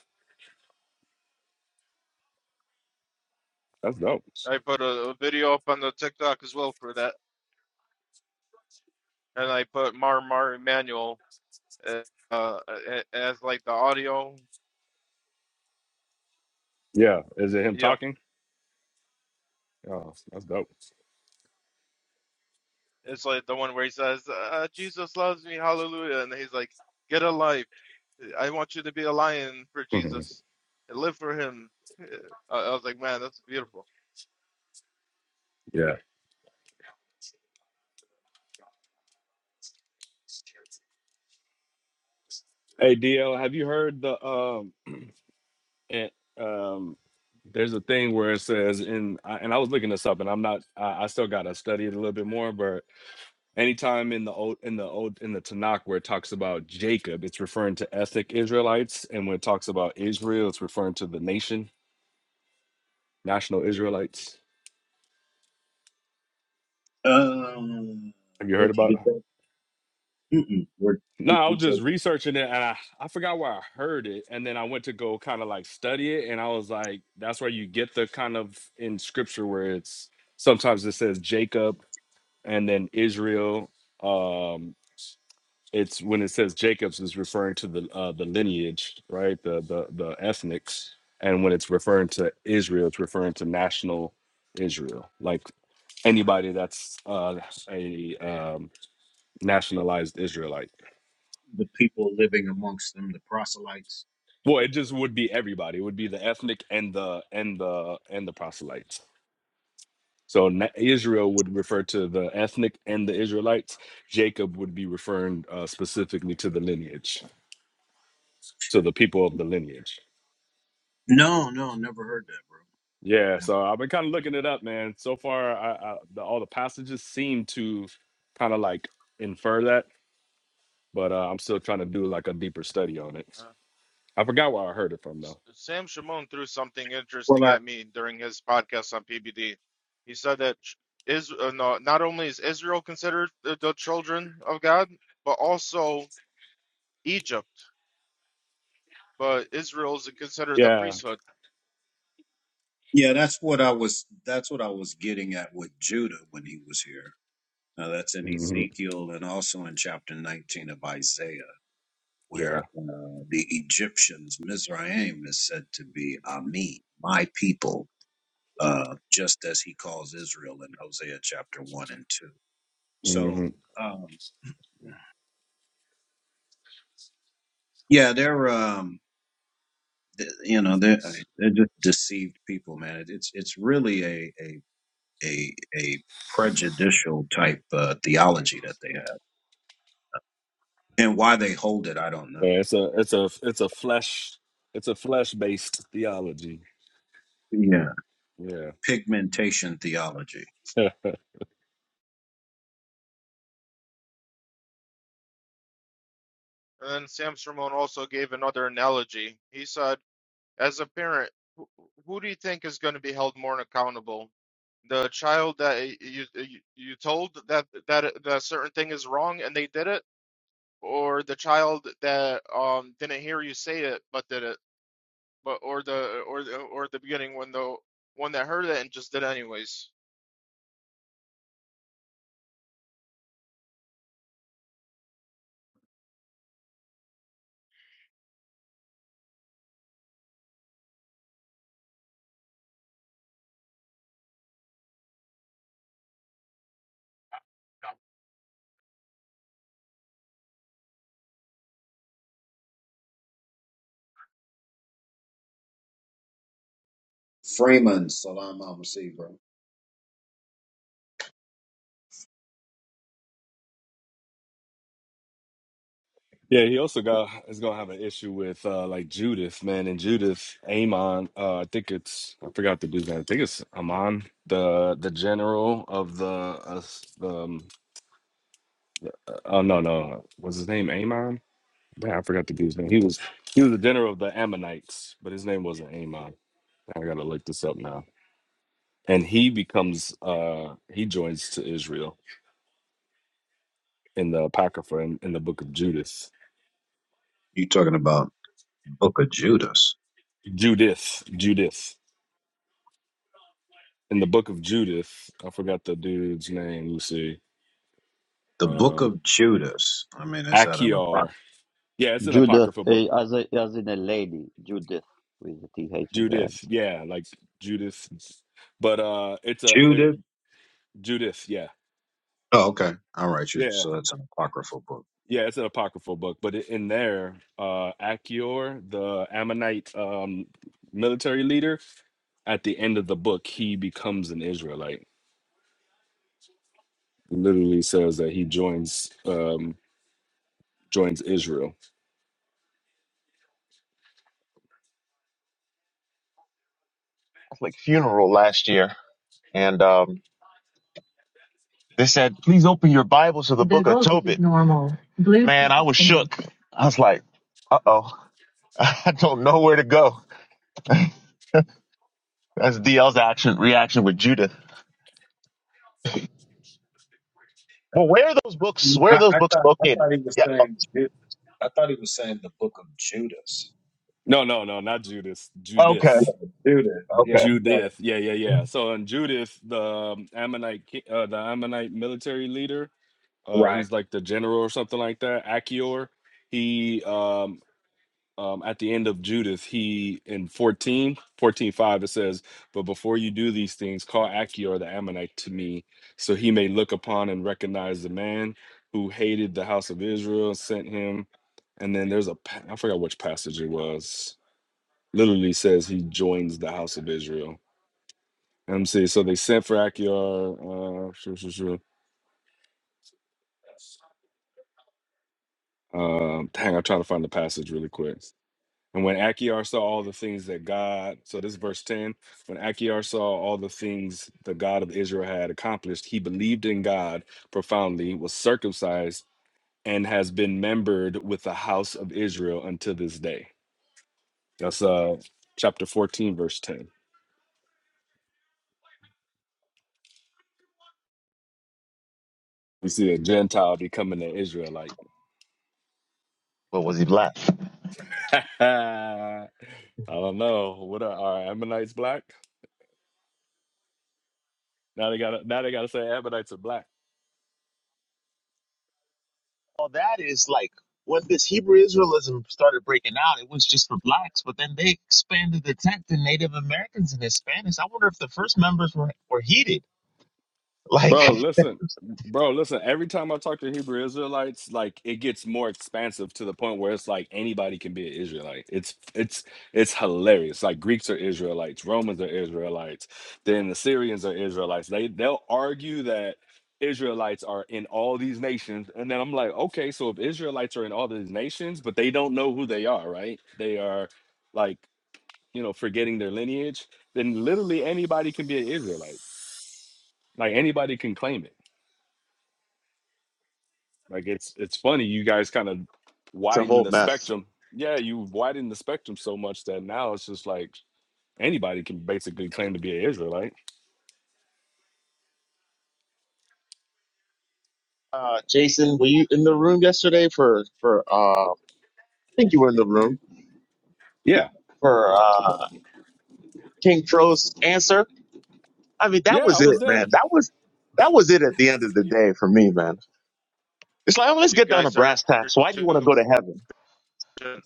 [SPEAKER 7] that's dope.
[SPEAKER 8] I put a, a video up on the TikTok as well for that, and I put Mar Mar Emanuel uh, uh, a- as like the audio.
[SPEAKER 7] Yeah, is it him
[SPEAKER 8] Yep.
[SPEAKER 7] talking? Oh, that's dope.
[SPEAKER 8] It's like the one where he says, uh, "Jesus loves me, hallelujah," and he's like, "Get a life. I want you to be a lion for
[SPEAKER 7] Mhm.
[SPEAKER 8] Jesus. Live for Him." I I was like, "Man, that's beautiful."
[SPEAKER 7] yeah. Hey, DL, have you heard the um? It, um, there's a thing where it says in, I- and I was looking this up, and I'm not. I, I still gotta study it a little bit more, but anytime in the old in the old in the Tanakh where it talks about Jacob, it's referring to ethnic Israelites, and when it talks about Israel, it's referring to the nation. National Israelites.
[SPEAKER 4] Um,
[SPEAKER 7] Have you heard
[SPEAKER 4] where'd you
[SPEAKER 7] about?
[SPEAKER 4] get that? Mm-mm. Where
[SPEAKER 7] No,
[SPEAKER 4] who
[SPEAKER 7] I was just
[SPEAKER 4] told-
[SPEAKER 7] researching it and I, I forgot where I heard it. And then I went to go kind of like study it. And I was like, that's where you get the kind of in scripture where it's sometimes it says Jacob and then Israel. Um, it's when it says Jacob's is referring to the uh, the lineage, right? The the the ethnics. And when it's referring to Israel, it's referring to national Israel, like anybody that's uh, a um, nationalized Israelite.
[SPEAKER 4] the people living amongst them, the proselytes?
[SPEAKER 7] Well, it just would be everybody. It would be the ethnic and the and the and the proselytes. So na- Israel would refer to the ethnic and the Israelites. Jacob would be referring uh, specifically to the lineage, to the people of the lineage.
[SPEAKER 4] No, no, never heard that, bro.
[SPEAKER 7] Yeah.
[SPEAKER 4] Never.
[SPEAKER 7] So I've been kind of looking it up, man. So far, I, I, the, all the passages seem to kind of like infer that, but uh, I'm still trying to do like a deeper study on it.
[SPEAKER 8] Uh,
[SPEAKER 7] I forgot where I heard it from though.
[SPEAKER 8] S- Sam Shimon threw something interesting
[SPEAKER 4] Well I
[SPEAKER 8] at me during his podcast on PBD. He said that Ch- is uh, no, not only is Israel considered the, the children of God, but also Egypt. But Israel is considered the
[SPEAKER 7] Yeah.
[SPEAKER 8] priesthood.
[SPEAKER 4] Yeah, that's what I was. That's what I was getting at with Judah when he was here. Now that's in
[SPEAKER 7] hmm
[SPEAKER 4] Ezekiel and also in chapter nineteen of Isaiah.
[SPEAKER 7] Yeah.
[SPEAKER 4] where uh, the Egyptians, Mizraim, is said to be Ami, my people, uh, just as he calls Israel in Hosea chapter 1 and 2.
[SPEAKER 7] Mm-hmm.
[SPEAKER 4] So, um, yeah, they're, um, th- you know, they're, uh, they're just deceived people, man. It, it's, it's really a, a, a, a prejudicial type uh, theology that they have. And why they hold it, I don't know.
[SPEAKER 7] Yeah, it's a it's a it's a flesh it's a flesh based theology.
[SPEAKER 4] Yeah.
[SPEAKER 7] Yeah.
[SPEAKER 4] Pigmentation theology.
[SPEAKER 7] Yeah.
[SPEAKER 8] And then Sam Shimon also gave another analogy. He said, as a parent, who, who do you think is going to be held more accountable? The child that you you, you told that that that a certain thing is wrong and they did it, or the child that um didn't hear you say it but did it but or the or the or at the beginning when the one that heard it and just did it anyways
[SPEAKER 4] Freeman, salam alaikum, bro.
[SPEAKER 7] Yeah, he also got is gonna have an issue with uh like Judith, man, and Judith Amon, uh I think it's I forgot the dude's name. I think it's Amon, the the general of the uh, s- um uh, oh no no was his name Amon? Man, I forgot the dude's name. He was he was the general of the Ammonites, but his name wasn't Amon. I gotta look this up now. And he becomes uh he joins to Israel in the Apocrypha in, in the book of Judith,
[SPEAKER 4] You talking about? Book of Judas.
[SPEAKER 7] Judith. Judith. In the book of Judith, I forgot the dude's name. Let me see.
[SPEAKER 4] The Book
[SPEAKER 7] Um
[SPEAKER 4] of Judas. I mean, is that an
[SPEAKER 7] Achior.
[SPEAKER 4] apocryphal?
[SPEAKER 7] Yeah, it's an
[SPEAKER 2] Judith,
[SPEAKER 7] Apocrypha book.
[SPEAKER 2] eh, as a, as in a lady, Judith with the th at the end.
[SPEAKER 7] Judith. Yeah, like Judith. But uh it's a it,
[SPEAKER 4] Judas.
[SPEAKER 7] Judith, yeah.
[SPEAKER 4] Oh, okay. All right. you-
[SPEAKER 7] Yeah.
[SPEAKER 4] So that's an apocryphal book.
[SPEAKER 7] Yeah, it's an apocryphal book, but i- in there, uh Achior, the Ammonite um military leader, at the end of the book, he becomes an Israelite. Literally says that he joins. Um, joins Israel.
[SPEAKER 9] Catholic funeral last year, and um, they said, "Please open your Bibles to the the Book book of Tobit." Normal. Blue Man, I was shook. I was like, "Uh oh, I don't know where to go." That's DL's action reaction with Judah. Well, where are those books? Where are
[SPEAKER 4] I,
[SPEAKER 9] those
[SPEAKER 4] I
[SPEAKER 9] books
[SPEAKER 4] thought I
[SPEAKER 9] located?
[SPEAKER 4] thought he was
[SPEAKER 9] Yeah.
[SPEAKER 4] saying Ju- I thought he was saying the book of Judas.
[SPEAKER 7] No, no, no, not Judas.
[SPEAKER 9] Okay.
[SPEAKER 4] Yeah,
[SPEAKER 7] Judith.
[SPEAKER 4] Judas. Yeah.
[SPEAKER 9] Okay.
[SPEAKER 4] so-
[SPEAKER 7] Judith. Yeah, yeah, yeah. So in Judith, the um, Ammonite, ki- uh, the Ammonite military leader, uh,
[SPEAKER 4] Right.
[SPEAKER 7] he's like the general or something like that. Achior. He um, um, at the end of Judith, he in 14, 14 5. it says, but before you do these things, call Achior the Ammonite to me, so he may look upon and recognize the man who hated the house of Israel, sent him. And then there's a, pa- I forgot which passage it was literally says he joins the house of Israel. Let me see. So they sent for Achior. Uh, shoo, shoo, shoo. Um, dang, I'm trying to find the passage really quick. And when Achior saw all the things that God, so this is verse 10. When Achior saw all the things the God of Israel had accomplished, he believed in God profoundly, was circumcised, and has been membered with the house of Israel until this day. That's uh chapter 14, verse 10. We see a Gentile becoming an Israelite.
[SPEAKER 9] But was he black?
[SPEAKER 7] I don't know. What are, are Ammonites black? Now they gotta now they gotta say Ammonites are black.
[SPEAKER 9] Well, that is like when this Hebrew Israelism started breaking out. It was just for blacks, but then they expanded the tent to Native Americans and Hispanics. I wonder if the first members were were heated. like.
[SPEAKER 7] Bro, listen, bro, listen. Every time I talk to Hebrew Israelites, like it gets more expansive to the point where it's like anybody can be an Israelite. It's it's it's hilarious. Like Greeks are Israelites, Romans are Israelites, then the Syrians are Israelites. They they'll argue that Israelites are in all these nations, and then I'm like, okay, so if Israelites are in all these nations, but they don't know who they are, right? They are like you know, forgetting their lineage, then literally anybody can be an Israelite. Like anybody can claim it. Like it's it's funny you guys kind of
[SPEAKER 9] It's a
[SPEAKER 7] widen
[SPEAKER 9] whole
[SPEAKER 7] the
[SPEAKER 9] mess.
[SPEAKER 7] spectrum. Yeah, you widen the spectrum so much that now it's just like anybody can basically claim to be an Israelite.
[SPEAKER 9] Uh, Jason, were you in the room yesterday for for? Uh, I think you were in the room
[SPEAKER 7] Yeah.
[SPEAKER 9] for uh, King Crow's answer. I mean, that
[SPEAKER 7] Yeah, I
[SPEAKER 9] was
[SPEAKER 7] was
[SPEAKER 9] it,
[SPEAKER 7] there.
[SPEAKER 9] man. That was that was it at the end of the day for me, man. It's like, oh, let's
[SPEAKER 8] you
[SPEAKER 9] get down to
[SPEAKER 8] guys are
[SPEAKER 9] brass tacks. Why do
[SPEAKER 8] too
[SPEAKER 9] you want to go to heaven?
[SPEAKER 8] patient.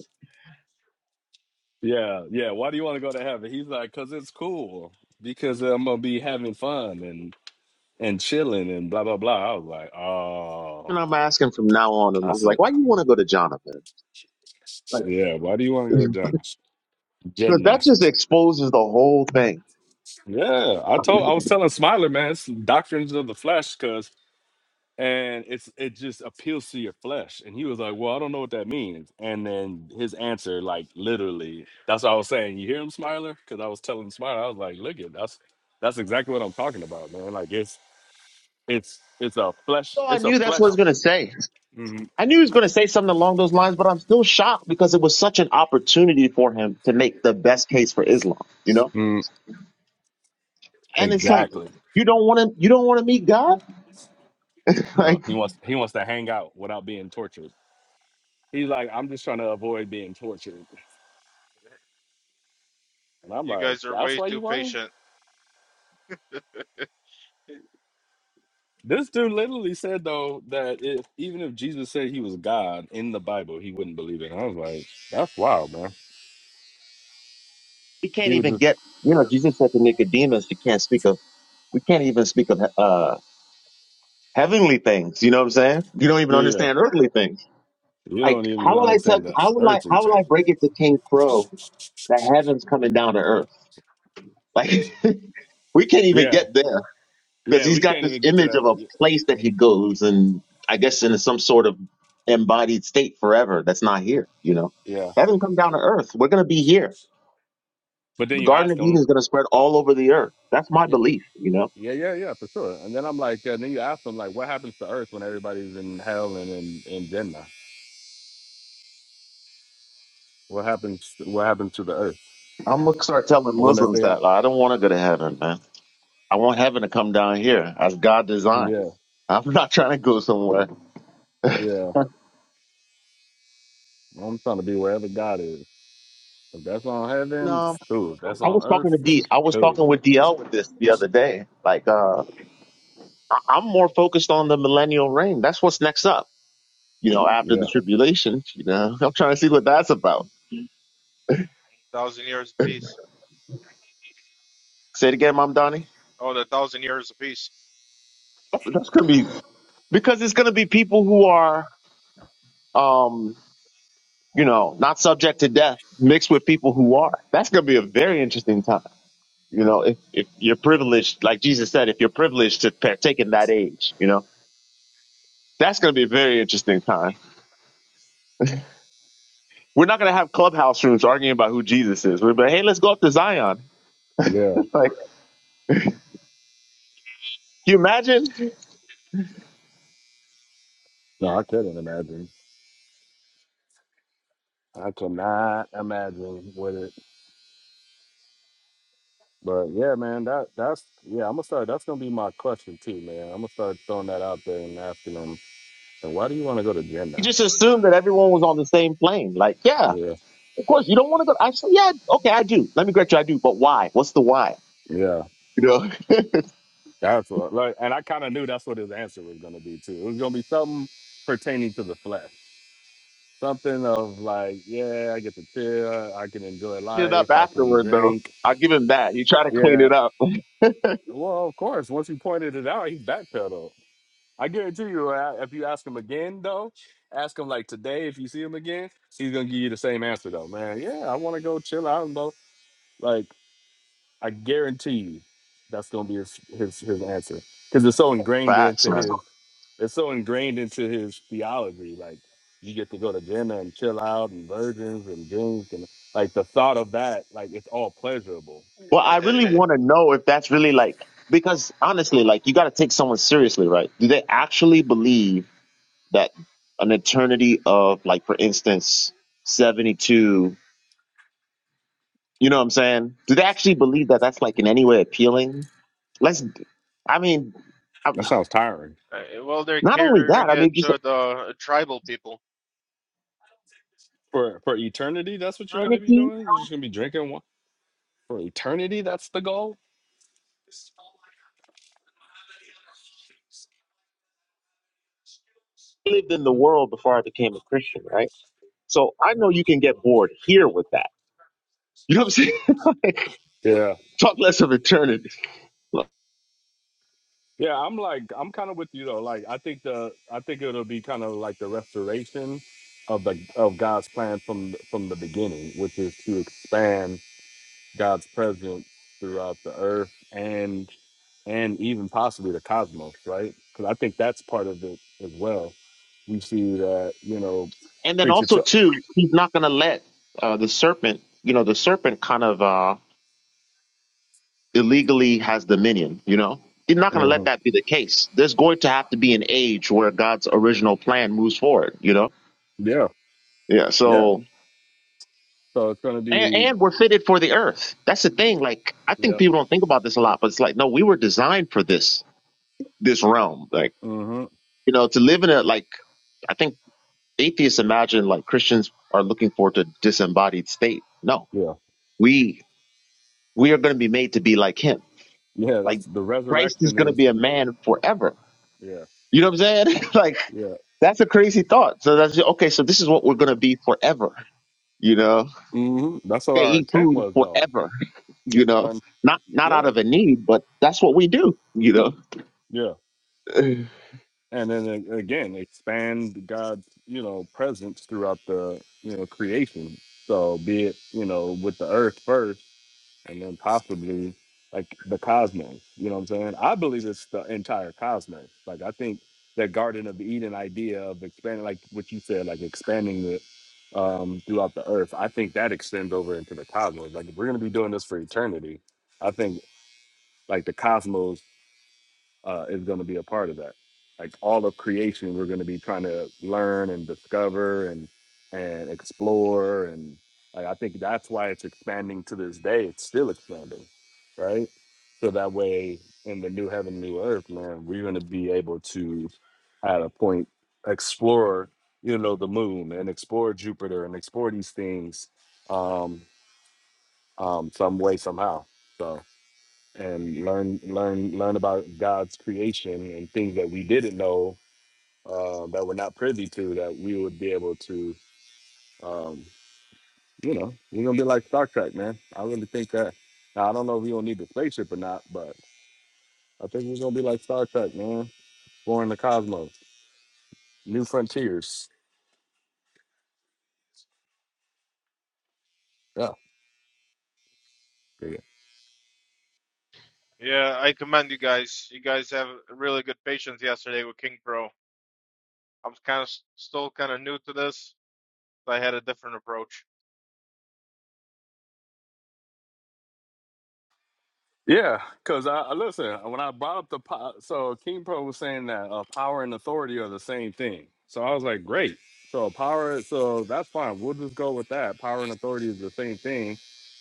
[SPEAKER 7] Yeah, yeah. Why do you want to go to heaven? He's like, cause it's cool. Because I'm gonna be having fun and and chilling and blah blah blah. I was like,
[SPEAKER 9] And
[SPEAKER 7] oh,
[SPEAKER 9] I'm asking from now on. And I
[SPEAKER 7] I
[SPEAKER 9] was
[SPEAKER 7] said,
[SPEAKER 9] like, why do you want to go to Jonathan? Like,
[SPEAKER 7] yeah. Why do you want to go to
[SPEAKER 9] because
[SPEAKER 7] Jannah?
[SPEAKER 9] that
[SPEAKER 7] Jannah.
[SPEAKER 9] just exposes the whole thing.
[SPEAKER 7] Yeah, I told I
[SPEAKER 9] So
[SPEAKER 7] was telling Smiler, man, it's doctrines of the flesh, cause and it's it just appeals to your flesh. And he was like, Well, I don't know what that means. And then his answer, like literally, that's what I was saying. You hear him, Smiler? Cause I was telling Smiler, I was like, look at that's that's exactly what I'm talking about, man. Like it's it's it's a flesh,
[SPEAKER 9] I
[SPEAKER 7] it's a
[SPEAKER 9] knew that's what I
[SPEAKER 7] flesh.
[SPEAKER 9] was gonna say.
[SPEAKER 7] Mhm.
[SPEAKER 9] I knew he was going to say something along those lines, but I'm still shocked because it was such an opportunity for him to make the best case for Islam, you know?
[SPEAKER 7] Mm,
[SPEAKER 9] And it's like,
[SPEAKER 7] exactly.
[SPEAKER 9] you don't want to, you don't want to meet God?
[SPEAKER 7] No,
[SPEAKER 9] like,
[SPEAKER 7] he wants he wants to hang out without being tortured. He's like,
[SPEAKER 8] you
[SPEAKER 7] I'm just trying to avoid being tortured. And I'm
[SPEAKER 8] you
[SPEAKER 7] like,
[SPEAKER 8] guys are
[SPEAKER 7] that's
[SPEAKER 8] way
[SPEAKER 7] why
[SPEAKER 8] too
[SPEAKER 7] you want him?
[SPEAKER 8] patient
[SPEAKER 7] This dude literally said though that if even if Jesus said he was God in the Bible, he wouldn't believe it. And I was like, that's wild, man.
[SPEAKER 9] we
[SPEAKER 7] He
[SPEAKER 9] can't
[SPEAKER 7] would
[SPEAKER 9] even
[SPEAKER 7] just
[SPEAKER 9] get, you know, Jesus said to Nicodemus, you can't speak of, we can't even speak of, uh, heavenly things. You know what I'm saying? You don't even
[SPEAKER 7] yeah, yeah.
[SPEAKER 9] understand earthly things.
[SPEAKER 7] You don't
[SPEAKER 9] Like,
[SPEAKER 7] even
[SPEAKER 9] how will I tell,
[SPEAKER 7] understand the
[SPEAKER 9] how will I,
[SPEAKER 7] earthly
[SPEAKER 9] how will I
[SPEAKER 7] thing.
[SPEAKER 9] break it to King Crow that heaven's coming down to earth? Like, we can't even
[SPEAKER 7] Yeah,
[SPEAKER 9] get there. because
[SPEAKER 7] yeah.
[SPEAKER 9] he's
[SPEAKER 7] We
[SPEAKER 9] got
[SPEAKER 7] can't
[SPEAKER 9] this
[SPEAKER 7] even get to
[SPEAKER 9] image of
[SPEAKER 7] that.
[SPEAKER 9] a
[SPEAKER 7] Y-
[SPEAKER 9] place that he goes and I guess in some sort of embodied state forever that's not here, you know.
[SPEAKER 7] Yeah,
[SPEAKER 9] Heaven come down to earth. We're gonna be here.
[SPEAKER 7] but then
[SPEAKER 9] The
[SPEAKER 7] you
[SPEAKER 9] Garden
[SPEAKER 7] ask
[SPEAKER 9] of Eden
[SPEAKER 7] him.
[SPEAKER 9] is gonna spread all over the earth. That's my
[SPEAKER 7] Yeah,
[SPEAKER 9] belief, you know.
[SPEAKER 7] yeah, yeah, yeah, for sure. And then I'm like, and then you ask him like, what happens to Earth when everybody's in hell and in in Jannah? What happens? What happens to the Earth?
[SPEAKER 9] I'm gonna start telling
[SPEAKER 7] I wonder if they
[SPEAKER 9] Muslims
[SPEAKER 7] got.
[SPEAKER 9] that I don't wanna go to heaven, man. I want heaven to come down here as God designed.
[SPEAKER 7] Yeah,
[SPEAKER 9] I'm not trying to go somewhere.
[SPEAKER 7] yeah. I'm trying to be wherever God is. If that's on heaven,
[SPEAKER 9] No,
[SPEAKER 7] dude. If that's
[SPEAKER 9] I
[SPEAKER 7] on
[SPEAKER 9] was talking
[SPEAKER 7] earth,
[SPEAKER 9] to D. I was
[SPEAKER 7] dude.
[SPEAKER 9] talking with DL with this the other day. Like, uh, I- I'm more focused on the millennial reign. That's what's next up you know, after the
[SPEAKER 7] Yeah,
[SPEAKER 9] tribulation, you know. I'm trying to see what that's about.
[SPEAKER 8] thousand years apiece
[SPEAKER 9] Say it again, Mom Donnie.
[SPEAKER 8] oh the thousand years apiece
[SPEAKER 9] That's gonna be because it's gonna be people who are um, you know, not subject to death mixed with people who are. That's gonna be a very interesting time. You know, if, if you're privileged, like Jesus said, if you're privileged to partake in that age, you know, that's gonna be a very interesting time. We're not gonna have clubhouse rooms arguing about who Jesus is. We're gonna be like, hey, let's go up to Zion.
[SPEAKER 7] yeah.
[SPEAKER 9] Like, can you imagine?
[SPEAKER 7] No, I couldn't imagine. I cannot imagine with it. But yeah, man, that that's yeah. I'm gonna start. That's gonna be my question too, man. I'm gonna start throwing that out there and asking them. And why do you want to go to Jen
[SPEAKER 9] You
[SPEAKER 7] now?
[SPEAKER 9] just assumed that everyone was on the same plane. Like, yeah,
[SPEAKER 7] Yeah,
[SPEAKER 9] Of course, you don't want to go. Actually, yeah, okay, I do. Let me correct you. I do. But why? What's the why?
[SPEAKER 7] yeah.
[SPEAKER 9] You know, clean
[SPEAKER 7] That's what. Like, and I kind of knew that's what his answer was gonna be too. It was gonna be something pertaining to the flesh. Something of like, yeah, I get to chill, I can enjoy
[SPEAKER 9] it up
[SPEAKER 7] life, I can
[SPEAKER 9] afterward, though.
[SPEAKER 7] drink,
[SPEAKER 9] I'll give him that. He tried to clean
[SPEAKER 7] yeah,
[SPEAKER 9] it up.
[SPEAKER 7] Well, of course. Once you pointed it out, he backpedaled. I guarantee you, uh, if you ask him again, though, ask him like today, if you see him again, he's gonna give you the same answer, though, man. Yeah, I want to go chill out and blah. Like, I guarantee you, that's gonna be his his, his answer because it's so ingrained
[SPEAKER 9] Facts,
[SPEAKER 7] into
[SPEAKER 9] man.
[SPEAKER 7] his it's so ingrained into his theology. Like, you get to go to dinner and chill out and virgins and drink and like the thought of that, like it's all pleasurable.
[SPEAKER 9] Well, I
[SPEAKER 8] Eh, eh,
[SPEAKER 9] really
[SPEAKER 8] eh,
[SPEAKER 9] want to know if that's really like, because honestly, like, you got to take someone seriously, right? Do they actually believe that an eternity of, like, for instance, 72, you know what I'm saying? Do they actually believe that that's, like, in any way appealing? Let's, I mean, I,
[SPEAKER 7] That sounds tiring.
[SPEAKER 8] eh, well they're
[SPEAKER 9] not only that,
[SPEAKER 8] catering
[SPEAKER 9] I mean,
[SPEAKER 8] it
[SPEAKER 9] just
[SPEAKER 8] to the tribal people
[SPEAKER 7] for for eternity. That's what you're gonna be doing. You're just gonna be drinking wine for eternity. That's the goal.
[SPEAKER 9] lived in the world before I became a Christian, right? So I know you can get bored here with that. You know what I'm saying? Like,
[SPEAKER 7] Yeah,
[SPEAKER 9] Talk less of eternity. Look,
[SPEAKER 7] yeah. I'm like, I'm kind of with you though. Like, I think the, I think it'll be kind of like the restoration of the of God's plan from from the beginning, which is to expand God's presence throughout the earth and and even possibly the cosmos, right? Because I think that's part of it as well. We see that you know,
[SPEAKER 9] And then
[SPEAKER 7] creature
[SPEAKER 9] also
[SPEAKER 7] to,
[SPEAKER 9] too, he's not going to let uh, the serpent. You know, the serpent kind of uh, illegally has dominion. You know, he's not going to let
[SPEAKER 7] Mhm.
[SPEAKER 9] that be the case. There's going to have to be an age where God's original plan moves forward. You know.
[SPEAKER 7] yeah,
[SPEAKER 9] Yeah.
[SPEAKER 7] yeah.
[SPEAKER 9] So
[SPEAKER 7] So it's gonna
[SPEAKER 9] And,
[SPEAKER 7] be
[SPEAKER 9] and we're fitted for the earth. That's the thing. Like, I think
[SPEAKER 7] Yep.
[SPEAKER 9] people don't think about this a lot, but it's like, no, we were designed for this, this realm. Like,
[SPEAKER 7] hmm
[SPEAKER 9] you know, to live in a, like, I think atheists imagine like Christians are looking for to disembodied state. No,
[SPEAKER 7] Yeah.
[SPEAKER 9] we, we are going to be made to be like him.
[SPEAKER 7] Yeah.
[SPEAKER 9] Like,
[SPEAKER 7] That's the
[SPEAKER 9] Christ is
[SPEAKER 7] resurrection
[SPEAKER 9] going to
[SPEAKER 7] is.
[SPEAKER 9] be a man forever.
[SPEAKER 7] Yeah.
[SPEAKER 9] You know what I'm saying? like,
[SPEAKER 7] Yeah.
[SPEAKER 9] that's a crazy thought. So that's, okay, so this is what we're going to be forever, you know?
[SPEAKER 7] hmm That's what
[SPEAKER 9] they
[SPEAKER 7] our
[SPEAKER 9] eat
[SPEAKER 7] intent
[SPEAKER 9] food
[SPEAKER 7] was, though.
[SPEAKER 9] forever you know
[SPEAKER 7] Um.
[SPEAKER 9] not not out
[SPEAKER 7] Yeah.
[SPEAKER 9] of a need but that's what we do you know
[SPEAKER 7] Yeah. And then a- again, expand God's you know presence throughout the you know creation. So be it you know with the earth first. and then possibly like the cosmos. You know what I'm saying? I believe it's the entire cosmos. Like I think that Garden of Eden idea of expanding, like what you said, like expanding it um, throughout the earth. I think that extends over into the cosmos. Like if we're gonna be doing this for eternity, I think like the cosmos uh, is going to be a part of that. Like all of creation, we're going to be trying to learn and discover and and explore, and like, I think that's why it's expanding to this day. It's still expanding, right? So that way, in the new heaven, new earth, man, we're going to be able to, at a point, explore, you know, the moon and explore Jupiter and explore these things, um, um, some way, somehow. So and learn learn learn about God's creation and things that we didn't know uh, that we're not privy to that we would be able to um, you know we're gonna be like Star Trek man I really think that now, I don't know if we gonna need the spaceship or not but I think we're gonna be like Star Trek man exploring the cosmos new frontiers yeah yeah.
[SPEAKER 8] yeah i commend you guys you guys have really good patience yesterday with king pro i'm kind of still kind of new to this i had a different approach
[SPEAKER 7] Yeah, because I I- listen when I brought up the po- so King Pro was saying that uh, power and authority are the same thing. So I was like, great. So power, so that's fine. We'll just go with that. Power and authority is the same thing.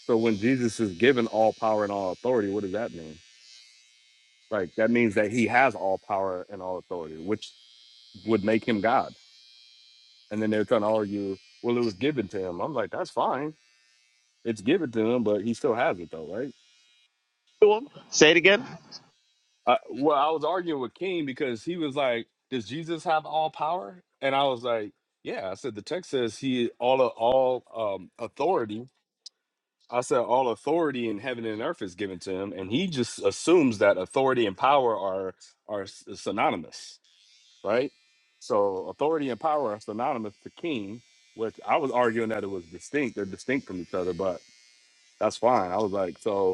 [SPEAKER 7] So when Jesus is given all power and all authority, what does that mean? Like that means that he has all power and all authority, which would make him God. And then they're trying to argue, well, it was given to him. I'm like, that's fine. It's given to him, but he still has it though, right?
[SPEAKER 9] To 'em, say it again
[SPEAKER 7] I, well, I was arguing with King because he was like, "Does Jesus have all power?" And I was like, "Yeah." I said the text says he all of all um, authority. I said all authority in heaven and earth is given to him, and he just assumes that authority and power are are s- synonymous, right? So authority and power are synonymous to King, which I was arguing that it was distinct. They're distinct from each other, but that's fine. I was like, so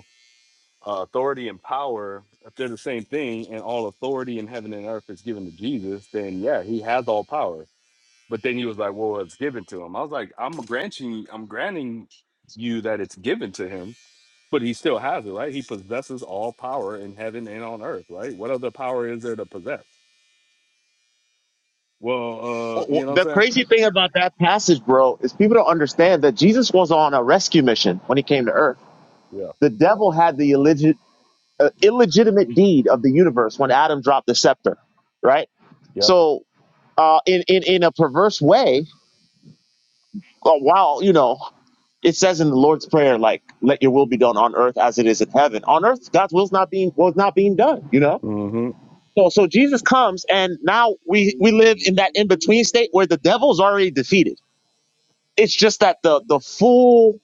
[SPEAKER 7] uh, authority and power, if they're the same thing, and all authority in heaven and earth is given to Jesus, then yeah, he has all power. But then he was like, "Well, it's given to him." I was like, "I'm granting, I'm granting you that it's given to him, but he still has it, right? He possesses all power in heaven and on earth, right? What other power is there to possess? Well, uh,
[SPEAKER 9] Wh-
[SPEAKER 7] you know
[SPEAKER 9] wh-
[SPEAKER 7] what
[SPEAKER 9] the
[SPEAKER 7] I'm saying?
[SPEAKER 9] crazy thing about that passage bro is people don't understand that jesus was on a rescue mission when he came to earth
[SPEAKER 7] Yeah.
[SPEAKER 9] the devil had the illegit- uh, illegitimate deed of the universe when adam dropped the scepter right
[SPEAKER 7] Yep.
[SPEAKER 9] so uh in in, in a perverse way uh, while you know it says in the lord's prayer like let your will be done on earth as it is in heaven on earth god's will's not being was not being done you know
[SPEAKER 7] hmm
[SPEAKER 9] So, so Jesus comes, and now we we live in that in between state where the devil's already defeated. It's just that the the full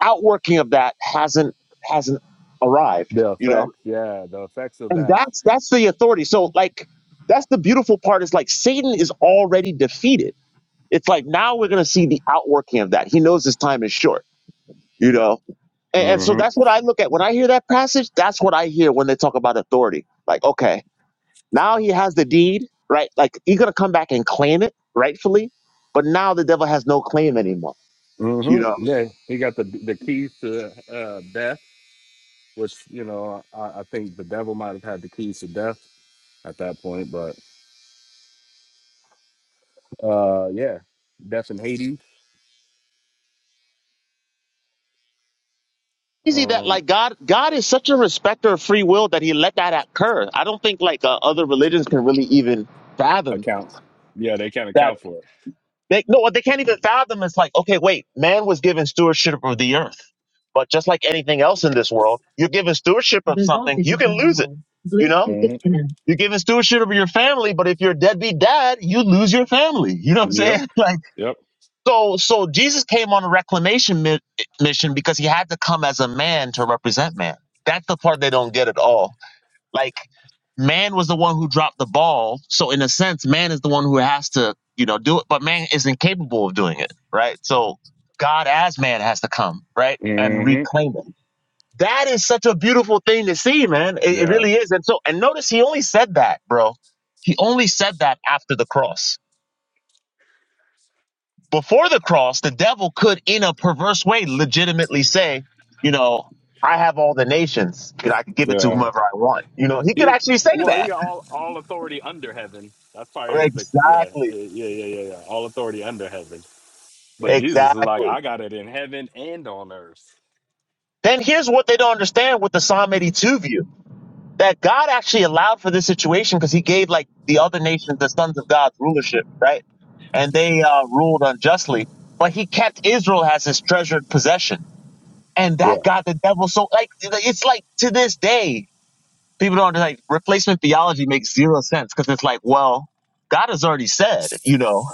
[SPEAKER 9] outworking of that hasn't hasn't arrived,
[SPEAKER 7] The
[SPEAKER 9] you know.
[SPEAKER 7] effects, yeah, the effects of
[SPEAKER 9] And
[SPEAKER 7] that.
[SPEAKER 9] that's that's the authority. So, like, that's the beautiful part is like Satan is already defeated. It's like now we're gonna see the outworking of that. He knows his time is short, you know. And, and so
[SPEAKER 7] hmm
[SPEAKER 9] that's what I look at when I hear that passage. That's what I hear when they talk about authority. Like, okay, Now he has the deed, right? Like he's gonna come back and claim it rightfully, but now the devil has no claim anymore. You
[SPEAKER 7] hmm
[SPEAKER 9] know,
[SPEAKER 7] Yeah, he got the the keys to uh, death which you know I, I think the devil might have had the keys to death at that point, but uh, yeah, death in Haiti
[SPEAKER 9] easy that
[SPEAKER 7] um,
[SPEAKER 9] like God, God is such a respecter of free will that He let that occur. I don't think like uh, other religions can really even fathom
[SPEAKER 7] account. Yeah, they can't
[SPEAKER 9] that.
[SPEAKER 7] account for it.
[SPEAKER 9] They no, what they can't even fathom is like, okay, wait, man was given stewardship of the earth, but just like anything else in this world, you're given stewardship of The something, voltage you can lose it. low. You know, Bluetooth
[SPEAKER 7] hmm
[SPEAKER 9] disconnect. you're given stewardship of your family, but if you're a deadbeat dad, you lose your family. You know what I'm
[SPEAKER 7] Yep,
[SPEAKER 9] saying? Like,
[SPEAKER 7] yep.
[SPEAKER 9] so, so Jesus came on a reclamation mi- mission because he had to come as a man to represent man. That's the part they don't get at all. Like man was the one who dropped the ball. So in a sense, man is the one who has to, you know, do it, but man is incapable of doing it, right? So God as man has to come, right? And
[SPEAKER 7] hmm
[SPEAKER 9] reclaim it. That is such a beautiful thing to see, man. It, it
[SPEAKER 7] Yeah,
[SPEAKER 9] really is. And so and notice he only said that, bro. He only said that after the cross. Before the cross, the devil could in a perverse way legitimately say, you know, I have all the nations. You know, I could give it to
[SPEAKER 7] yeah.
[SPEAKER 9] whomever I want. You know, he could
[SPEAKER 7] He
[SPEAKER 9] actually say
[SPEAKER 7] well, he
[SPEAKER 9] that
[SPEAKER 7] got all all authority under heaven. That's probably the yeah, yeah,
[SPEAKER 9] Exactly.
[SPEAKER 7] yeah, yeah, yeah. yeah. All authority under heaven. But Jesus is like,
[SPEAKER 9] Exactly.
[SPEAKER 7] I got it in heaven and on earth.
[SPEAKER 9] Then here's what they don't understand with the Psalm 82 view that God actually allowed for this situation because he gave like the other nations the sons of God's rulership, right? And they uh, ruled unjustly, but he kept Israel as his treasured possession. And
[SPEAKER 7] Yeah.
[SPEAKER 9] that got the devil so like it's like to this day people don't understand, like replacement theology makes zero sense because it's like well God has already said you know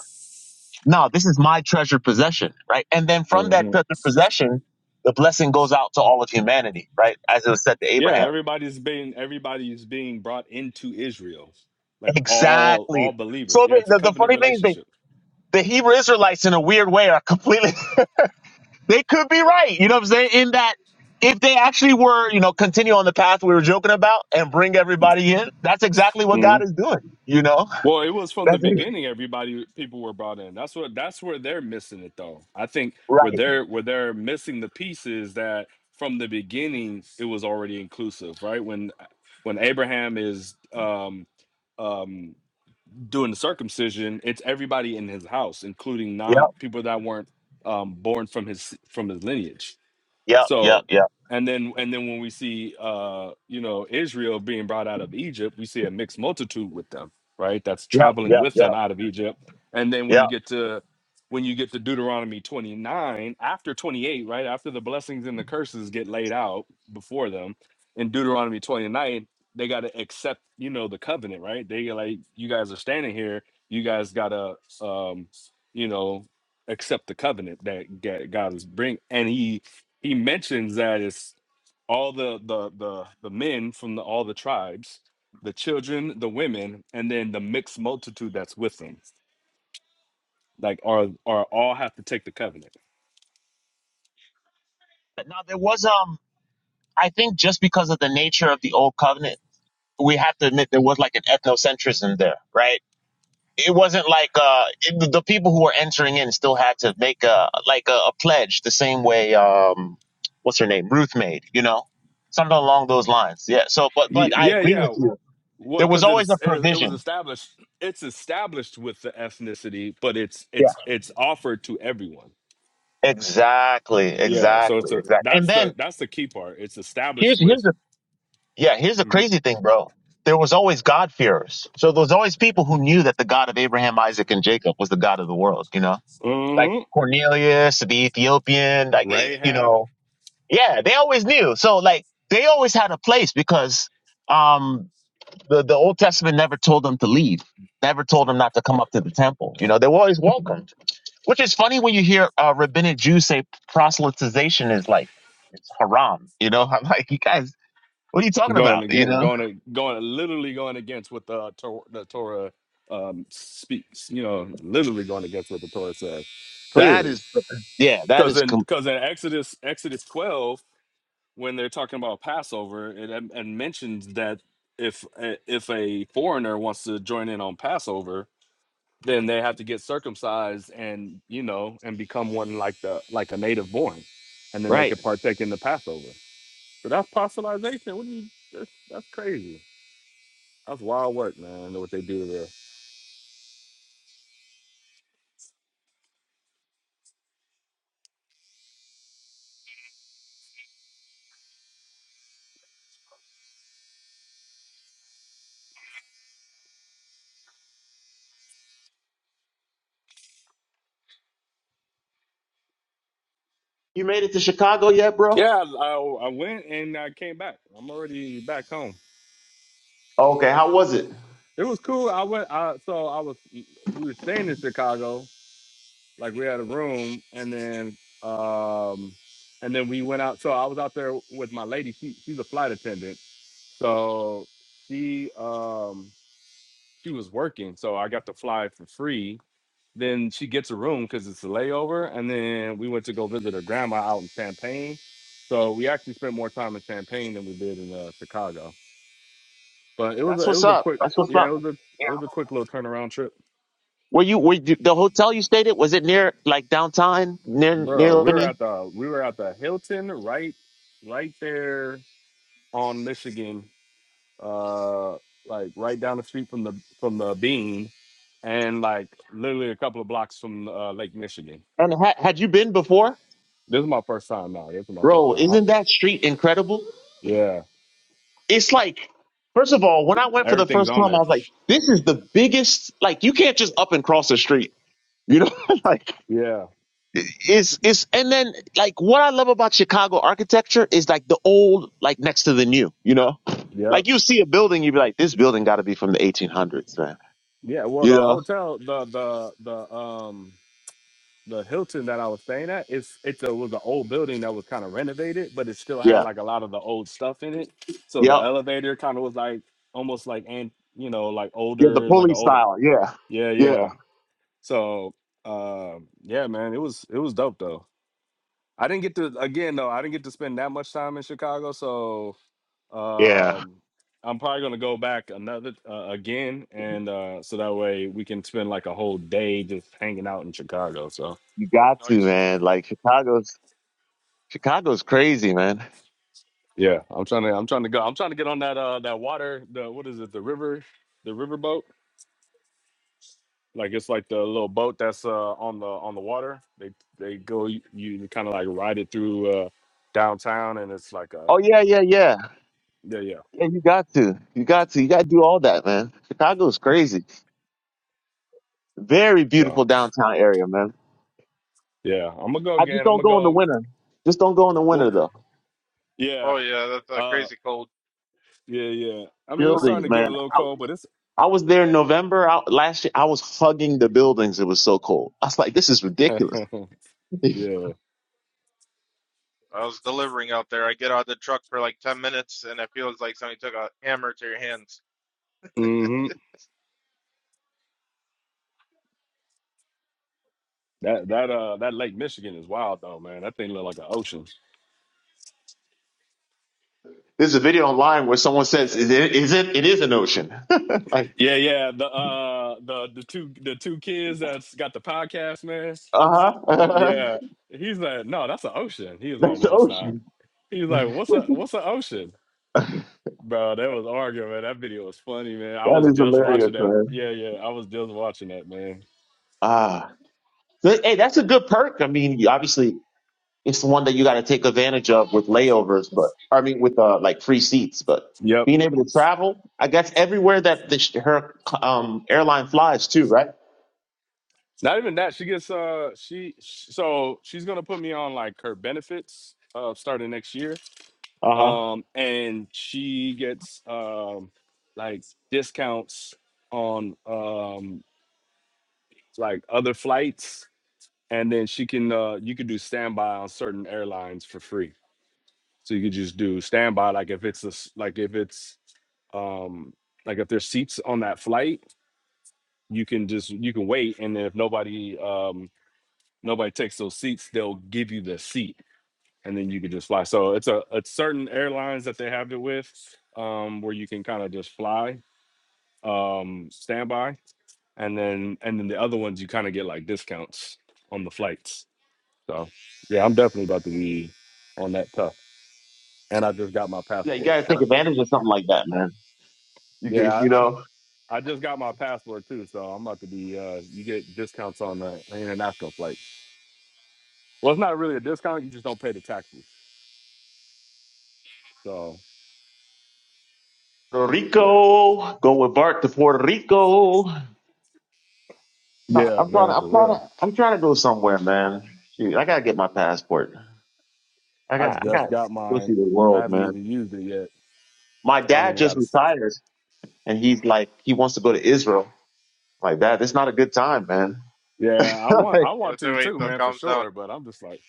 [SPEAKER 9] no, this is my treasured possession, right? And then from
[SPEAKER 7] Mm-hmm.
[SPEAKER 9] that treasured possession, the blessing goes out to all of humanity, right? As it was said to
[SPEAKER 7] Yeah,
[SPEAKER 9] Abraham.
[SPEAKER 7] everybody's being everybody's being brought into Israel, like all all
[SPEAKER 9] Exactly.
[SPEAKER 7] believers.
[SPEAKER 9] So
[SPEAKER 7] Yeah,
[SPEAKER 9] the,
[SPEAKER 7] it's a
[SPEAKER 9] the, the
[SPEAKER 7] covenant
[SPEAKER 9] funny thing is they,
[SPEAKER 7] relationship.
[SPEAKER 9] the Hebrew Israelites in a weird way are completely, they could be right. You know what I'm saying? In that if they actually were, you know, continue on the path we were joking about and bring everybody in, that's exactly what
[SPEAKER 7] hmm
[SPEAKER 9] God is doing. You know,
[SPEAKER 7] Well, it was from the
[SPEAKER 9] that's it.
[SPEAKER 7] beginning. Everybody, people were brought in. That's what. That's where they're missing it, though. I think where
[SPEAKER 9] right.
[SPEAKER 7] they're where they're missing the pieces that from the beginning it was already inclusive, right? When when Abraham is um, um, doing the circumcision, it's everybody in his house, including
[SPEAKER 9] Yep.
[SPEAKER 7] non people that weren't um, born from his from his lineage.
[SPEAKER 9] Yep. Yep.
[SPEAKER 7] So,
[SPEAKER 9] Yep.
[SPEAKER 7] and then and then when we see uh, you know, Israel being brought out of Egypt, we see a mixed multitude with them, right? That's
[SPEAKER 9] Yep.
[SPEAKER 7] traveling
[SPEAKER 9] Yep.
[SPEAKER 7] with them
[SPEAKER 9] Yep.
[SPEAKER 7] out of Egypt. And then when you
[SPEAKER 9] Yep.
[SPEAKER 7] get to when you get to Deuteronomy 29, after 28, right? After the blessings and the curses get laid out before them, in Deuteronomy 29, they got to accept, you know, the covenant, right? They like you guys are standing here, you guys got to um, you know, accept the covenant that Ga- God is bring and he he mentions that it's all the the the the men from the, all the tribes the children the women and then the mixed multitude that's with them like are are all have to take the covenant
[SPEAKER 9] Now there was um. I think just because of the nature of the old covenant, we have to admit there was like an ethnocentrism there, right? It wasn't like uh, it, the people who were entering in still had to make a like a, a pledge the same way um, what's her name Ruth made, you know, something along those lines. Yeah. So, but but
[SPEAKER 7] Y-
[SPEAKER 9] I
[SPEAKER 7] yeah
[SPEAKER 9] agree
[SPEAKER 7] yeah
[SPEAKER 9] with you.
[SPEAKER 7] what
[SPEAKER 9] There was
[SPEAKER 7] because
[SPEAKER 9] always
[SPEAKER 7] it's
[SPEAKER 9] a
[SPEAKER 7] it, is, it was
[SPEAKER 9] provision.
[SPEAKER 7] established it's established with the ethnicity but it's
[SPEAKER 9] Yeah.
[SPEAKER 7] it's it's offered to everyone
[SPEAKER 9] Exactly.
[SPEAKER 7] yeah so it's
[SPEAKER 9] Exactly.
[SPEAKER 7] a
[SPEAKER 9] Exactly. And
[SPEAKER 7] that's the
[SPEAKER 9] then
[SPEAKER 7] that's the key part it's established
[SPEAKER 9] here's here's
[SPEAKER 7] with
[SPEAKER 9] the Yeah, here's the
[SPEAKER 7] Mhm.
[SPEAKER 9] crazy thing, bro. There was always God-fearers. So there was always people who knew that the God of Abraham, Isaac, and Jacob was the God of the world, you know? Like
[SPEAKER 7] Mhm.
[SPEAKER 9] Cornelius, the Ethiopian, like, eh, you
[SPEAKER 7] rahab
[SPEAKER 9] know? Yeah, they always knew. So, like, they always had a place because um, the, the Old Testament never told them to leave, never told them not to come up to the temple. You know, they were always welcomed, which is funny when you hear uh, rabbinic Jews say proselytization is like haram. You know, I'm like, you guys, what are you talking
[SPEAKER 7] Going
[SPEAKER 9] about? You
[SPEAKER 7] again,
[SPEAKER 9] know?
[SPEAKER 7] going a- going literally going against what the Tor- the Torah um speaks. You know, literally going against what the Torah says
[SPEAKER 9] That
[SPEAKER 7] clearly.
[SPEAKER 9] is, yeah, that
[SPEAKER 7] Because
[SPEAKER 9] is
[SPEAKER 7] in
[SPEAKER 9] com-
[SPEAKER 7] because in Exodus Exodus twelve, when they're talking about Passover, it and mentions that if a- if a foreigner wants to join in on Passover, then they have to get circumcised and you know and become one like the like a native born, and then they
[SPEAKER 9] right.
[SPEAKER 7] could partake in the Passover. So that's proselytization. What do you? That's, that's crazy. That's wild work, man. I know what they do there?
[SPEAKER 9] You made it to Chicago yet, bro?
[SPEAKER 7] Yeah, I, I I went and I came back. I'm already back home.
[SPEAKER 9] Okay, how was it?
[SPEAKER 7] It was cool. I went. I, so I was. We were staying in Chicago. Like we had a room, and then um, and then we went out. So I was out there with my lady. She she's a flight attendant. So she um she was working. So I got to fly for free Then she gets a room because it's a layover. And then we went to go visit her grandma out in Champaign. So we actually spent more time in Champaign than we did in uh, Chicago. But it was
[SPEAKER 9] That's
[SPEAKER 7] a it
[SPEAKER 9] what's
[SPEAKER 7] was a
[SPEAKER 9] up.
[SPEAKER 7] quick
[SPEAKER 9] That's what's
[SPEAKER 7] yeah, it
[SPEAKER 9] up.
[SPEAKER 7] was a
[SPEAKER 9] Yeah.
[SPEAKER 7] it was a quick little turnaround trip.
[SPEAKER 9] Were you were you, the hotel you stayed at? Was it near like downtown, near near
[SPEAKER 7] Bro,
[SPEAKER 9] the
[SPEAKER 7] we were at the we were at the Hilton right right there on Michigan. Uh like right down the street from the from the bean and like literally a couple of blocks from uh, Lake Michigan.
[SPEAKER 9] And ha- had you been before,
[SPEAKER 7] This is my first time now. This is my first
[SPEAKER 9] bro?
[SPEAKER 7] time. I-
[SPEAKER 9] Isn't that street incredible?
[SPEAKER 7] yeah,
[SPEAKER 9] It's like, first of all, when I went for the
[SPEAKER 7] everything's
[SPEAKER 9] first
[SPEAKER 7] on
[SPEAKER 9] time, I
[SPEAKER 7] there.
[SPEAKER 9] was like, this is the biggest. Like, you can't just up and cross the street. You know, like
[SPEAKER 7] Yeah.
[SPEAKER 9] It's it's and then like what I love about Chicago architecture is like the old like next to the new, you know?
[SPEAKER 7] Yep.
[SPEAKER 9] Like you see a building, you'd be like, this building gotta be from the eighteen hundreds, man.
[SPEAKER 7] Yeah. Well,
[SPEAKER 9] You
[SPEAKER 7] the
[SPEAKER 9] know?
[SPEAKER 7] hotel, the the the um the Hilton that I was staying at, it's it's a was an old building that was kind of renovated, but it still had
[SPEAKER 9] Yeah.
[SPEAKER 7] like a lot of the old stuff in it. So the
[SPEAKER 9] Yep.
[SPEAKER 7] elevator kind of was like almost like and you know like
[SPEAKER 9] Yeah, the
[SPEAKER 7] older, like an
[SPEAKER 9] pulley
[SPEAKER 7] older.
[SPEAKER 9] style. Yeah.
[SPEAKER 7] Yeah.
[SPEAKER 9] Yeah.
[SPEAKER 7] Yeah. So um yeah, man, it was it was dope though. I didn't get to again though. I didn't get to spend that much time in Chicago, so
[SPEAKER 9] Yeah.
[SPEAKER 7] Um, I'm probably gonna go back another uh, again, and uh, so that way we can spend like a whole day just hanging out in Chicago. So
[SPEAKER 9] You got to,
[SPEAKER 8] Nice.
[SPEAKER 9] man. Like Chicago's Chicago's crazy, man.
[SPEAKER 7] yeah, I'm trying to I'm trying to go. I'm trying to get on that uh that water. The what is it? The river, the river boat. Like it's like the little boat that's uh on the on the water. They they go you, you kind of like ride it through uh downtown, and it's like a
[SPEAKER 9] Oh yeah, yeah, yeah.
[SPEAKER 7] yeah yeah.
[SPEAKER 9] Yeah, you got to. You got to. You gotta do all that, man. Chicago's crazy. Very beautiful
[SPEAKER 7] So
[SPEAKER 9] downtown area, man.
[SPEAKER 7] yeah, I'm gonna go
[SPEAKER 9] I just
[SPEAKER 7] again. I'm
[SPEAKER 9] don't
[SPEAKER 7] gonna
[SPEAKER 9] go in the
[SPEAKER 7] go.
[SPEAKER 9] winter. Just don't go in the
[SPEAKER 7] Well,
[SPEAKER 9] winter though.
[SPEAKER 7] yeah.
[SPEAKER 8] Oh yeah, that's uh,
[SPEAKER 7] Uh,
[SPEAKER 8] crazy cold.
[SPEAKER 7] yeah, yeah. I mean, it was starting
[SPEAKER 9] buildings,
[SPEAKER 7] to get a
[SPEAKER 9] man.
[SPEAKER 7] little
[SPEAKER 9] I,
[SPEAKER 7] cold, but it's.
[SPEAKER 9] I was there in November I, last year. I was hugging the buildings. It was so cold. I was like, this is ridiculous.
[SPEAKER 7] yeah.
[SPEAKER 8] I was delivering out there. I get out of the truck for like ten minutes, and it feels like somebody took a hammer to your hands.
[SPEAKER 7] hmm That that uh that Lake Michigan is wild though, man. That thing look like an ocean.
[SPEAKER 9] There's a video online where someone says, is it, is it, it is an ocean. like,
[SPEAKER 7] Yeah, yeah. The uh the the two the two kids that's got the podcast, man.
[SPEAKER 9] uh huh.
[SPEAKER 7] Yeah. He's like, no, that's an ocean. He's like,
[SPEAKER 9] that's the
[SPEAKER 7] no, it's not.
[SPEAKER 9] ocean.
[SPEAKER 7] He's like, what's a what's an ocean? Bro, that was arguing, man. That video was funny, man. I
[SPEAKER 9] That
[SPEAKER 7] was
[SPEAKER 9] is
[SPEAKER 7] just
[SPEAKER 9] hilarious,
[SPEAKER 7] watching that.
[SPEAKER 9] man.
[SPEAKER 7] Yeah, yeah. I was just watching that, man.
[SPEAKER 9] Ah, But, hey, that's a good perk. I mean, you, obviously it's the one that you got to take advantage of with layovers, but I mean, with uh, like free seats, but
[SPEAKER 7] Yep.
[SPEAKER 9] being able to travel, I guess everywhere that the, sh- her um, airline flies too, right?
[SPEAKER 7] Not even that. She gets uh she so she's gonna put me on like her benefits uh starting next year
[SPEAKER 9] Uh huh.
[SPEAKER 7] um, and she gets um, like discounts on um, like other flights, and then she can uh, you could do standby on certain airlines for free. So you could just do standby, like if it's a, s- like if it's um, like if there's seats on that flight, you can just you can wait, and then if nobody um, nobody takes those seats, they'll give you the seat. And then you could just fly. So it's a it's certain airlines that they have it with, um, where you can kind of just fly um standby and then and then the other ones you kind of get like discounts on the flights so yeah i'm definitely about to be on that tough and i just got my
[SPEAKER 9] Yeah, you
[SPEAKER 7] passport
[SPEAKER 9] gotta take
[SPEAKER 7] so
[SPEAKER 9] advantage of something like that, man. You can,
[SPEAKER 7] yeah
[SPEAKER 9] you
[SPEAKER 7] i i,
[SPEAKER 9] know,
[SPEAKER 7] I just got my passport too so i'm about to be uh you get discounts on the international flights well it's not really a discount you just don't pay the taxes so
[SPEAKER 9] Puerto
[SPEAKER 7] yeah
[SPEAKER 9] Rico, go with Bart to Puerto Rico. I-
[SPEAKER 7] yeah
[SPEAKER 9] I'm trying to,
[SPEAKER 7] man
[SPEAKER 9] I'm
[SPEAKER 7] for
[SPEAKER 9] trying
[SPEAKER 7] real
[SPEAKER 9] to, I'm trying to go somewhere, man. Shoot, I gotta get my passport. I
[SPEAKER 7] i
[SPEAKER 9] got, I
[SPEAKER 7] just
[SPEAKER 9] got to
[SPEAKER 7] got
[SPEAKER 9] go see
[SPEAKER 7] mine
[SPEAKER 9] the
[SPEAKER 7] i
[SPEAKER 9] world,
[SPEAKER 7] haven't
[SPEAKER 9] man.
[SPEAKER 7] even used it yet
[SPEAKER 9] My
[SPEAKER 7] i don't
[SPEAKER 9] dad
[SPEAKER 7] even got
[SPEAKER 9] just
[SPEAKER 7] it
[SPEAKER 9] retired, and he's like, he wants to go to Israel. Like that, it's not a good time, man.
[SPEAKER 7] Yeah, I want
[SPEAKER 9] like,
[SPEAKER 7] I
[SPEAKER 8] You
[SPEAKER 7] want
[SPEAKER 8] have to
[SPEAKER 7] to
[SPEAKER 8] wait
[SPEAKER 7] too,
[SPEAKER 8] until it
[SPEAKER 7] man, for
[SPEAKER 8] calms down.
[SPEAKER 7] sure. But I'm just like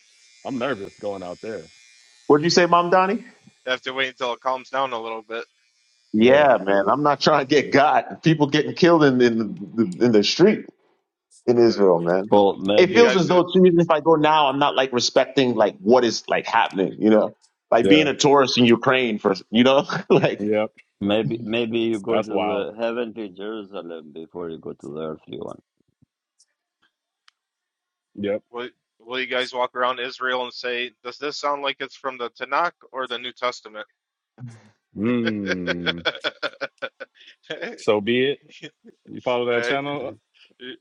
[SPEAKER 7] I'm nervous going out there.
[SPEAKER 9] what'd you say, Mom Donnie?
[SPEAKER 8] You have to wait until it calms down a little bit.
[SPEAKER 7] Yeah,
[SPEAKER 9] Yeah, man, I'm not trying to get got. People getting killed in in the in the street. in
[SPEAKER 8] Uh,
[SPEAKER 9] Israel, man.
[SPEAKER 2] Or
[SPEAKER 9] It
[SPEAKER 8] you
[SPEAKER 2] maybe
[SPEAKER 9] feels as
[SPEAKER 8] guys, uh,
[SPEAKER 9] though too, even if I go now, I'm not like respecting like what is like happening, you know, like
[SPEAKER 7] yeah,
[SPEAKER 9] being a tourist in Ukraine for, you know, like
[SPEAKER 7] yep.
[SPEAKER 2] Maybe maybe you go to
[SPEAKER 7] That's wild.
[SPEAKER 2] the heavenly Jerusalem before you go to the earthly one.
[SPEAKER 7] Yep.
[SPEAKER 8] will will you guys walk around Israel and say, "Does this sound like it's from the Tanakh or the New Testament?"
[SPEAKER 7] Mm. So be it. You follow that
[SPEAKER 8] I,
[SPEAKER 7] channel? Uh,
[SPEAKER 2] Mhm.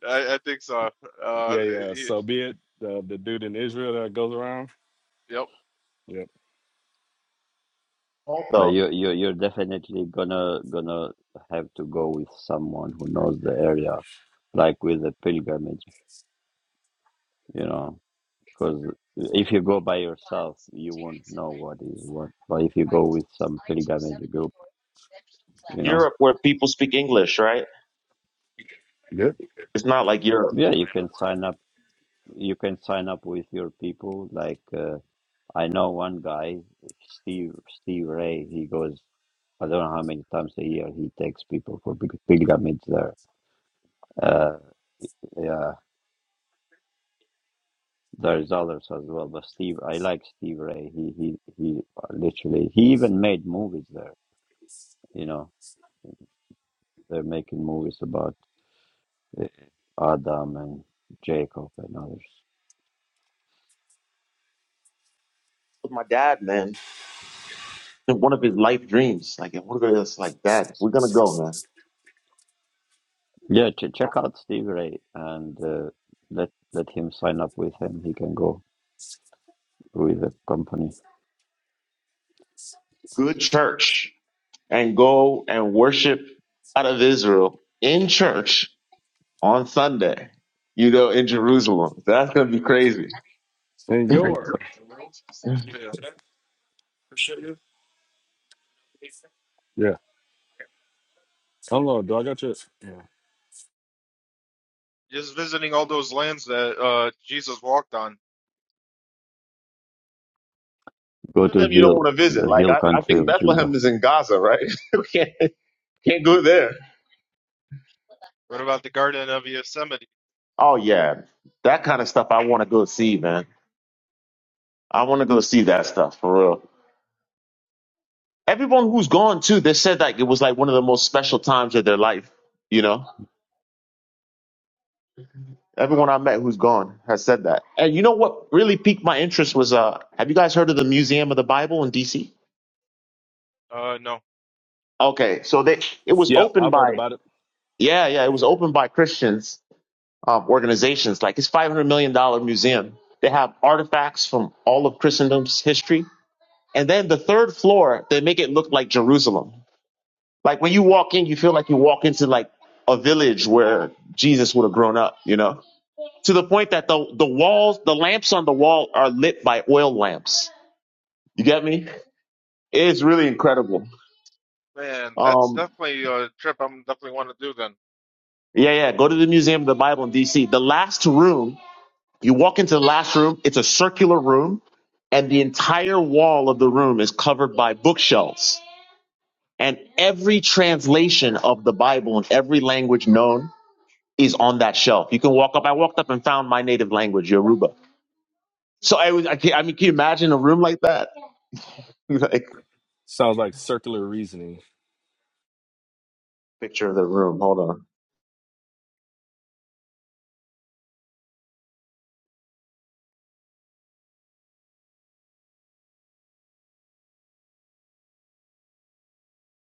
[SPEAKER 8] I think so. Uh,
[SPEAKER 7] Yeah, yeah.
[SPEAKER 8] y-
[SPEAKER 7] So be it. The the dude in Israel that goes around.
[SPEAKER 8] yep.
[SPEAKER 7] Yep.
[SPEAKER 2] But
[SPEAKER 9] also
[SPEAKER 2] you you you're definitely gonna gonna have to go with someone who knows the area, like with a pilgrimage, you know. Because if you go by yourself, you won't know what is what. But if you go with some pilgrimage group, you
[SPEAKER 9] like
[SPEAKER 2] know,
[SPEAKER 9] Europe where people speak English, right?
[SPEAKER 7] Yep.
[SPEAKER 9] It's not like Europe.
[SPEAKER 2] yeah, you can sign up. You can sign up with your people, like. Uh, I know one guy, Steve Steve Ray. He goes, I don't know how many times a year he takes people for pil- pilgrimage there. Uh, yeah, there's others as well, but Steve, I like Steve Ray. He he he literally he even made movies there. You know, they're making movies about uh, Adam and Jacob and others.
[SPEAKER 9] With my dad, man, one of his life dreams, like I want to go to this, like dad, we're gonna go, man.
[SPEAKER 2] Yeah, ch- check out Steve Ray and uh, let let him sign up with him. He can go with the company.
[SPEAKER 9] Good church and go and worship out of Israel in church on Sunday, you know, in Jerusalem. That's gonna be crazy.
[SPEAKER 7] And
[SPEAKER 2] Hmm.
[SPEAKER 7] your
[SPEAKER 8] yeah.
[SPEAKER 7] yeah. Hold on. Do I got your? Yeah.
[SPEAKER 8] Just visiting all those lands that uh, Jesus walked on.
[SPEAKER 2] Go
[SPEAKER 9] of
[SPEAKER 2] to
[SPEAKER 9] them you don't want
[SPEAKER 2] Hill,
[SPEAKER 9] to visit.
[SPEAKER 2] the
[SPEAKER 9] Like
[SPEAKER 2] hill
[SPEAKER 9] I, I
[SPEAKER 2] country
[SPEAKER 9] think
[SPEAKER 2] of Judah.
[SPEAKER 9] Bethlehem is in Gaza, right? we can't can't go there.
[SPEAKER 8] What about the Garden of Yosemite?
[SPEAKER 9] Oh yeah, that kind of stuff I want to go see, man. I want to go see that stuff for real. Everyone who's gone too, they said like it was like one of the most special times of their life. You know, everyone I met who's gone has said that. And you know what really piqued my interest was uh, have you guys heard of the Museum of the Bible in D.C.?
[SPEAKER 8] Uh, no.
[SPEAKER 9] Okay, so they it was
[SPEAKER 7] Yep.
[SPEAKER 9] opened
[SPEAKER 7] I've heard
[SPEAKER 9] by
[SPEAKER 7] about it.
[SPEAKER 9] yeah yeah it was opened by Christians um, organizations like it's $500 million dollars museum. They have artifacts from all of Christendom's history. And then the third floor, they make it look like Jerusalem. Like when you walk in, you feel like you walk into like a village where Jesus would have grown up, you know, to the point that the, the walls, the lamps on the wall are lit by oil lamps. You get me? It's really incredible.
[SPEAKER 8] Man, that's
[SPEAKER 9] Um,
[SPEAKER 8] definitely a trip I'm definitely want to do then.
[SPEAKER 9] yeah, yeah. Go to the Museum of the Bible in DC. The last room You walk into the last room, it's a circular room, and the entire wall of the room is covered by bookshelves. And every translation of the Bible in every language known is on that shelf. You can walk up. I walked up and found my native language, Yoruba. So I was, I, can, I mean, can you imagine a room like that? Like,
[SPEAKER 7] Sounds like circular reasoning.
[SPEAKER 9] picture of the room. Hold on.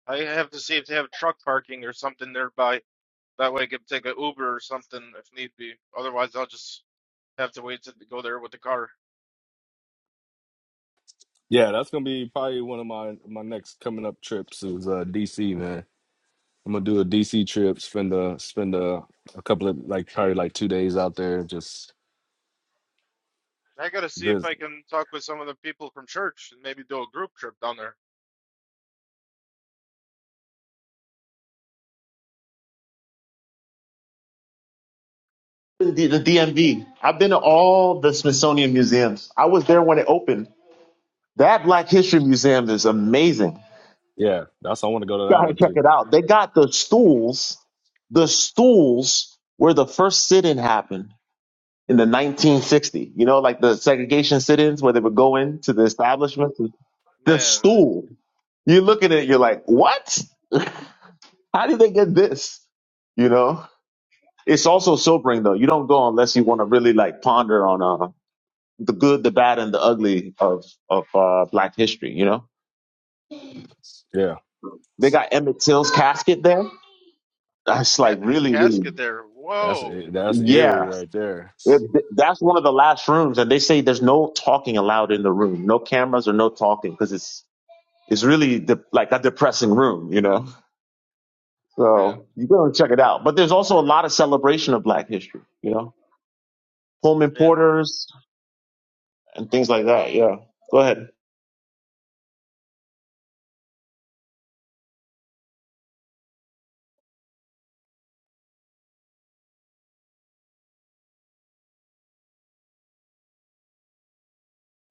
[SPEAKER 8] I have to see if they have truck parking or something nearby. That way I can take an Uber or something if need be. Otherwise, I'll just have to wait to go there with the car.
[SPEAKER 7] Yeah, that's gonna be probably one of my my next coming up trips is uh DC, man. I'm gonna do a DC trip, spend a spend a, a couple of like probably like two days out there. Just
[SPEAKER 8] I gotta see if
[SPEAKER 7] this,
[SPEAKER 8] I can talk with some of the people from church and maybe do a group trip down there.
[SPEAKER 9] The, the DMV. I've been to all the Smithsonian museums. I was there when it opened. That Black History Museum is amazing.
[SPEAKER 7] yeah. That's I want to go to that
[SPEAKER 9] gotta
[SPEAKER 7] one
[SPEAKER 9] check
[SPEAKER 7] too.
[SPEAKER 9] it out. They got the stools. The stools where the first sit-in happened in the 1960. You know, like the segregation sit-ins where they would go into the establishments. The
[SPEAKER 8] Man,
[SPEAKER 9] stool. You look at it, you're like, what? How did they get this? You know, it's also sobering though. You don't go unless you want to really like ponder on uh, the good, the bad, and the ugly of of uh, Black history. You know,
[SPEAKER 7] Yeah,
[SPEAKER 9] they got Emmett Till's casket there. That's like
[SPEAKER 8] cat a
[SPEAKER 9] really, really,
[SPEAKER 8] casket there.
[SPEAKER 7] that's
[SPEAKER 8] Whoa,
[SPEAKER 7] eh, that's eerie
[SPEAKER 9] yeah.
[SPEAKER 7] right there.
[SPEAKER 9] It- that's one of the last rooms, and they say there's no talking allowed in the room, no cameras or no talking, because it's it's really de- like a depressing room, you know.
[SPEAKER 8] man,
[SPEAKER 9] So you go and check it out. But there's also a lot of celebration of Black History, you know, Pullman
[SPEAKER 8] man,
[SPEAKER 9] Porters and things like that. Yeah, go ahead. A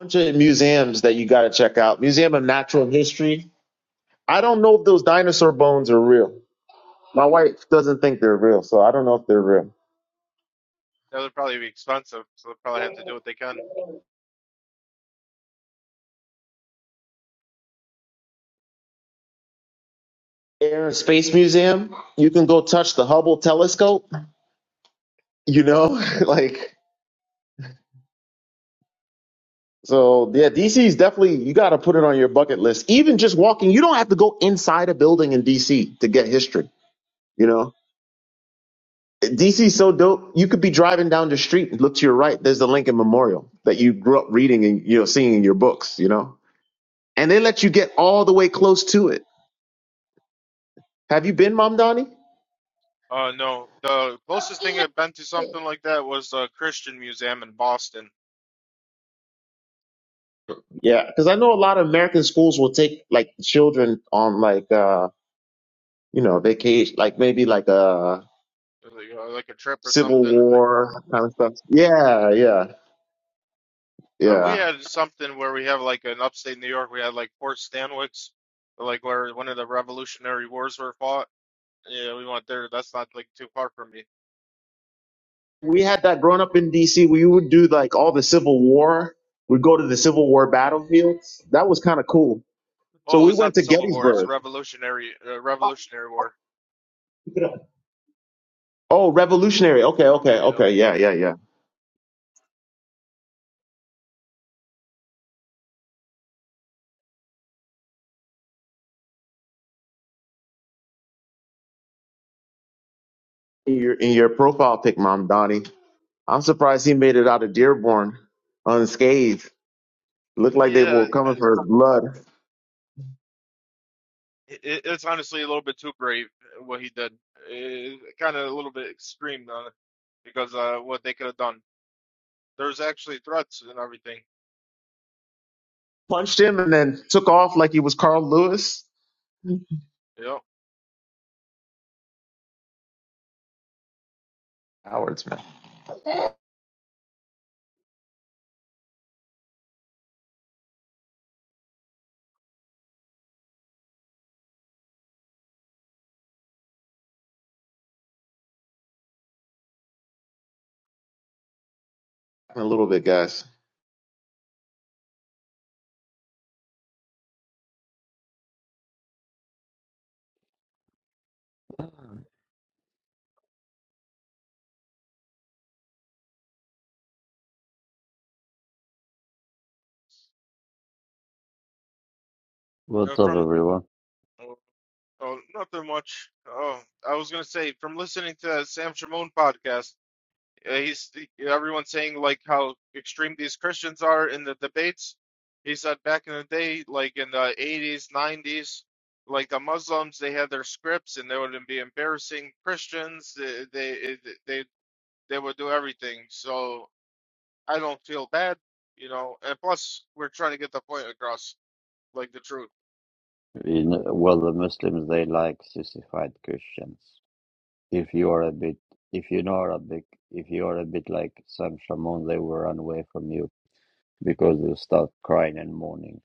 [SPEAKER 9] bunch of museums that you got to check out. Museum of Natural History. I don't know if those dinosaur bones are real. My wife doesn't think they're real, so I don't know if they're real.
[SPEAKER 8] that would probably be expensive. So they'll probably have to do what they can.
[SPEAKER 9] Air and Space Museum. You can go touch the Hubble telescope You know, like so yeah, DC is definitely you got to put it on your bucket list. Even just walking, you don't have to go inside a building in DC to get history, you know. DC is so dope. You could be driving down the street and look to your right, there's the Lincoln Memorial that you grew up reading and you know seeing in your books, you know. And they let you get all the way close to it. Have you been, Mom Donnie?
[SPEAKER 8] Uh, no. The closest thing I've been to something like that was a Christian museum in Boston,
[SPEAKER 9] Yeah, cuz I know a lot of American schools will take like children on like uh, you know, vacation, like maybe like
[SPEAKER 8] uh, like, uh, like a trip or
[SPEAKER 9] Civil
[SPEAKER 8] something.
[SPEAKER 9] War kind of stuff. Yeah, yeah,
[SPEAKER 8] Uh, we
[SPEAKER 9] yeah.
[SPEAKER 8] had something where we have like in upstate New York, we had like Fort Stanwix, like where one of the Revolutionary Wars were fought. Yeah, we went there. That's not like too far from me.
[SPEAKER 9] We had that growing up in DC. We would do like all the Civil War. We'd go to the Civil War battlefields. That was kind of cool. So
[SPEAKER 8] Oh,
[SPEAKER 9] we
[SPEAKER 8] it's not
[SPEAKER 9] went
[SPEAKER 8] the
[SPEAKER 9] to
[SPEAKER 8] Civil War. It's the
[SPEAKER 9] Gettysburg.
[SPEAKER 8] Revolutionary uh, Revolutionary War.
[SPEAKER 9] Oh, revolutionary. Okay, okay,
[SPEAKER 8] Yeah,
[SPEAKER 9] okay. Yeah, yeah, yeah. In your in your profile pic, Mom Donnie. I'm surprised he made it out of Dearborn unscathed. Looked like they were
[SPEAKER 8] yeah. I-
[SPEAKER 9] coming for his blood.
[SPEAKER 8] It, it's honestly a little bit too brave uh, what he did. It, kind of a little bit extreme though, because uh, what they could have done. There's actually threats and everything.
[SPEAKER 9] Punched him and then took off like he was Carl Lewis.
[SPEAKER 8] Yep.
[SPEAKER 9] Cowards, man. A little bit, guys.
[SPEAKER 2] What's
[SPEAKER 8] And
[SPEAKER 2] up,
[SPEAKER 8] from
[SPEAKER 2] everyone?
[SPEAKER 8] oh, oh, nothing much. Oh, I was gonna say from listening to Sam Shimon podcast, uh, he's everyone saying like how extreme these Christians are in the debates. He said back in the day, like in the 80s, 90s, like the Muslims, they had their scripts and they would be embarrassing Christians. They they they, they would do everything. So I don't feel bad, you know. And plus, we're trying to get the point across, like the truth.
[SPEAKER 2] In, well, the Muslims they like sissified Christians. If you are a bit, if you know Arabic, if you are a bit like Sam Shamoun, they will run away from you because they start crying and mourning.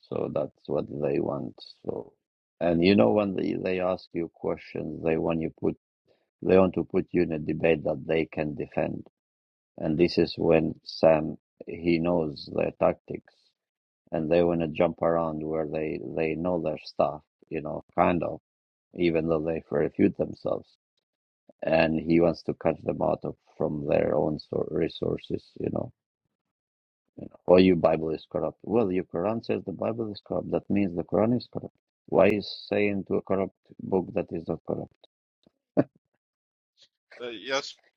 [SPEAKER 2] So that's what they want. So, and you know when they, they ask you questions, they want you put they want to put you in a debate that they can defend. And this is when Sam he knows their tactics and they want to jump around where they they know their stuff, you know, kind of, even though they refute themselves. And he wants to catch them out of from their own sor- resources, you know. Oh, your Bible is corrupt. Well, your Quran says the Bible is corrupt. That means the Quran is corrupt. Why is saying to a corrupt book that is not corrupt?
[SPEAKER 8] uh, yesterday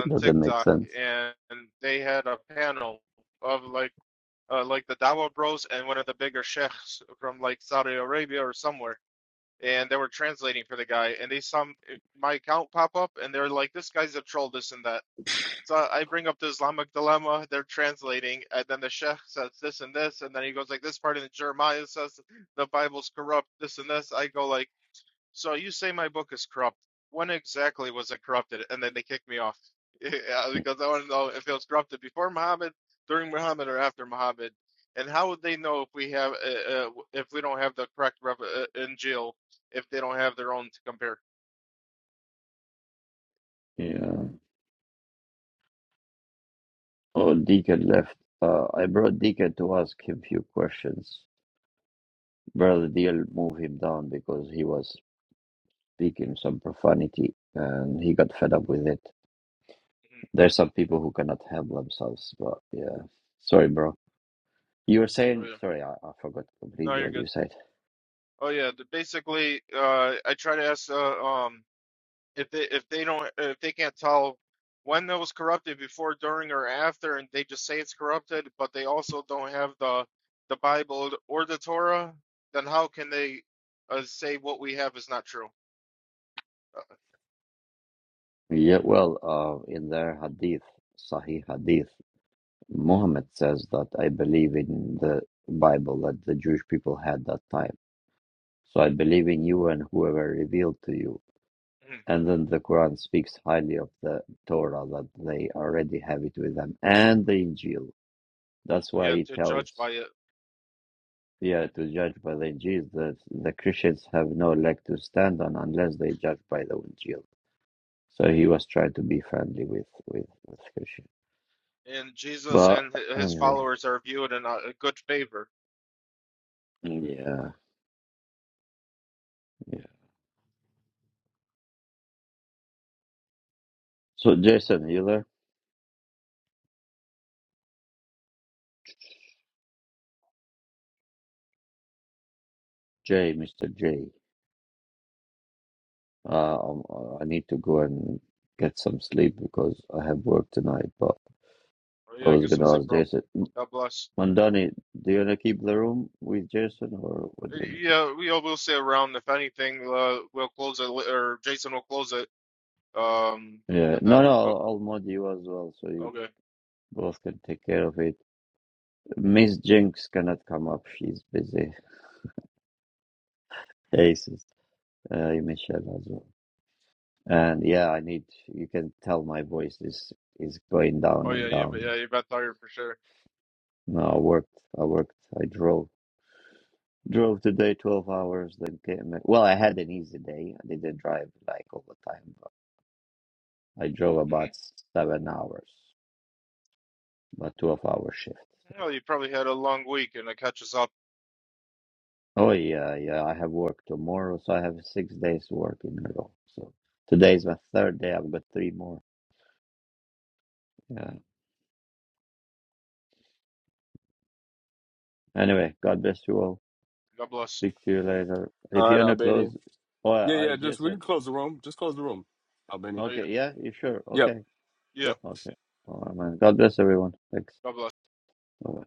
[SPEAKER 2] It doesn't make
[SPEAKER 8] TikTok,
[SPEAKER 2] sense.
[SPEAKER 8] and they had a panel of like uh, like the Dawa Bros and one of the bigger sheikhs from like Saudi Arabia or somewhere, and they were translating for the guy, and they saw m- my account pop up, and they're like, "This guy's a troll, this and that." So I bring up the Islamic dilemma. They're translating, and then the sheikh says this and this, and then he goes like, "This part in Jeremiah says the Bible's corrupt, this and this." I go like. So you say my book is corrupt. When exactly was it corrupted? And then they kicked me off yeah, because I want to know if it was corrupted before Muhammad, during Muhammad, or after Muhammad. And how would they know if we have uh, uh, if we don't have the correct rep, uh, Injil if they don't have their own to compare?
[SPEAKER 2] Yeah. Oh, Deacon left. Uh, I brought Deacon to ask him few questions. Brother Deal moved him down because he was speaking some profanity, and he got fed up with it.
[SPEAKER 8] Mhm.
[SPEAKER 2] There's some people who cannot help themselves, but yeah. Sorry, bro. You were
[SPEAKER 8] Oh
[SPEAKER 2] saying,
[SPEAKER 8] yeah.
[SPEAKER 2] sorry, I, I forgot
[SPEAKER 8] No,
[SPEAKER 2] completely
[SPEAKER 8] you're
[SPEAKER 2] what you
[SPEAKER 8] good.
[SPEAKER 2] said.
[SPEAKER 8] Oh yeah. the- Basically, uh, I try to ask uh, um if they if they don't if they can't tell when it was corrupted before during or after and they just say it's corrupted but they also don't have the the bible or the torah then how can they uh, say what we have is not true
[SPEAKER 2] Yeah, well, uh, in their hadith, Sahih hadith, Muhammad says that I believe in the Bible that the Jewish people had that time. So I believe in you and whoever revealed to you.
[SPEAKER 8] uh,
[SPEAKER 2] And then the Quran speaks highly of the Torah that they already have it with them and the Injil. That's why
[SPEAKER 8] yeah
[SPEAKER 2] he
[SPEAKER 8] to judge
[SPEAKER 2] tells
[SPEAKER 8] by it
[SPEAKER 2] Yeah, to judge by the Injil, that the Christians have no leg to stand on unless they judge by the Injil. So he was trying to be friendly with with, with Christians.
[SPEAKER 8] and jesus
[SPEAKER 2] But
[SPEAKER 8] and hi- his
[SPEAKER 2] anyway,
[SPEAKER 8] followers are viewed in a, a good favor
[SPEAKER 2] yeah, yeah. So Jason, you there? Jay, Mister J. Uh, um, I need to go and get some sleep because I have work tonight. But
[SPEAKER 8] Oh,
[SPEAKER 2] I
[SPEAKER 8] yeah
[SPEAKER 2] was
[SPEAKER 8] get some
[SPEAKER 2] gonna
[SPEAKER 8] sleep
[SPEAKER 2] ask
[SPEAKER 8] bro
[SPEAKER 2] Jason.
[SPEAKER 8] god bless
[SPEAKER 2] Mandani, do you wanna keep the room with Jason or what
[SPEAKER 8] Uh,
[SPEAKER 2] do you? want
[SPEAKER 8] yeah we all will stay around if anything uh, we'll close it li- or jason will close it um
[SPEAKER 2] to do? Yeah,
[SPEAKER 8] and then
[SPEAKER 2] no, no.
[SPEAKER 8] we'll
[SPEAKER 2] I'll, I'll mod you as well, so you
[SPEAKER 8] okay
[SPEAKER 2] both can take care of it Miss Jinx cannot come up. She's busy. Hey, sis, uh, Michelle as well. And yeah, I need. You can tell my voice is is going down
[SPEAKER 8] Oh
[SPEAKER 2] and
[SPEAKER 8] yeah, yeah, but
[SPEAKER 2] down.
[SPEAKER 8] yeah, you've been tired for sure.
[SPEAKER 2] No, I worked. I worked. I drove. Drove today twelve hours. Then came. Well, I had an easy day. I didn't drive like all the time. But I drove
[SPEAKER 8] hmm
[SPEAKER 2] about seven hours, but twelve hour shift.
[SPEAKER 8] Well, you probably had a long week, and it catches up.
[SPEAKER 2] Oh yeah, yeah. I have work tomorrow, so I have six days work in a row. So today is my third day. I've got three more. Yeah. Anyway, God bless you all.
[SPEAKER 8] God bless.
[SPEAKER 2] Speak to you later. If
[SPEAKER 7] All
[SPEAKER 2] you
[SPEAKER 7] right,
[SPEAKER 2] wanna
[SPEAKER 7] Albania.
[SPEAKER 2] close, oh,
[SPEAKER 7] Yeah,
[SPEAKER 2] I
[SPEAKER 7] yeah. Just we
[SPEAKER 2] Jason.
[SPEAKER 7] can close the room. Just close the room, Albania.
[SPEAKER 8] Oh, yeah,
[SPEAKER 2] Okay, yeah, you sure?
[SPEAKER 7] Yep,
[SPEAKER 2] Okay,
[SPEAKER 8] yeah.
[SPEAKER 7] yep.
[SPEAKER 2] okay. All right, man. God bless everyone. Thanks.
[SPEAKER 8] God bless.
[SPEAKER 2] Bye.